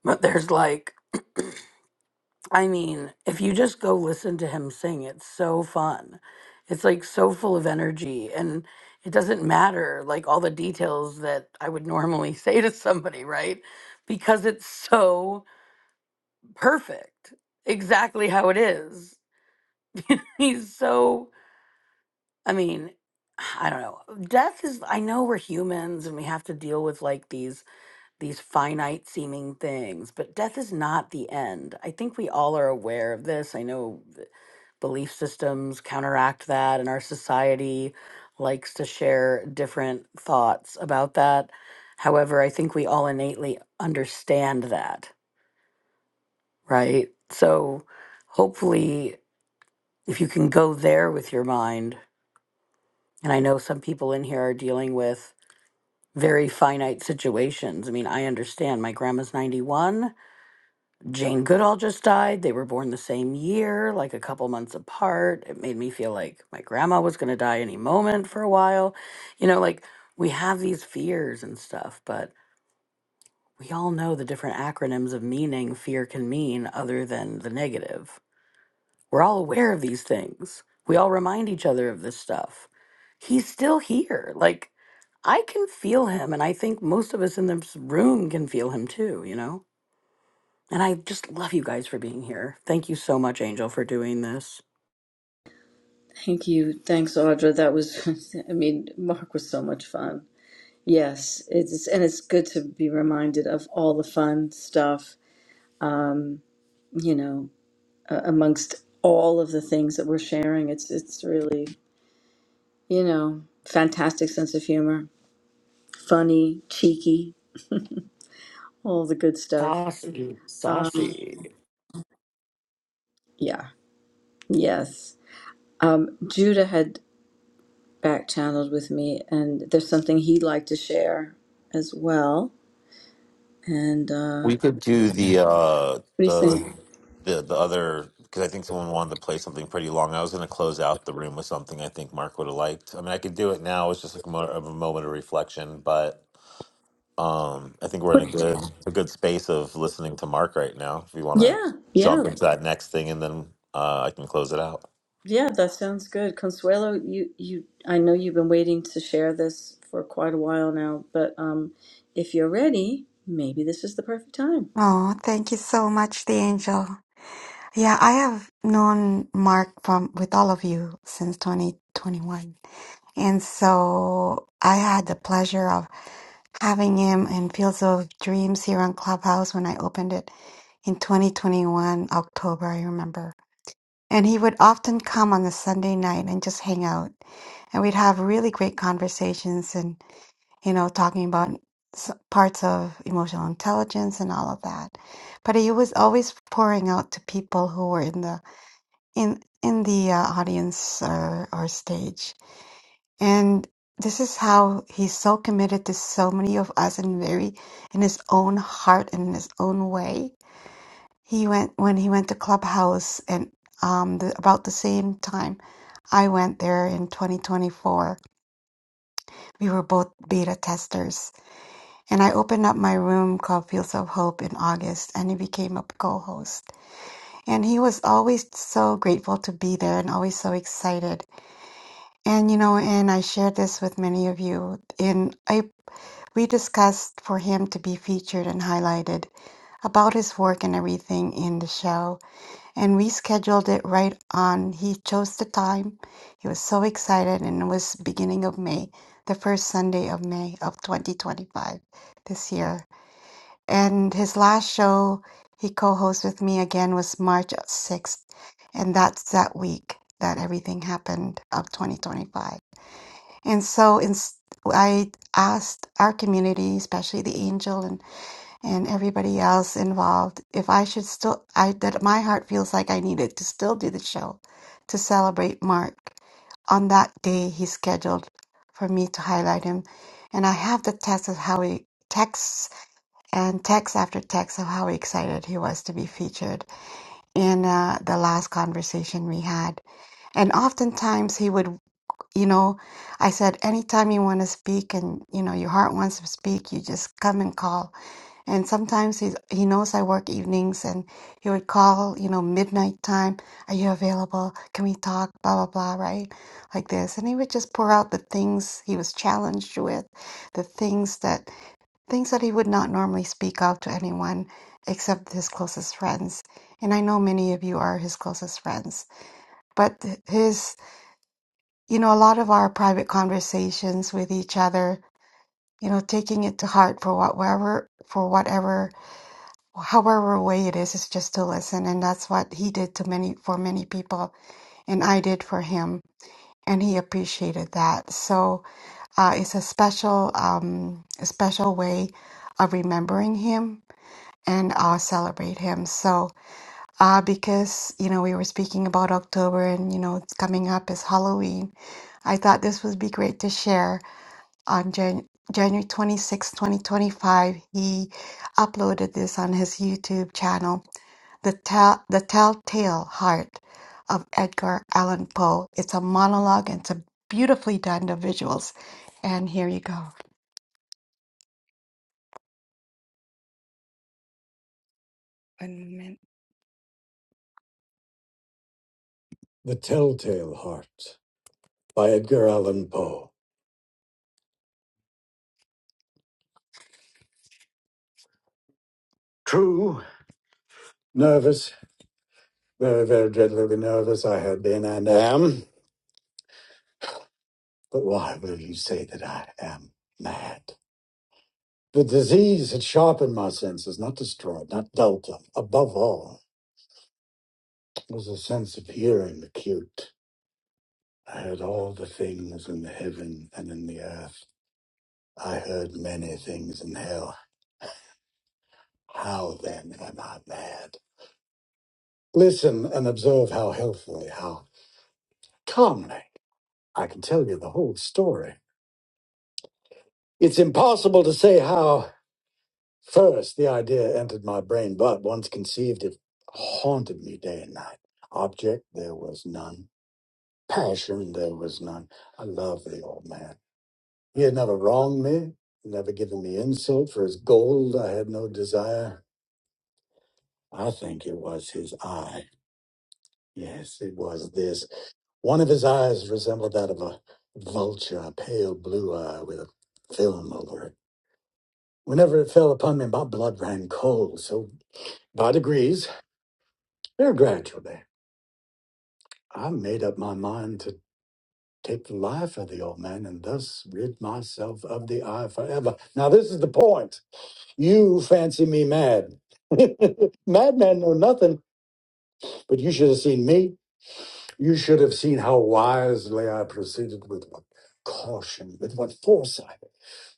Speaker 11: But there's like, I mean, if you just go listen to him sing, it's so fun. It's like so full of energy. And it doesn't matter like all the details that I would normally say to somebody, right? Because it's so perfect, exactly how it is. He's so I mean, I don't know. Death is I know we're humans and we have to deal with like these these finite seeming things, but death is not the end. I think we all are aware of this. I know th- belief systems counteract that and our society likes to share different thoughts about that. However, I think we all innately understand that, right? So hopefully if you can go there with your mind, and I know some people in here are dealing with very finite situations. I mean, I understand my grandma's 91. Jane Goodall just died. They were born the same year, like a couple months apart. It made me feel like my grandma was going to die any moment for a while. You know, like we have these fears and stuff, but we all know the different acronyms of meaning fear can mean other than the negative. We're all aware of these things. We all remind each other of this stuff. He's still here. Like, I can feel him, and I think most of us in this room can feel him too, you know? And I just love you guys for being here. Thank you so much, Angel, for doing this.
Speaker 1: Thank you. Thanks, Audra. That was, I mean, Mark was so much fun. Yes, it's and it's good to be reminded of all the fun stuff. Um, you know, uh, amongst all of the things that we're sharing. It's it's really, you know, fantastic sense of humor, funny, cheeky, all the good stuff.
Speaker 11: Saucy,
Speaker 1: Um,
Speaker 11: saucy.
Speaker 1: yeah, yes. Um, Judah had back channeled with me, and there's something he'd like to share as well. And uh,
Speaker 2: We could do the uh
Speaker 1: what do you
Speaker 2: the
Speaker 1: think?
Speaker 2: the the other because I think someone wanted to play something pretty long. I was going to close out the room with something I think Mark would have liked. I mean, I could do it now. It's just like a mo- of a moment of reflection, but um, I think we're in a good a good space of listening to Mark right now. If you want to
Speaker 1: Yeah, yeah.
Speaker 2: jump into that next thing, and then uh, I can close it out.
Speaker 1: Yeah, that sounds good. Consuelo, you, you, I know you've been waiting to share this for quite a while now, but um, if you're ready, maybe this is the perfect time.
Speaker 4: Oh, thank you so much, the angel. Yeah, I have known Mark from with all of you since 2021. And so I had the pleasure of having him in Fields of Dreams here on Clubhouse when I opened it in 2021, October, I remember. And he would often come on a Sunday night and just hang out. And we'd have really great conversations and, you know, talking about s- parts of emotional intelligence and all of that. But he was always pouring out to people who were in the in in the uh, audience or, or stage and this is how he's so committed to so many of us and very in his own heart and in his own way he went when he went to clubhouse and um, the, about the same time I went there in 2024. We were both beta testers, and I opened up my room called Fields of Hope in August, and he became a co-host. And he was always so grateful to be there, and always so excited And you know, and I shared this with many of you. In I, we discussed for him to be featured and highlighted about his work and everything in the show, and we scheduled it right on. He chose the time. He was so excited, and it was beginning of May, the first Sunday of May of 2025, this year. And his last show he co-hosted with me again was March 6th, and that's that week that everything happened of 2025 and so ins- I asked our community, especially the angel and, and everybody else involved, if I should still, I that my heart feels like I needed to still do the show to celebrate Mark. On that day, he scheduled for me to highlight him. And I have the text of how he texts and text after text of how excited he was to be featured in uh, the last conversation we had. And oftentimes he would you know, I said, anytime you want to speak and, you know, your heart wants to speak, you just come and call. And sometimes he's, he knows I work evenings and he would call, you know, midnight time. Are you available? Can we talk? Blah, blah, blah, right? Like this. And he would just pour out the things he was challenged with, the things that, things that he would not normally speak out to anyone except his closest friends. And I know many of you are his closest friends, but his you know, a lot of our private conversations with each other, you know, taking it to heart for what- whatever, for whatever, however way it is, is just to listen. And that's what he did to many, for many people. And I did for him. And he appreciated that. So, uh, it's a special, um, a special way of remembering him and uh, celebrate him. So, uh, because, you know, we were speaking about October and, you know, it's coming up is Halloween. I thought this would be great to share on Jan- January twenty sixth, 2025, he uploaded this on his YouTube channel, The, Tell- the Telltale Heart of Edgar Allan Poe. It's a monologue and it's a beautifully done the visuals. And here you go. One moment. The Telltale Heart by Edgar Allan Poe. True. Nervous, very, very dreadfully nervous I have been and am. But why will you say that I am mad? The disease had sharpened my senses, not destroyed, not dulled them. Above all was a sense of hearing acute. I heard all the things in the heaven and in the earth. I heard many things in hell. How then am I mad? Listen and observe how healthily, how calmly I can tell you the whole story. It's impossible to say how first the idea entered my brain, but once conceived, it haunted me day and night. Object there was none Passion there was none. I loved the old man. He had never wronged me, never given me insult for his gold. I had no desire. I think it was his eye. Yes, it was this. One of his eyes resembled that of a vulture, a pale blue eye with a film over it. Whenever it fell upon me, my blood ran cold. So, by degrees, very gradually, I made up my mind to take the life of the old man and thus rid myself of the eye forever. Now, this is the point. You fancy me mad. Madman know nothing, but you should have seen me. You should have seen how wisely I proceeded with what caution, with what foresight,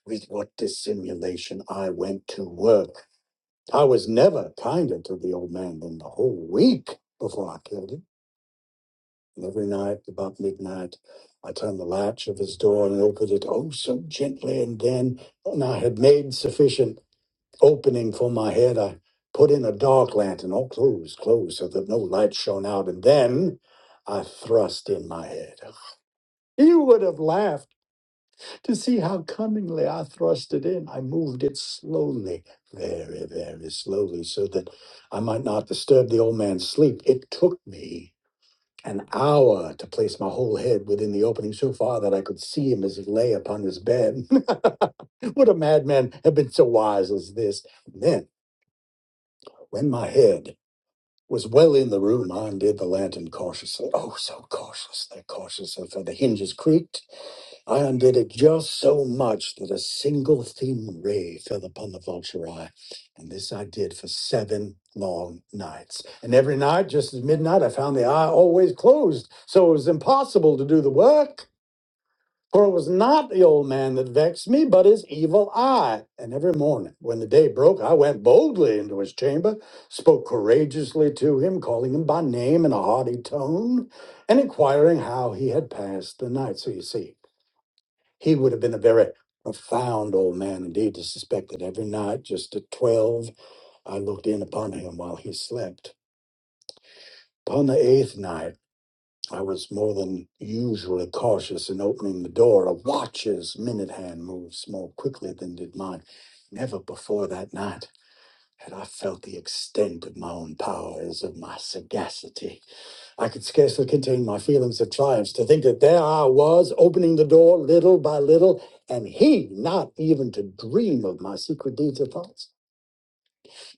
Speaker 4: with what dissimulation I went to work. I was never kinder to the old man than the whole week before I killed him. And every night, about midnight, I turned the latch of his door and opened it oh so gently, and then and I had made sufficient. opening for my head, I put in a dark lantern, all closed, closed, so that no light shone out, and then I thrust in my head. You would have laughed to see how cunningly I thrust it in. I moved it slowly, very, very slowly, so that I might not disturb the old man's sleep. It took me an hour to place my whole head within the opening so far that I could see him as he lay upon his bed. Would a madman have been so wise as this? Then. When my head was well in the room, I undid the lantern cautiously. Oh, so cautiously, cautious, until the hinges creaked. I undid it just so much that a single thin ray fell upon the vulture eye. And this I did for seven long nights. And every night, just at midnight, I found the eye always closed. So it was impossible to do the work. For it was not the old man that vexed me, but his evil eye. And every morning, when the day broke, I went boldly into his chamber, spoke courageously to him, calling him by name in a haughty tone, and inquiring how he had passed the night. So you see, he would have been a very profound old man indeed to suspect that every night, just at twelve, I looked in upon him while he slept. Upon the eighth night. I was more than usually cautious in opening the door. A watch's minute hand moves more quickly than did mine. Never before that night had I felt the extent of my own powers, of my sagacity. I could scarcely contain my feelings of triumph to think that there I was, opening the door little by little, and he not even to dream of my secret deeds or thoughts.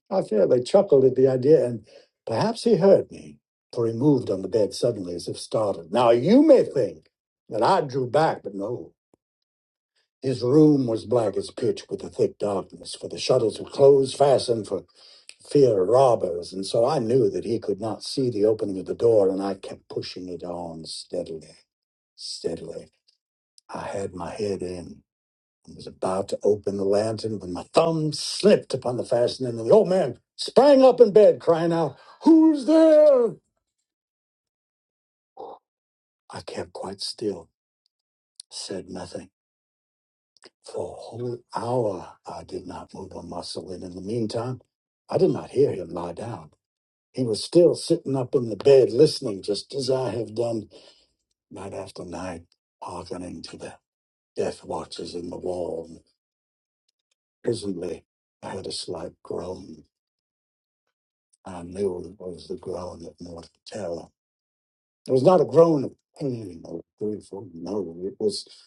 Speaker 4: I fear they chuckled at the idea, and perhaps he heard me, for he moved on the bed suddenly as if startled. Now you may think that I drew back, but no. His room was black as pitch with a thick darkness, for the shutters were closed, fastened for fear of robbers, and so I knew that he could not see the opening of the door, and I kept pushing it on steadily, steadily. I had my head in. I was about to open the lantern when my thumb slipped upon the fastening, and the old man sprang up in bed, crying out, Who's there? I kept quite still, said nothing. For a whole hour I did not move a muscle, and in the meantime, I did not hear him lie down. He was still sitting up in the bed, listening, just as I have done night after night, hearkening to the death watches in the wall. And presently, I heard a slight groan. I knew it was the groan of mortal terror. It was not a groan of pain or fearful, no. It was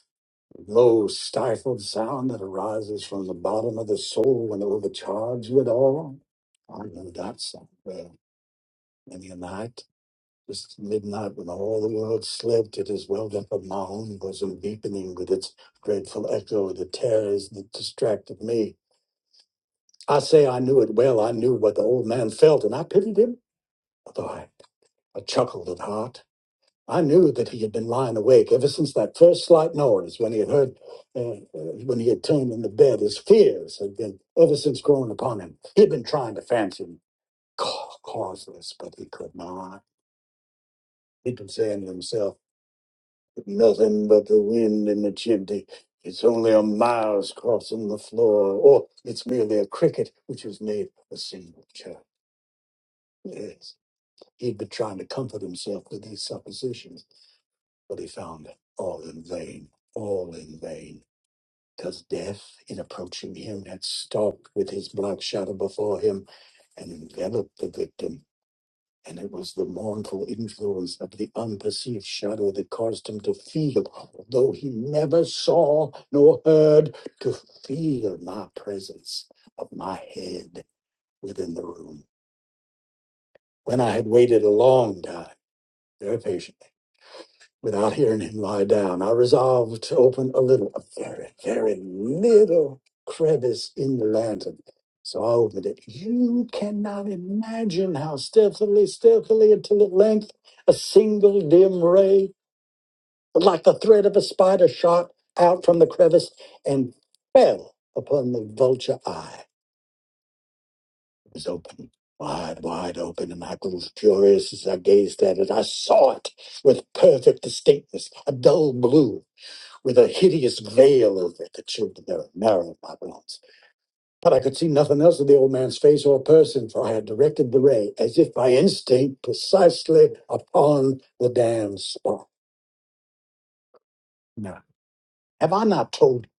Speaker 4: the low, stifled sound that arises from the bottom of the soul when overcharged with awe. I knew that sound well. Many a night, just at midnight when all the world slept, it has welled up in my own bosom, deepening with its dreadful echo the terrors that distracted me. I say I knew it well. I knew what the old man felt, and I pitied him, although I, I chuckled at heart. I knew that he had been lying awake ever since that first slight noise when he had heard, uh, uh, when he had turned in the bed. His fears had been ever since growing upon him. He had been trying to fancy him ca- causeless, but he could not. He'd been saying to himself, nothing but the wind in the chimney. It's only a mouse crossing the floor, or it's merely a cricket which has made a single chirp. Yes, he'd been trying to comfort himself with these suppositions. but he found it all in vain, all in vain, because death, in approaching him, had stalked with his black shadow before him and enveloped the victim. And it was the mournful influence of the unperceived shadow that caused him to feel, although he never saw nor heard, to feel my presence of my head within the room. When I had waited a long time, very patient. without hearing him lie down. I resolved to open a little, a very, very little crevice in the lantern. So I opened it. You cannot imagine how stealthily, stealthily, until at length a single dim ray, like the thread of a spider, shot out from the crevice and fell upon the vulture eye. It was open, wide, wide open, and I grew furious as I gazed at it. I saw it with perfect distinctness, a dull blue with a hideous veil over it that showed the very marrow of my bones. But I could see nothing else of the old man's face or person, for I had directed the ray, as if by instinct, precisely upon the damned spot. Now, have I not told you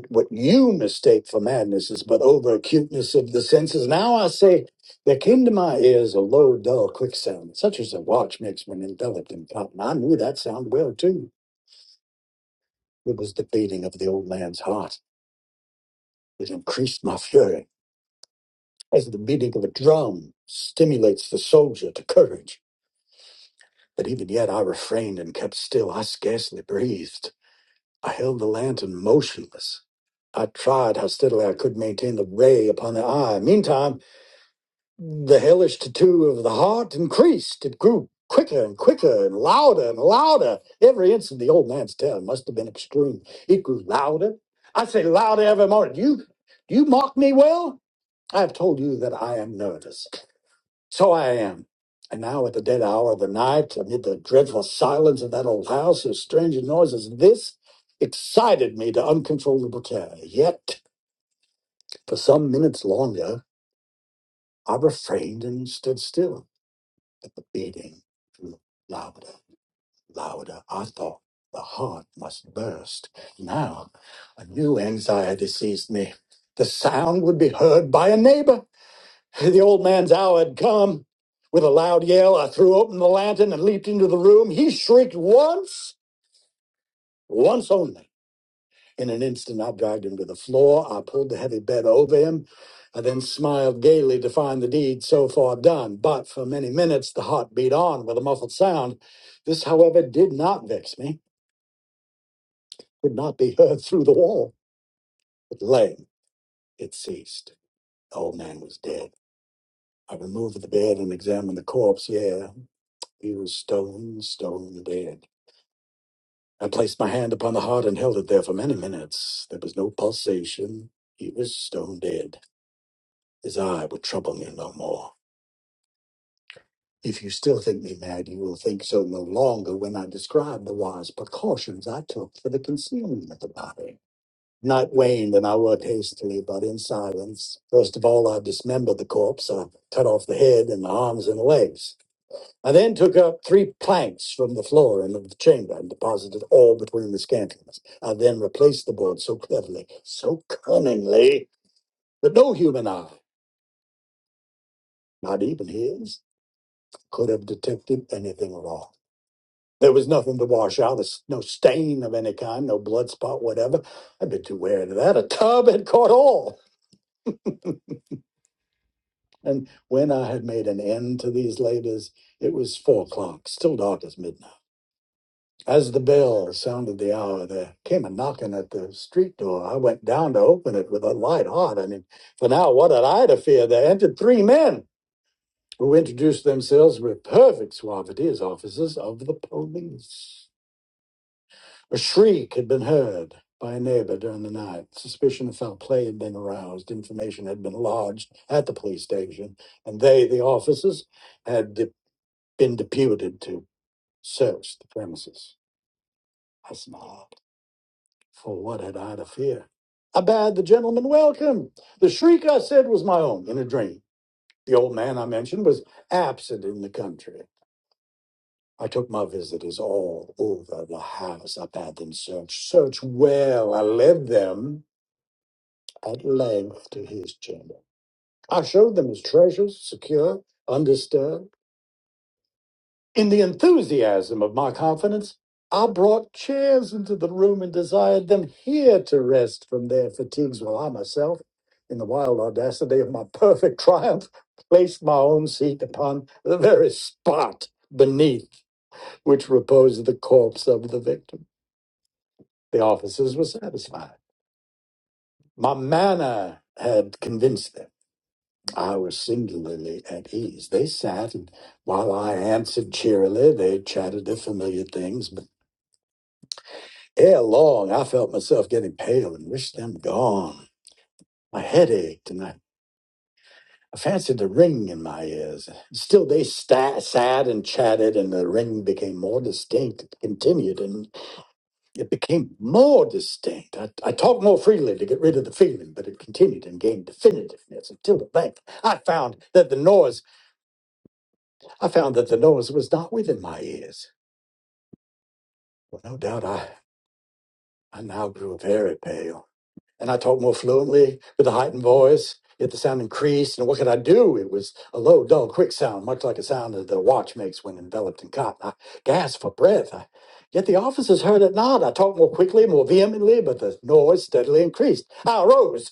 Speaker 4: that what you mistake for madness is but over acuteness of the senses? Now I say, there came to my ears a low, dull, quick sound, such as a watch makes when enveloped in cotton. I knew that sound well, too. It was the beating of the old man's heart. It increased my fury. as the beating of a drum stimulates the soldier to courage. But even yet I refrained and kept still. I scarcely breathed. I held the lantern motionless. I tried how steadily I could maintain the ray upon the eye. Meantime, the hellish tattoo of the heart increased. It grew quicker and quicker and louder and louder. Every instant, the old man's terror must have been extreme. It grew louder. I say louder every moment. You, you mark me well? I have told you that I am nervous. So I am. And now at the dead hour of the night, amid the dreadful silence of that old house, and strange noises, this excited me to uncontrollable terror. Yet, for some minutes longer, I refrained and stood still. But the beating grew louder, louder. I thought the heart must burst. Now, a new anxiety seized me. The sound would be heard by a neighbor. The old man's hour had come. With a loud yell, I threw open the lantern and leaped into the room. He shrieked once, once only. In an instant, I dragged him to the floor. I pulled the heavy bed over him. I then smiled gaily to find the deed so far done. But for many minutes, the heart beat on with a muffled sound. This, however, did not vex me. It Could not be heard through the wall. At length, it ceased. The old man was dead. I removed the bed and examined the corpse. Yeah, He was stone, stone dead. I placed my hand upon the heart and held it there for many minutes. There was no pulsation. He was stone dead. His eye would trouble me no more. If you still think me mad, you will think so no longer when I describe the wise precautions I took for the concealment of the body. Night waned and I worked hastily, but in silence. First of all, I dismembered the corpse. I cut off the head and the arms and the legs. I then took up three planks from the floor and of the chamber and deposited all between the scantlings. I then replaced the board so cleverly, so cunningly, that no human eye, not even his, could have detected anything wrong. There was nothing to wash out, there's no stain of any kind, no blood spot, whatever. I'd been too wary of that. A tub had caught all. And when I had made an end to these labors, it was four o'clock, still dark as midnight. As the bell sounded the hour, there came a knocking at the street door. I went down to open it with a light heart. I mean, for now, what had I to fear? There entered three men who introduced themselves with perfect suavity as officers of the police. A shriek had been heard by a neighbor during the night. Suspicion of foul play had been aroused. Information had been lodged at the police station, and they, the officers, had de- been deputed to search the premises. I smiled. For what had I to fear? I bade the gentleman welcome. The shriek I said was my own in a dream. The old man I mentioned was absent in the country. I took my visitors all over the house. I bade them search, search well. I led them at length to his chamber. I showed them his treasures, secure, undisturbed. In the enthusiasm of my confidence, I brought chairs into the room and desired them here to rest from their fatigues, while I myself, in the wild audacity of my perfect triumph, placed my own seat upon the very spot beneath which reposed the corpse of the victim. The officers were satisfied. My manner had convinced them. I was singularly at ease. They sat, and while I answered cheerily, they chatted their familiar things. Ere long, I felt myself getting pale and wished them gone. My head ached, and I, I fancied a ring in my ears. Still, they sta sat and chatted, and the ring became more distinct. It continued, and it became more distinct. I, I talked more freely to get rid of the feeling, but it continued and gained definitiveness until at length I found that the noise I found that the noise was not within my ears. Well, no doubt I, I now grew very pale. and I talked more fluently with a heightened voice. Yet the sound increased, and what could I do? It was a low, dull, quick sound, much like a sound that the watch makes when enveloped in cotton. I gasped for breath. I, yet the officers heard it not. I talked more quickly, more vehemently, but the noise steadily increased. I arose,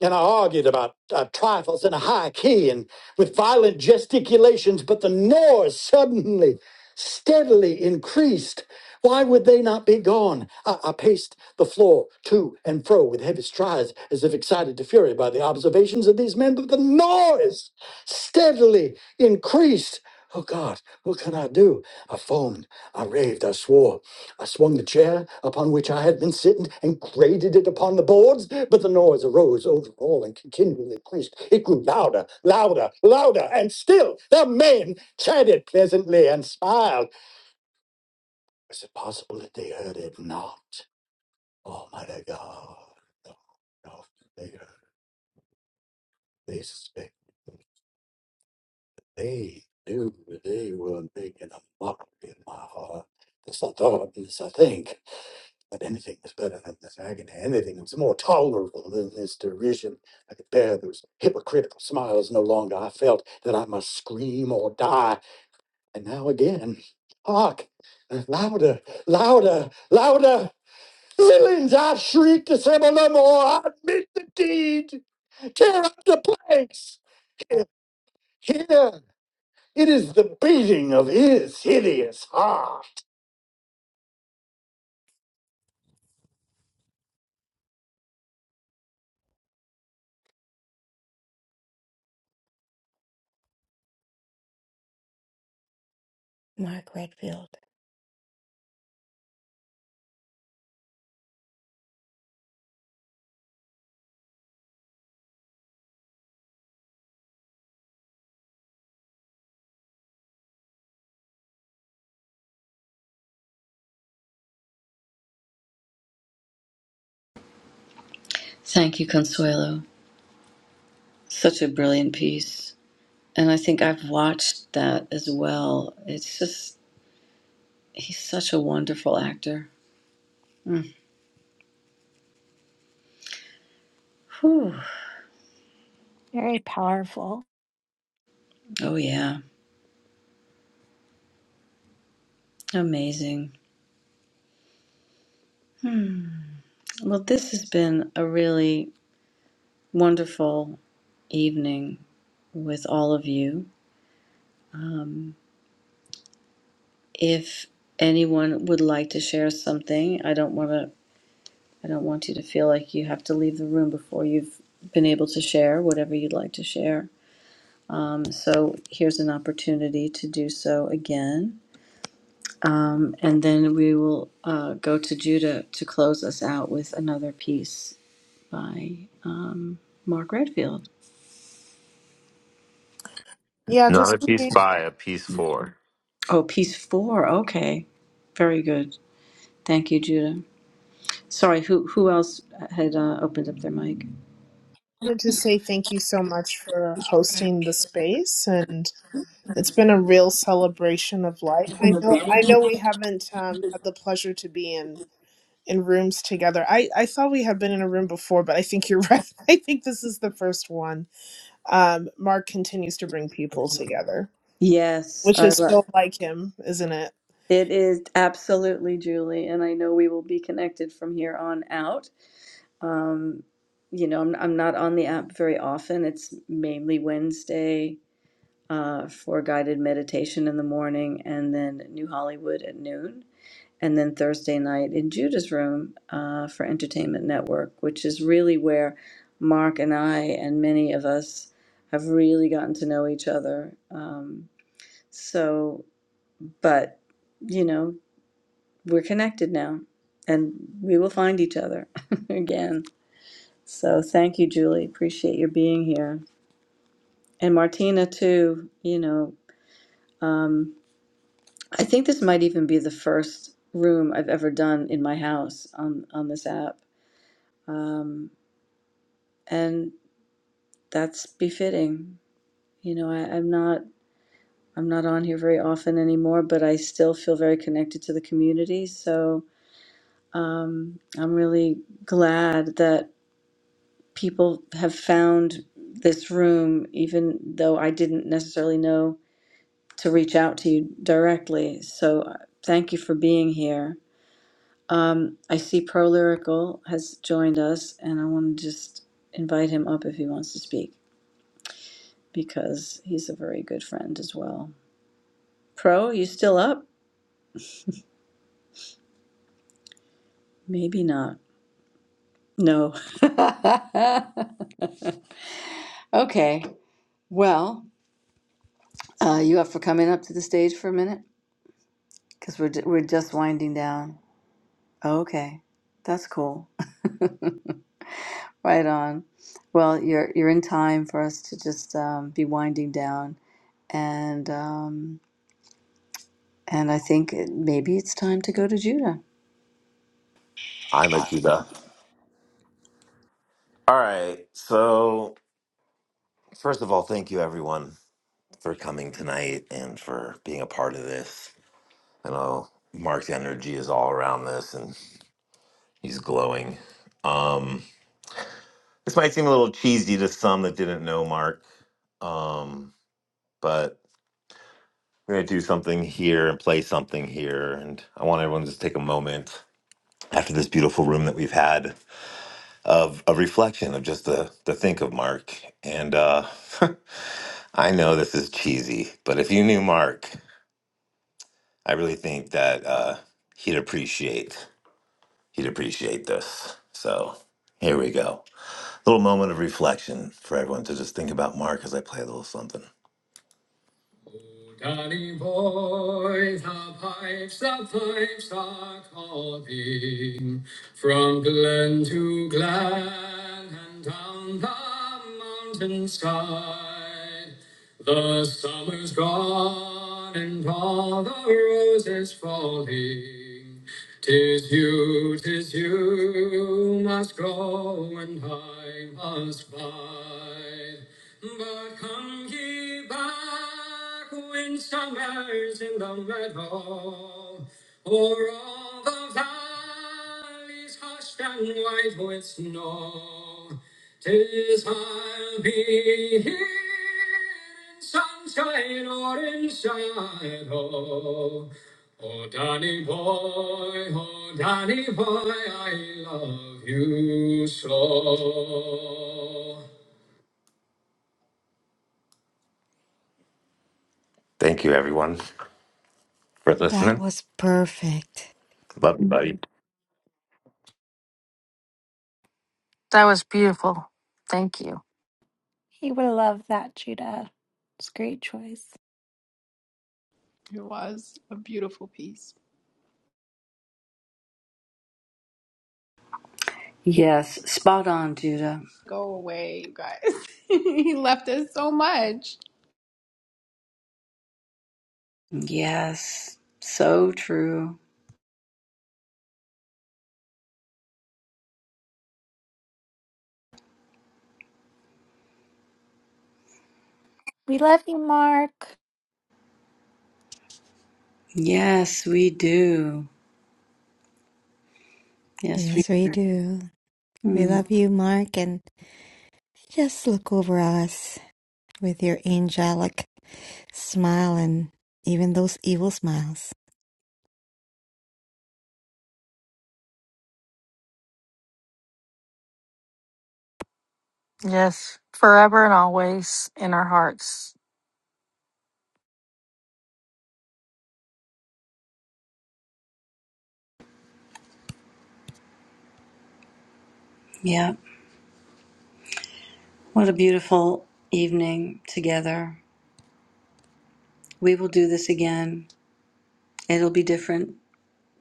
Speaker 4: and I argued about uh, trifles in a high key and with violent gesticulations, but the noise suddenly, steadily increased. Why would they not be gone? I, I paced the floor to and fro with heavy strides, as if excited to fury by the observations of these men, but the noise steadily increased. Oh God, what can I do? I foamed, I raved, I swore. I swung the chair upon which I had been sitting and grated it upon the boards, but the noise arose over all and continually increased. It grew louder, louder, louder, and still the men chatted pleasantly and smiled. Is it possible that they heard it not? Almighty God. No, no. They heard, they suspected. They knew that they were making a mockery of my heart. This I thought, this I think. But anything is better than this agony. Anything is more tolerable than this derision. I could bear those hypocritical smiles no longer. I felt that I must scream or die. And now again, hark! Louder, louder, louder! Feelings I shriek to say no more. I admit the deed. Tear up the place. Here it is the beating of his hideous heart. Mark Redfield.
Speaker 1: Thank you, Consuelo. Such a brilliant piece. And I think I've watched that as well. It's just, he's such a wonderful actor. Whew.
Speaker 5: very powerful.
Speaker 1: Oh, yeah. Amazing. Hmm. Well, this has been a really wonderful evening with all of you. Um, if anyone would like to share something, I don't want to I don't want you to feel like you have to leave the room before you've been able to share whatever you'd like to share. Um, so here's an opportunity to do so again. Um, and then we will uh, go to Judah to close us out with another piece by um, Mark Redfield.
Speaker 16: Yeah,
Speaker 2: Not
Speaker 16: just
Speaker 2: a piece
Speaker 16: really
Speaker 2: by, a piece for.
Speaker 1: Oh, piece four. Okay, very good. Thank you, Judah. Sorry, who who else had uh, opened up their mic?
Speaker 16: wanted to say thank you so much for hosting the space and It's been a real celebration of life. I know I know we haven't um, had the pleasure to be in in rooms together. I I thought we had been in a room before, but I think you're right. I think this is the first one. Um, Mark continues to bring people together,
Speaker 1: Yes,
Speaker 16: which
Speaker 1: I,
Speaker 16: is
Speaker 1: lo-
Speaker 16: so like him, isn't it?
Speaker 1: It is absolutely Julie, and I know we will be connected from here on out. Um, you know, I'm, I'm not on the app very often. It's mainly Wednesday uh, for guided meditation in the morning, and then New Hollywood at noon, and then Thursday night in Judah's room uh, for Entertainment Network, which is really where Mark and I and many of us have really gotten to know each other. Um, so, but you know we're connected now and we will find each other again. So thank you, Julie. Appreciate your being here. And Martina, too, you know, um, I think this might even be the first room I've ever done in my house on, on this app. Um, and that's befitting. You know, I, I'm not. I'm not on here very often anymore, but I still feel very connected to the community. So um, I'm really glad that people have found this room, even though I didn't necessarily know to reach out to you directly. So uh, thank you for being here. Um, I see Pro Lyrical has joined us, and I want to just invite who wants to speak because he's a very good friend as well. Pro up? Me not. No. Uh, you up for coming up to the stage for a minute? Because we're, ju- we're just winding down. Oh, okay. That's cool. Right on. Well, you're you're in time for us to just um, be winding down, and um, and I think it, maybe it's time to go to Judah.
Speaker 2: I might do that. All right. So, first of all, thank you everyone for coming tonight and for being a part of this. I know Mark's energy is all around this and he's glowing. Um, this might seem a little cheesy to some that didn't know Mark, um, but we're going to do something here and play something here. And I want everyone to just take a moment after this beautiful room that we've had of a reflection of just the, the think of Mark. And uh, I know this is cheesy, but if you knew Mark, I really think that uh, he'd appreciate. He'd appreciate this. So here we go. A little moment of reflection for everyone to just think about Mark as I play a little something. Tiny boys, the pipes, the pipes are calling from glen to glen and down the mountain side. The summer's gone and all the roses falling. Tis you, tis you must go and I must bide. But come ye back when summer's in the meadow, o'er all the valleys hushed and white with snow. Tis I'll be here in sunshine or in shadow. Oh, Danny boy, oh, Danny boy, I love you so. Thank you, everyone. for listening. Love you, buddy.
Speaker 12: That was beautiful. Thank you.
Speaker 5: He would love that, Judah. It's a great choice.
Speaker 1: Yes, spot on, Judah. Yes, so true.
Speaker 5: We love you, Mark.
Speaker 1: Yes, we do. Yes, we.
Speaker 4: Yes, we do. We
Speaker 1: Mm,
Speaker 4: love you, Mark, and just look over us with your angelic smile and even those evil smiles.
Speaker 12: Yes, forever and always in our hearts.
Speaker 1: yeah. What a beautiful evening together. We will do this again. It'll be different,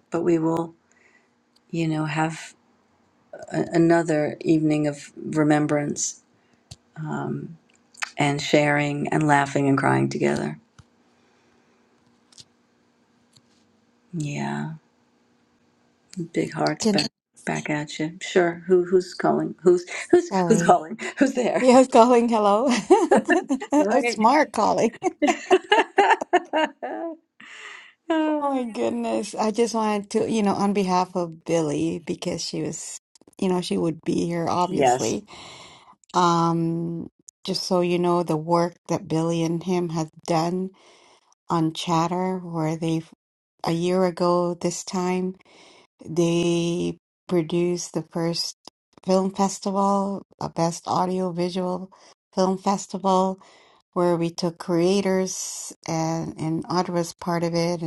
Speaker 1: but we will, you know, have a, another evening of remembrance and sharing and laughing and crying together. Yeah, big hearts
Speaker 4: Can
Speaker 1: back back at you. Sure. Who who's calling? Who's who's who's
Speaker 4: sorry.
Speaker 1: calling? Who's there?
Speaker 4: Yes, calling hello. it's
Speaker 1: Right.
Speaker 4: Mark calling. Oh my goodness. I just wanted to, you know, on behalf of Billy, because she was, you know, she would be here,
Speaker 1: yes.
Speaker 4: obviously. Um, just so you know, the work that Billy and him have done on Chatter, where they've, a year ago this time, they produced the first film festival, a best audio visual film festival, where we took creators and, and Audra was part of it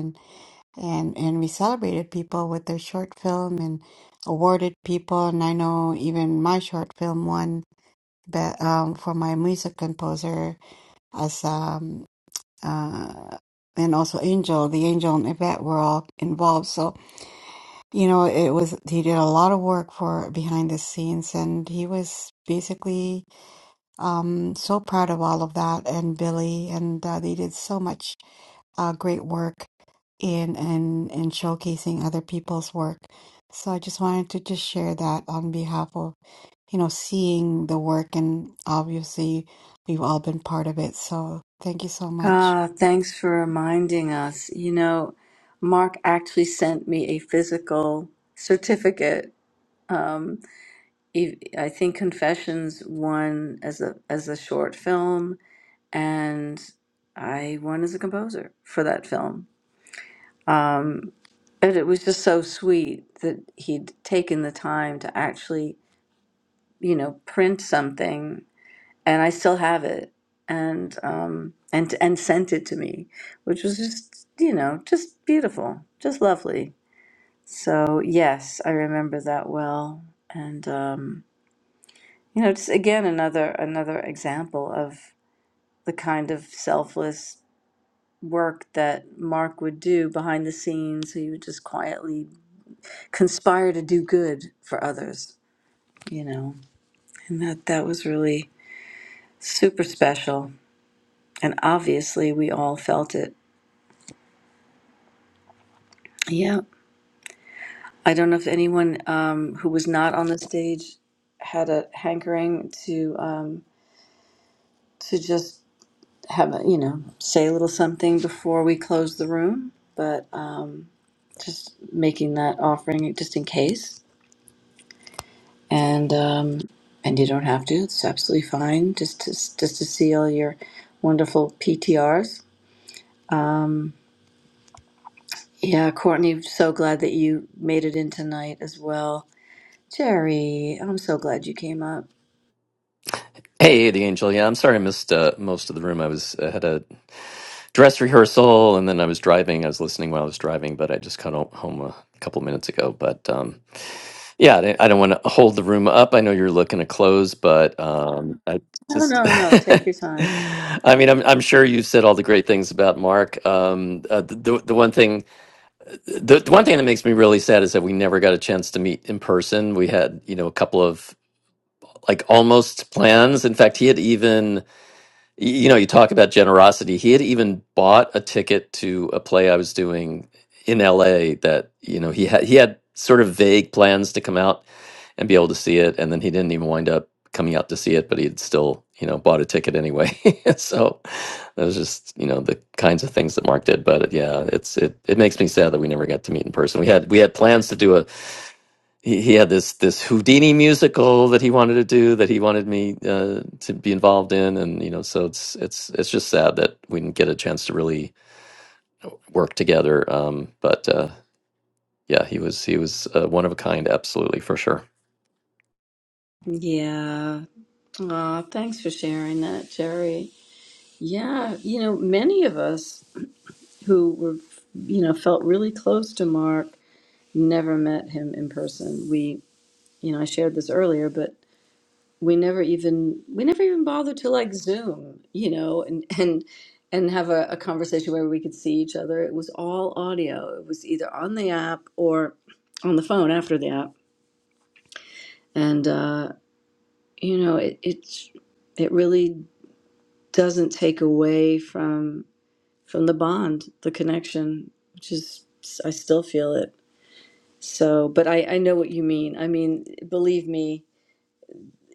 Speaker 4: and and we celebrated people with their short film and awarded people and i know even my short film won but um, for my music composer as um uh and also angel the angel and yvette were all involved so you know it was he did a lot of work for behind the scenes and he was basically um, so proud of all of that and Billy, and uh, they did so much uh, great work in and in, in showcasing other people's work. So I just wanted to just share that on behalf of, you know, seeing the work and obviously we've all been part of it. So thank you so much.
Speaker 1: Ah, thanks for reminding us. You know, Mark actually sent me a physical certificate. Um, e- I think Confessions won as a as a short film, and I won as a composer for that film. Um, and it was just so sweet that he'd taken the time to actually, you know, print something, and I still have it, and um, and and sent it to me, which was just, you know, just beautiful, just lovely. So yes, I remember that well, and um, you know, just again another another example of the kind of selfless work that Mark would do behind the scenes. He would just quietly conspire to do good for others, you know. And that that was really super special. And obviously we all felt it. Yeah. I don't know if anyone um, who was not on the stage had a hankering to um, to just have a, you know, say a little something before we close the room, but um, just making that offering just in case. And um, and you don't have to. It's absolutely fine just to just to see all your wonderful PTRs Um, yeah, Courtney, so glad that you made it in tonight as well. Jerry, I'm so glad you came up.
Speaker 28: Hey, the angel. Yeah, I'm sorry I missed uh, most of the room. I was I had a dress rehearsal, and then I was driving. I was listening while I was driving, but I just got ho- home a couple minutes ago. But um, yeah, I don't I don't want to hold the room up. I know you're looking to close, but um, I
Speaker 1: No,
Speaker 28: just.
Speaker 1: no, no, take your time.
Speaker 28: I mean, I'm I'm sure you've said all the great things about Mark. Um, uh, the the the one thing, the, the one thing that makes me really sad is that we never got a chance to meet in person. We had, you know, a couple of like almost plans. In fact, he had even you know, you talk about generosity. He had even bought a ticket to a play I was doing in LA that, you know, he had he had sort of vague plans to come out and be able to see it, and then he didn't even wind up coming out to see it, but he had still, you know, bought a ticket anyway. So that was just, you know, the kinds of things that Mark did. But yeah, it's it it makes me sad that we never got to meet in person. We had we had plans to do a he, he had this this Houdini musical that he wanted to do that he wanted me uh, to be involved in, and you know, so it's it's it's just sad that we didn't get a chance to really work together. Um, but uh, yeah, he was he was uh, one of a kind, absolutely for sure.
Speaker 1: Yeah. Aw, thanks for sharing that, Jerry. Yeah, you know, many of us who were, you know, felt really close to Mark never met him in person. We, you know, I shared this earlier, but we never even we never even bothered to like you know and and and have a, a conversation where we could see audio or on the and uh, you know it, it's it really doesn't take away from from the bond the connection which is i still feel it so but i i know what you mean i mean believe me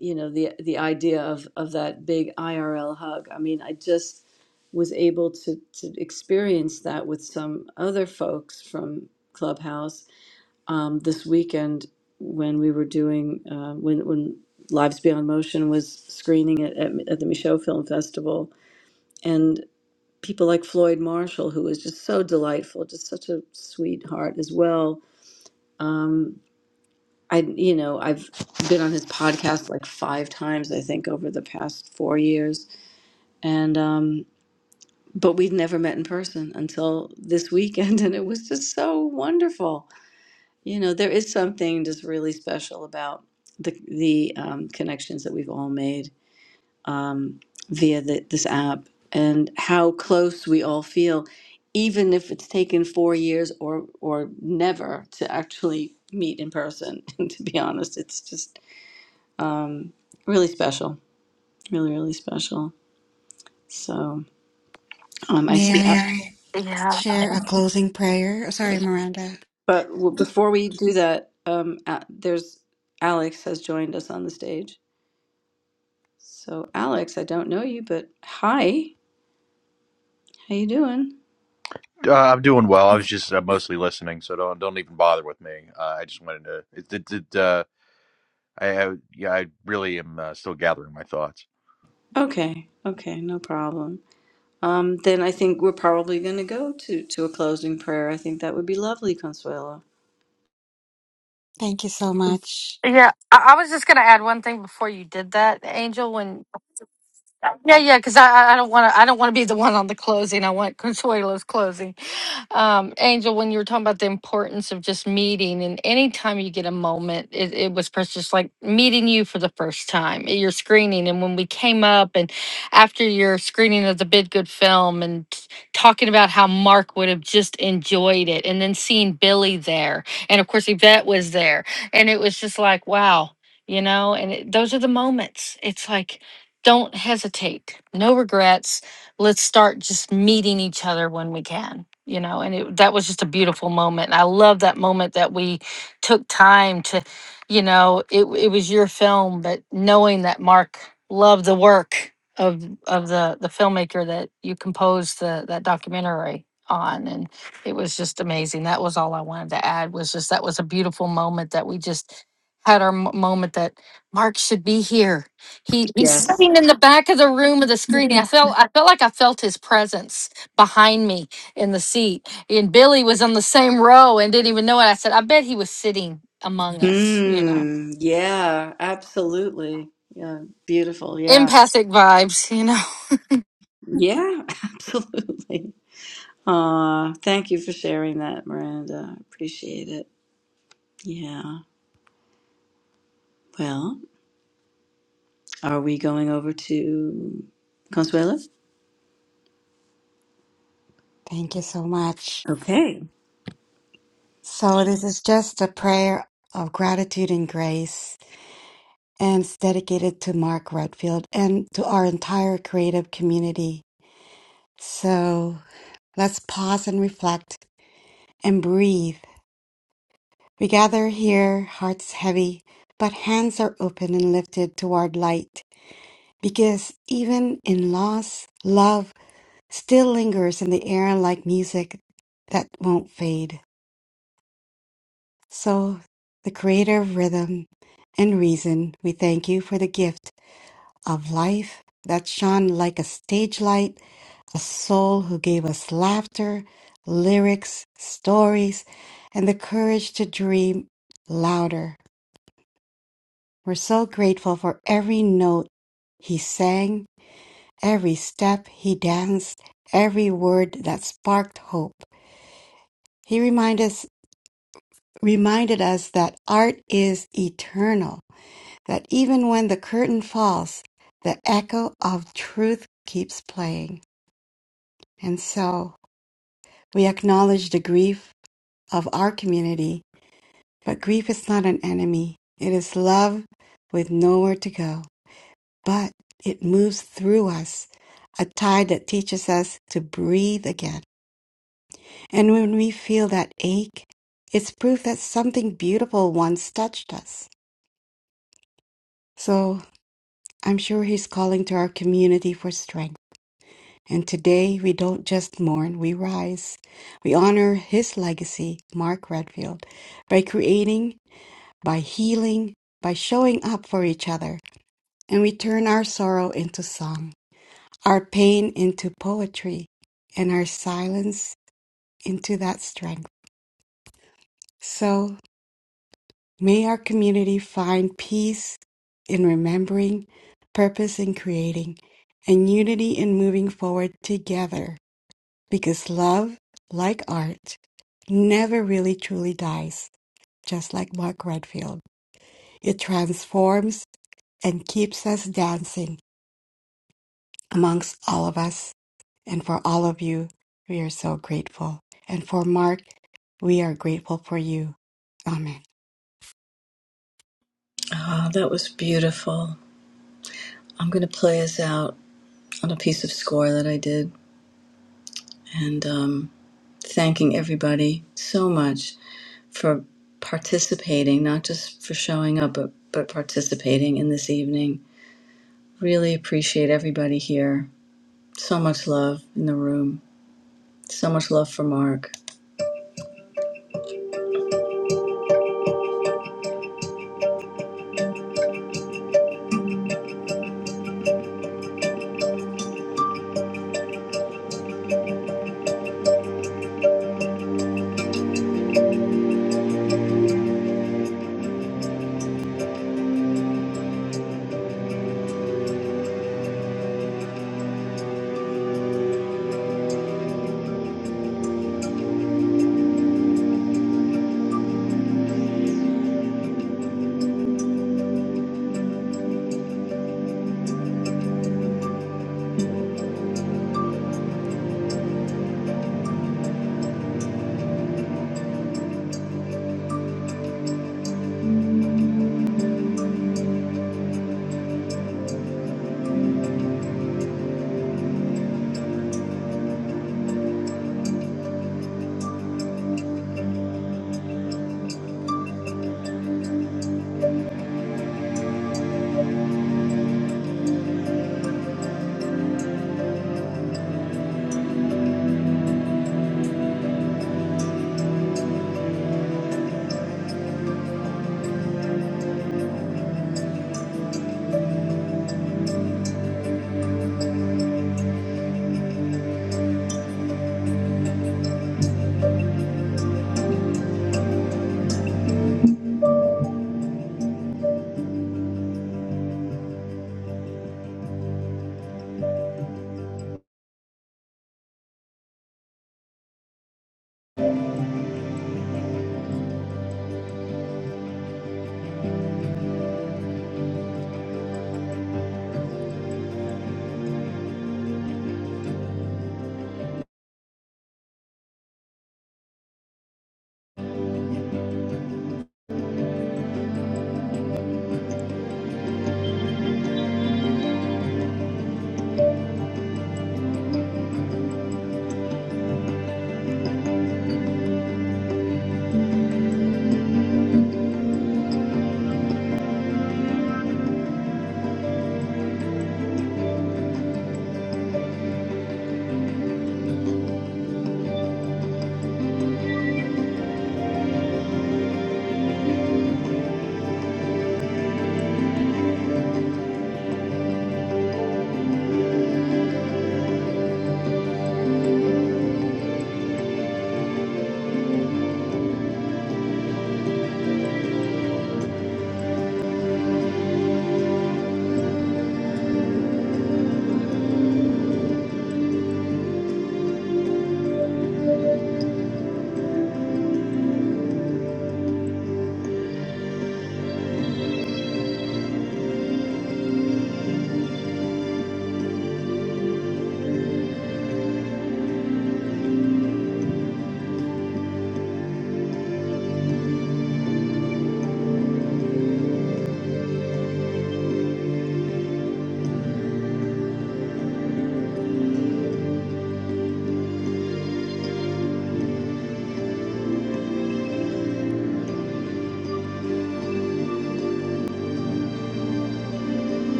Speaker 1: you know the the idea of of that big irl hug i mean i just was able to to experience that with some other folks from clubhouse um, this weekend when we were doing uh, when when Lives Beyond Motion was screening it at, at the Michaud Film Festival, and people like Floyd Marshall, who was just so delightful, just such a sweetheart as well. Um, I you know I've been on his podcast like five times I think over the past four years, and um, but we'd never met in person until this weekend, and it was just so wonderful You know, there is something just really special about the the um, connections that we've all made um, via the, this app and how close we all feel, even if it's taken four years or or never to actually meet in person. to be honest, it's just um, really special, really really special. So um, I
Speaker 4: May
Speaker 1: see.
Speaker 4: I
Speaker 1: Yeah.
Speaker 12: Yeah.
Speaker 4: share a closing prayer? Sorry, Miranda.
Speaker 1: But w- before we do that, um, a- there's Alex has joined us on the stage. So Alex, I don't know you, but hi, how you doing?
Speaker 29: Uh, I'm doing well. I was just uh, mostly listening, so don't don't even bother with me. Uh, I just wanted to. It, it, it, uh, I, I yeah, I really am uh, still gathering my thoughts.
Speaker 1: Okay, okay, no problem. Um, then I think we're probably going to go to to a closing prayer. I think that would be Consuelo.
Speaker 4: Thank you so much.
Speaker 12: Yeah. I, I was just going to add one thing before you did that, Angel. When Yeah, yeah, because I I don't want to I don't want to be the one on the closing. I want Consuelo's closing. Um, Angel, when you were talking about the importance of just meeting, and anytime you get a moment, it, it was precious. Like meeting you for the first time, eh, your screening, and when we came up, and after your screening of the Bid Good film, and t- talking about how Mark would have just enjoyed it, and then seeing Billy there, and of course Yvette was there, and it was just like wow, you know. And it, those are the moments. It's like. Don't hesitate. No regrets. Let's start just meeting each other when we can. You know, and it, that was just a beautiful moment. And I love that moment that we took time to, you know, it it was your film, but knowing that Mark loved the work of of the the filmmaker that you composed the that documentary on, and it was just amazing. That was all I wanted to add. Was just that was a beautiful moment that we just had our mo- moment that Mark should be here he he's
Speaker 1: Yes.
Speaker 12: sitting in the back of the room of the screening. I felt I felt like I felt his presence behind me in the seat. And Billy was on the same row and didn't even know it. I said, I bet he was sitting among us, you know.
Speaker 1: Mm, yeah, absolutely. Yeah, beautiful. Yeah,
Speaker 12: Empathic vibes, you know.
Speaker 1: yeah, absolutely. Uh, thank you for sharing that, Miranda. I appreciate it. Yeah. Well, are we going over to Consuelo?
Speaker 4: Thank you so much. So this is just a prayer of gratitude and grace. and it's dedicated to Mark Redfield and to our entire creative community. So let's pause and reflect and breathe. We gather here, hearts heavy, but hands are open and lifted toward light because even in loss, love still lingers in the air like music that won't fade. So, the creator of rhythm and reason, we thank you for the gift of life that shone like a stage light the soul who gave us laughter, lyrics, stories, and the courage to dream louder. We're so grateful for every note he sang, every step he danced, every word that sparked hope. He reminded us, reminded us that art is eternal, that even when the curtain falls, the echo of truth keeps playing. And so we acknowledge the grief of our community But grief is not an enemy, it is love with nowhere to go. But it moves through us, a tide that teaches us to breathe again. And when we feel that ache, it's proof that something beautiful once touched us. So I'm sure He's calling to our community for strength. And today we don't just mourn, we rise. We honor His legacy, Mark Redfield, by creating, by healing, by showing up for each other. And we turn our sorrow into song, our pain into poetry, and our silence into that strength. So may our community find peace in remembering, purpose in creating, and unity in moving forward together. Because love, like art, never really truly dies, just like Mark Redfield. It transforms and keeps us dancing amongst all of us And for all of you, we are so grateful. And for Mark, we are grateful for you. Amen.
Speaker 1: Oh, that was beautiful. I'm going to play us out on a piece of score that I did and um, thanking everybody so much for participating, not just for showing up, but, but participating in this evening. Really appreciate everybody here. So much love in the room. So much love for Mark.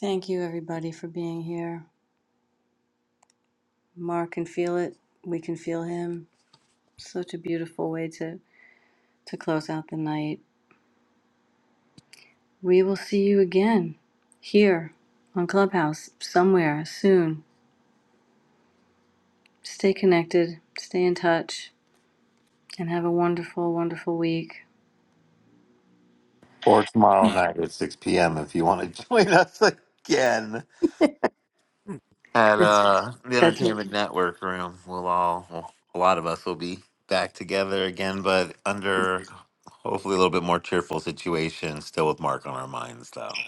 Speaker 1: Thank you, everybody, for being here. Mark can feel it. We can feel him. Such a beautiful way to, to close out the night. We will see you again here on Clubhouse somewhere soon. Stay connected, stay in touch, and have a wonderful, wonderful week.
Speaker 2: Or tomorrow night at 6 p.m. if you want to join us again at uh, the
Speaker 1: That's
Speaker 2: Entertainment Network room. We'll all, well, a lot of us will be back together again, but under hopefully a little bit more cheerful situation, still with Mark on our minds, though.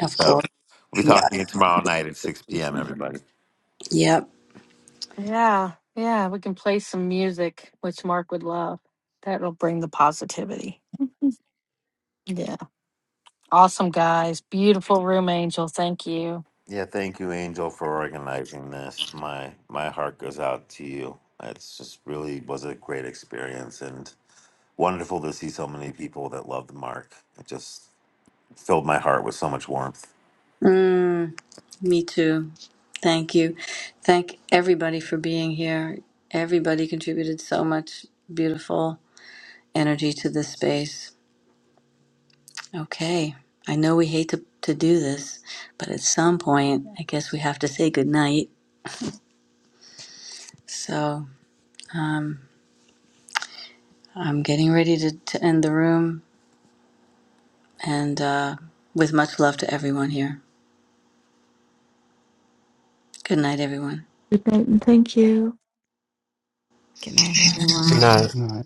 Speaker 1: of
Speaker 2: So
Speaker 1: course.
Speaker 2: we'll be
Speaker 1: Yeah.
Speaker 2: talking to you tomorrow night at 6 p.m., everybody.
Speaker 1: Yep.
Speaker 12: Yeah, yeah. We can play some music, which Mark would love. That'll bring the positivity. Yeah. Awesome guys. Beautiful room angel. Thank you.
Speaker 2: Yeah, thank you, Angel, for organizing this. My my heart goes out to you. It's just really was a great experience, and wonderful to see so many people that love the mark. It just filled my heart with so much warmth.
Speaker 1: Mm, me too. Thank you. Thank everybody for being here. Everybody contributed so much beautiful energy to this space. Okay. I know we hate to, to do this, but at some point, I guess we have to say goodnight. So, um, I'm getting ready to, to end the room and uh, with much love to everyone here. Good night, everyone.
Speaker 3: Good night and thank you.
Speaker 4: Good night,
Speaker 20: Good
Speaker 4: everyone.
Speaker 20: night.
Speaker 24: No,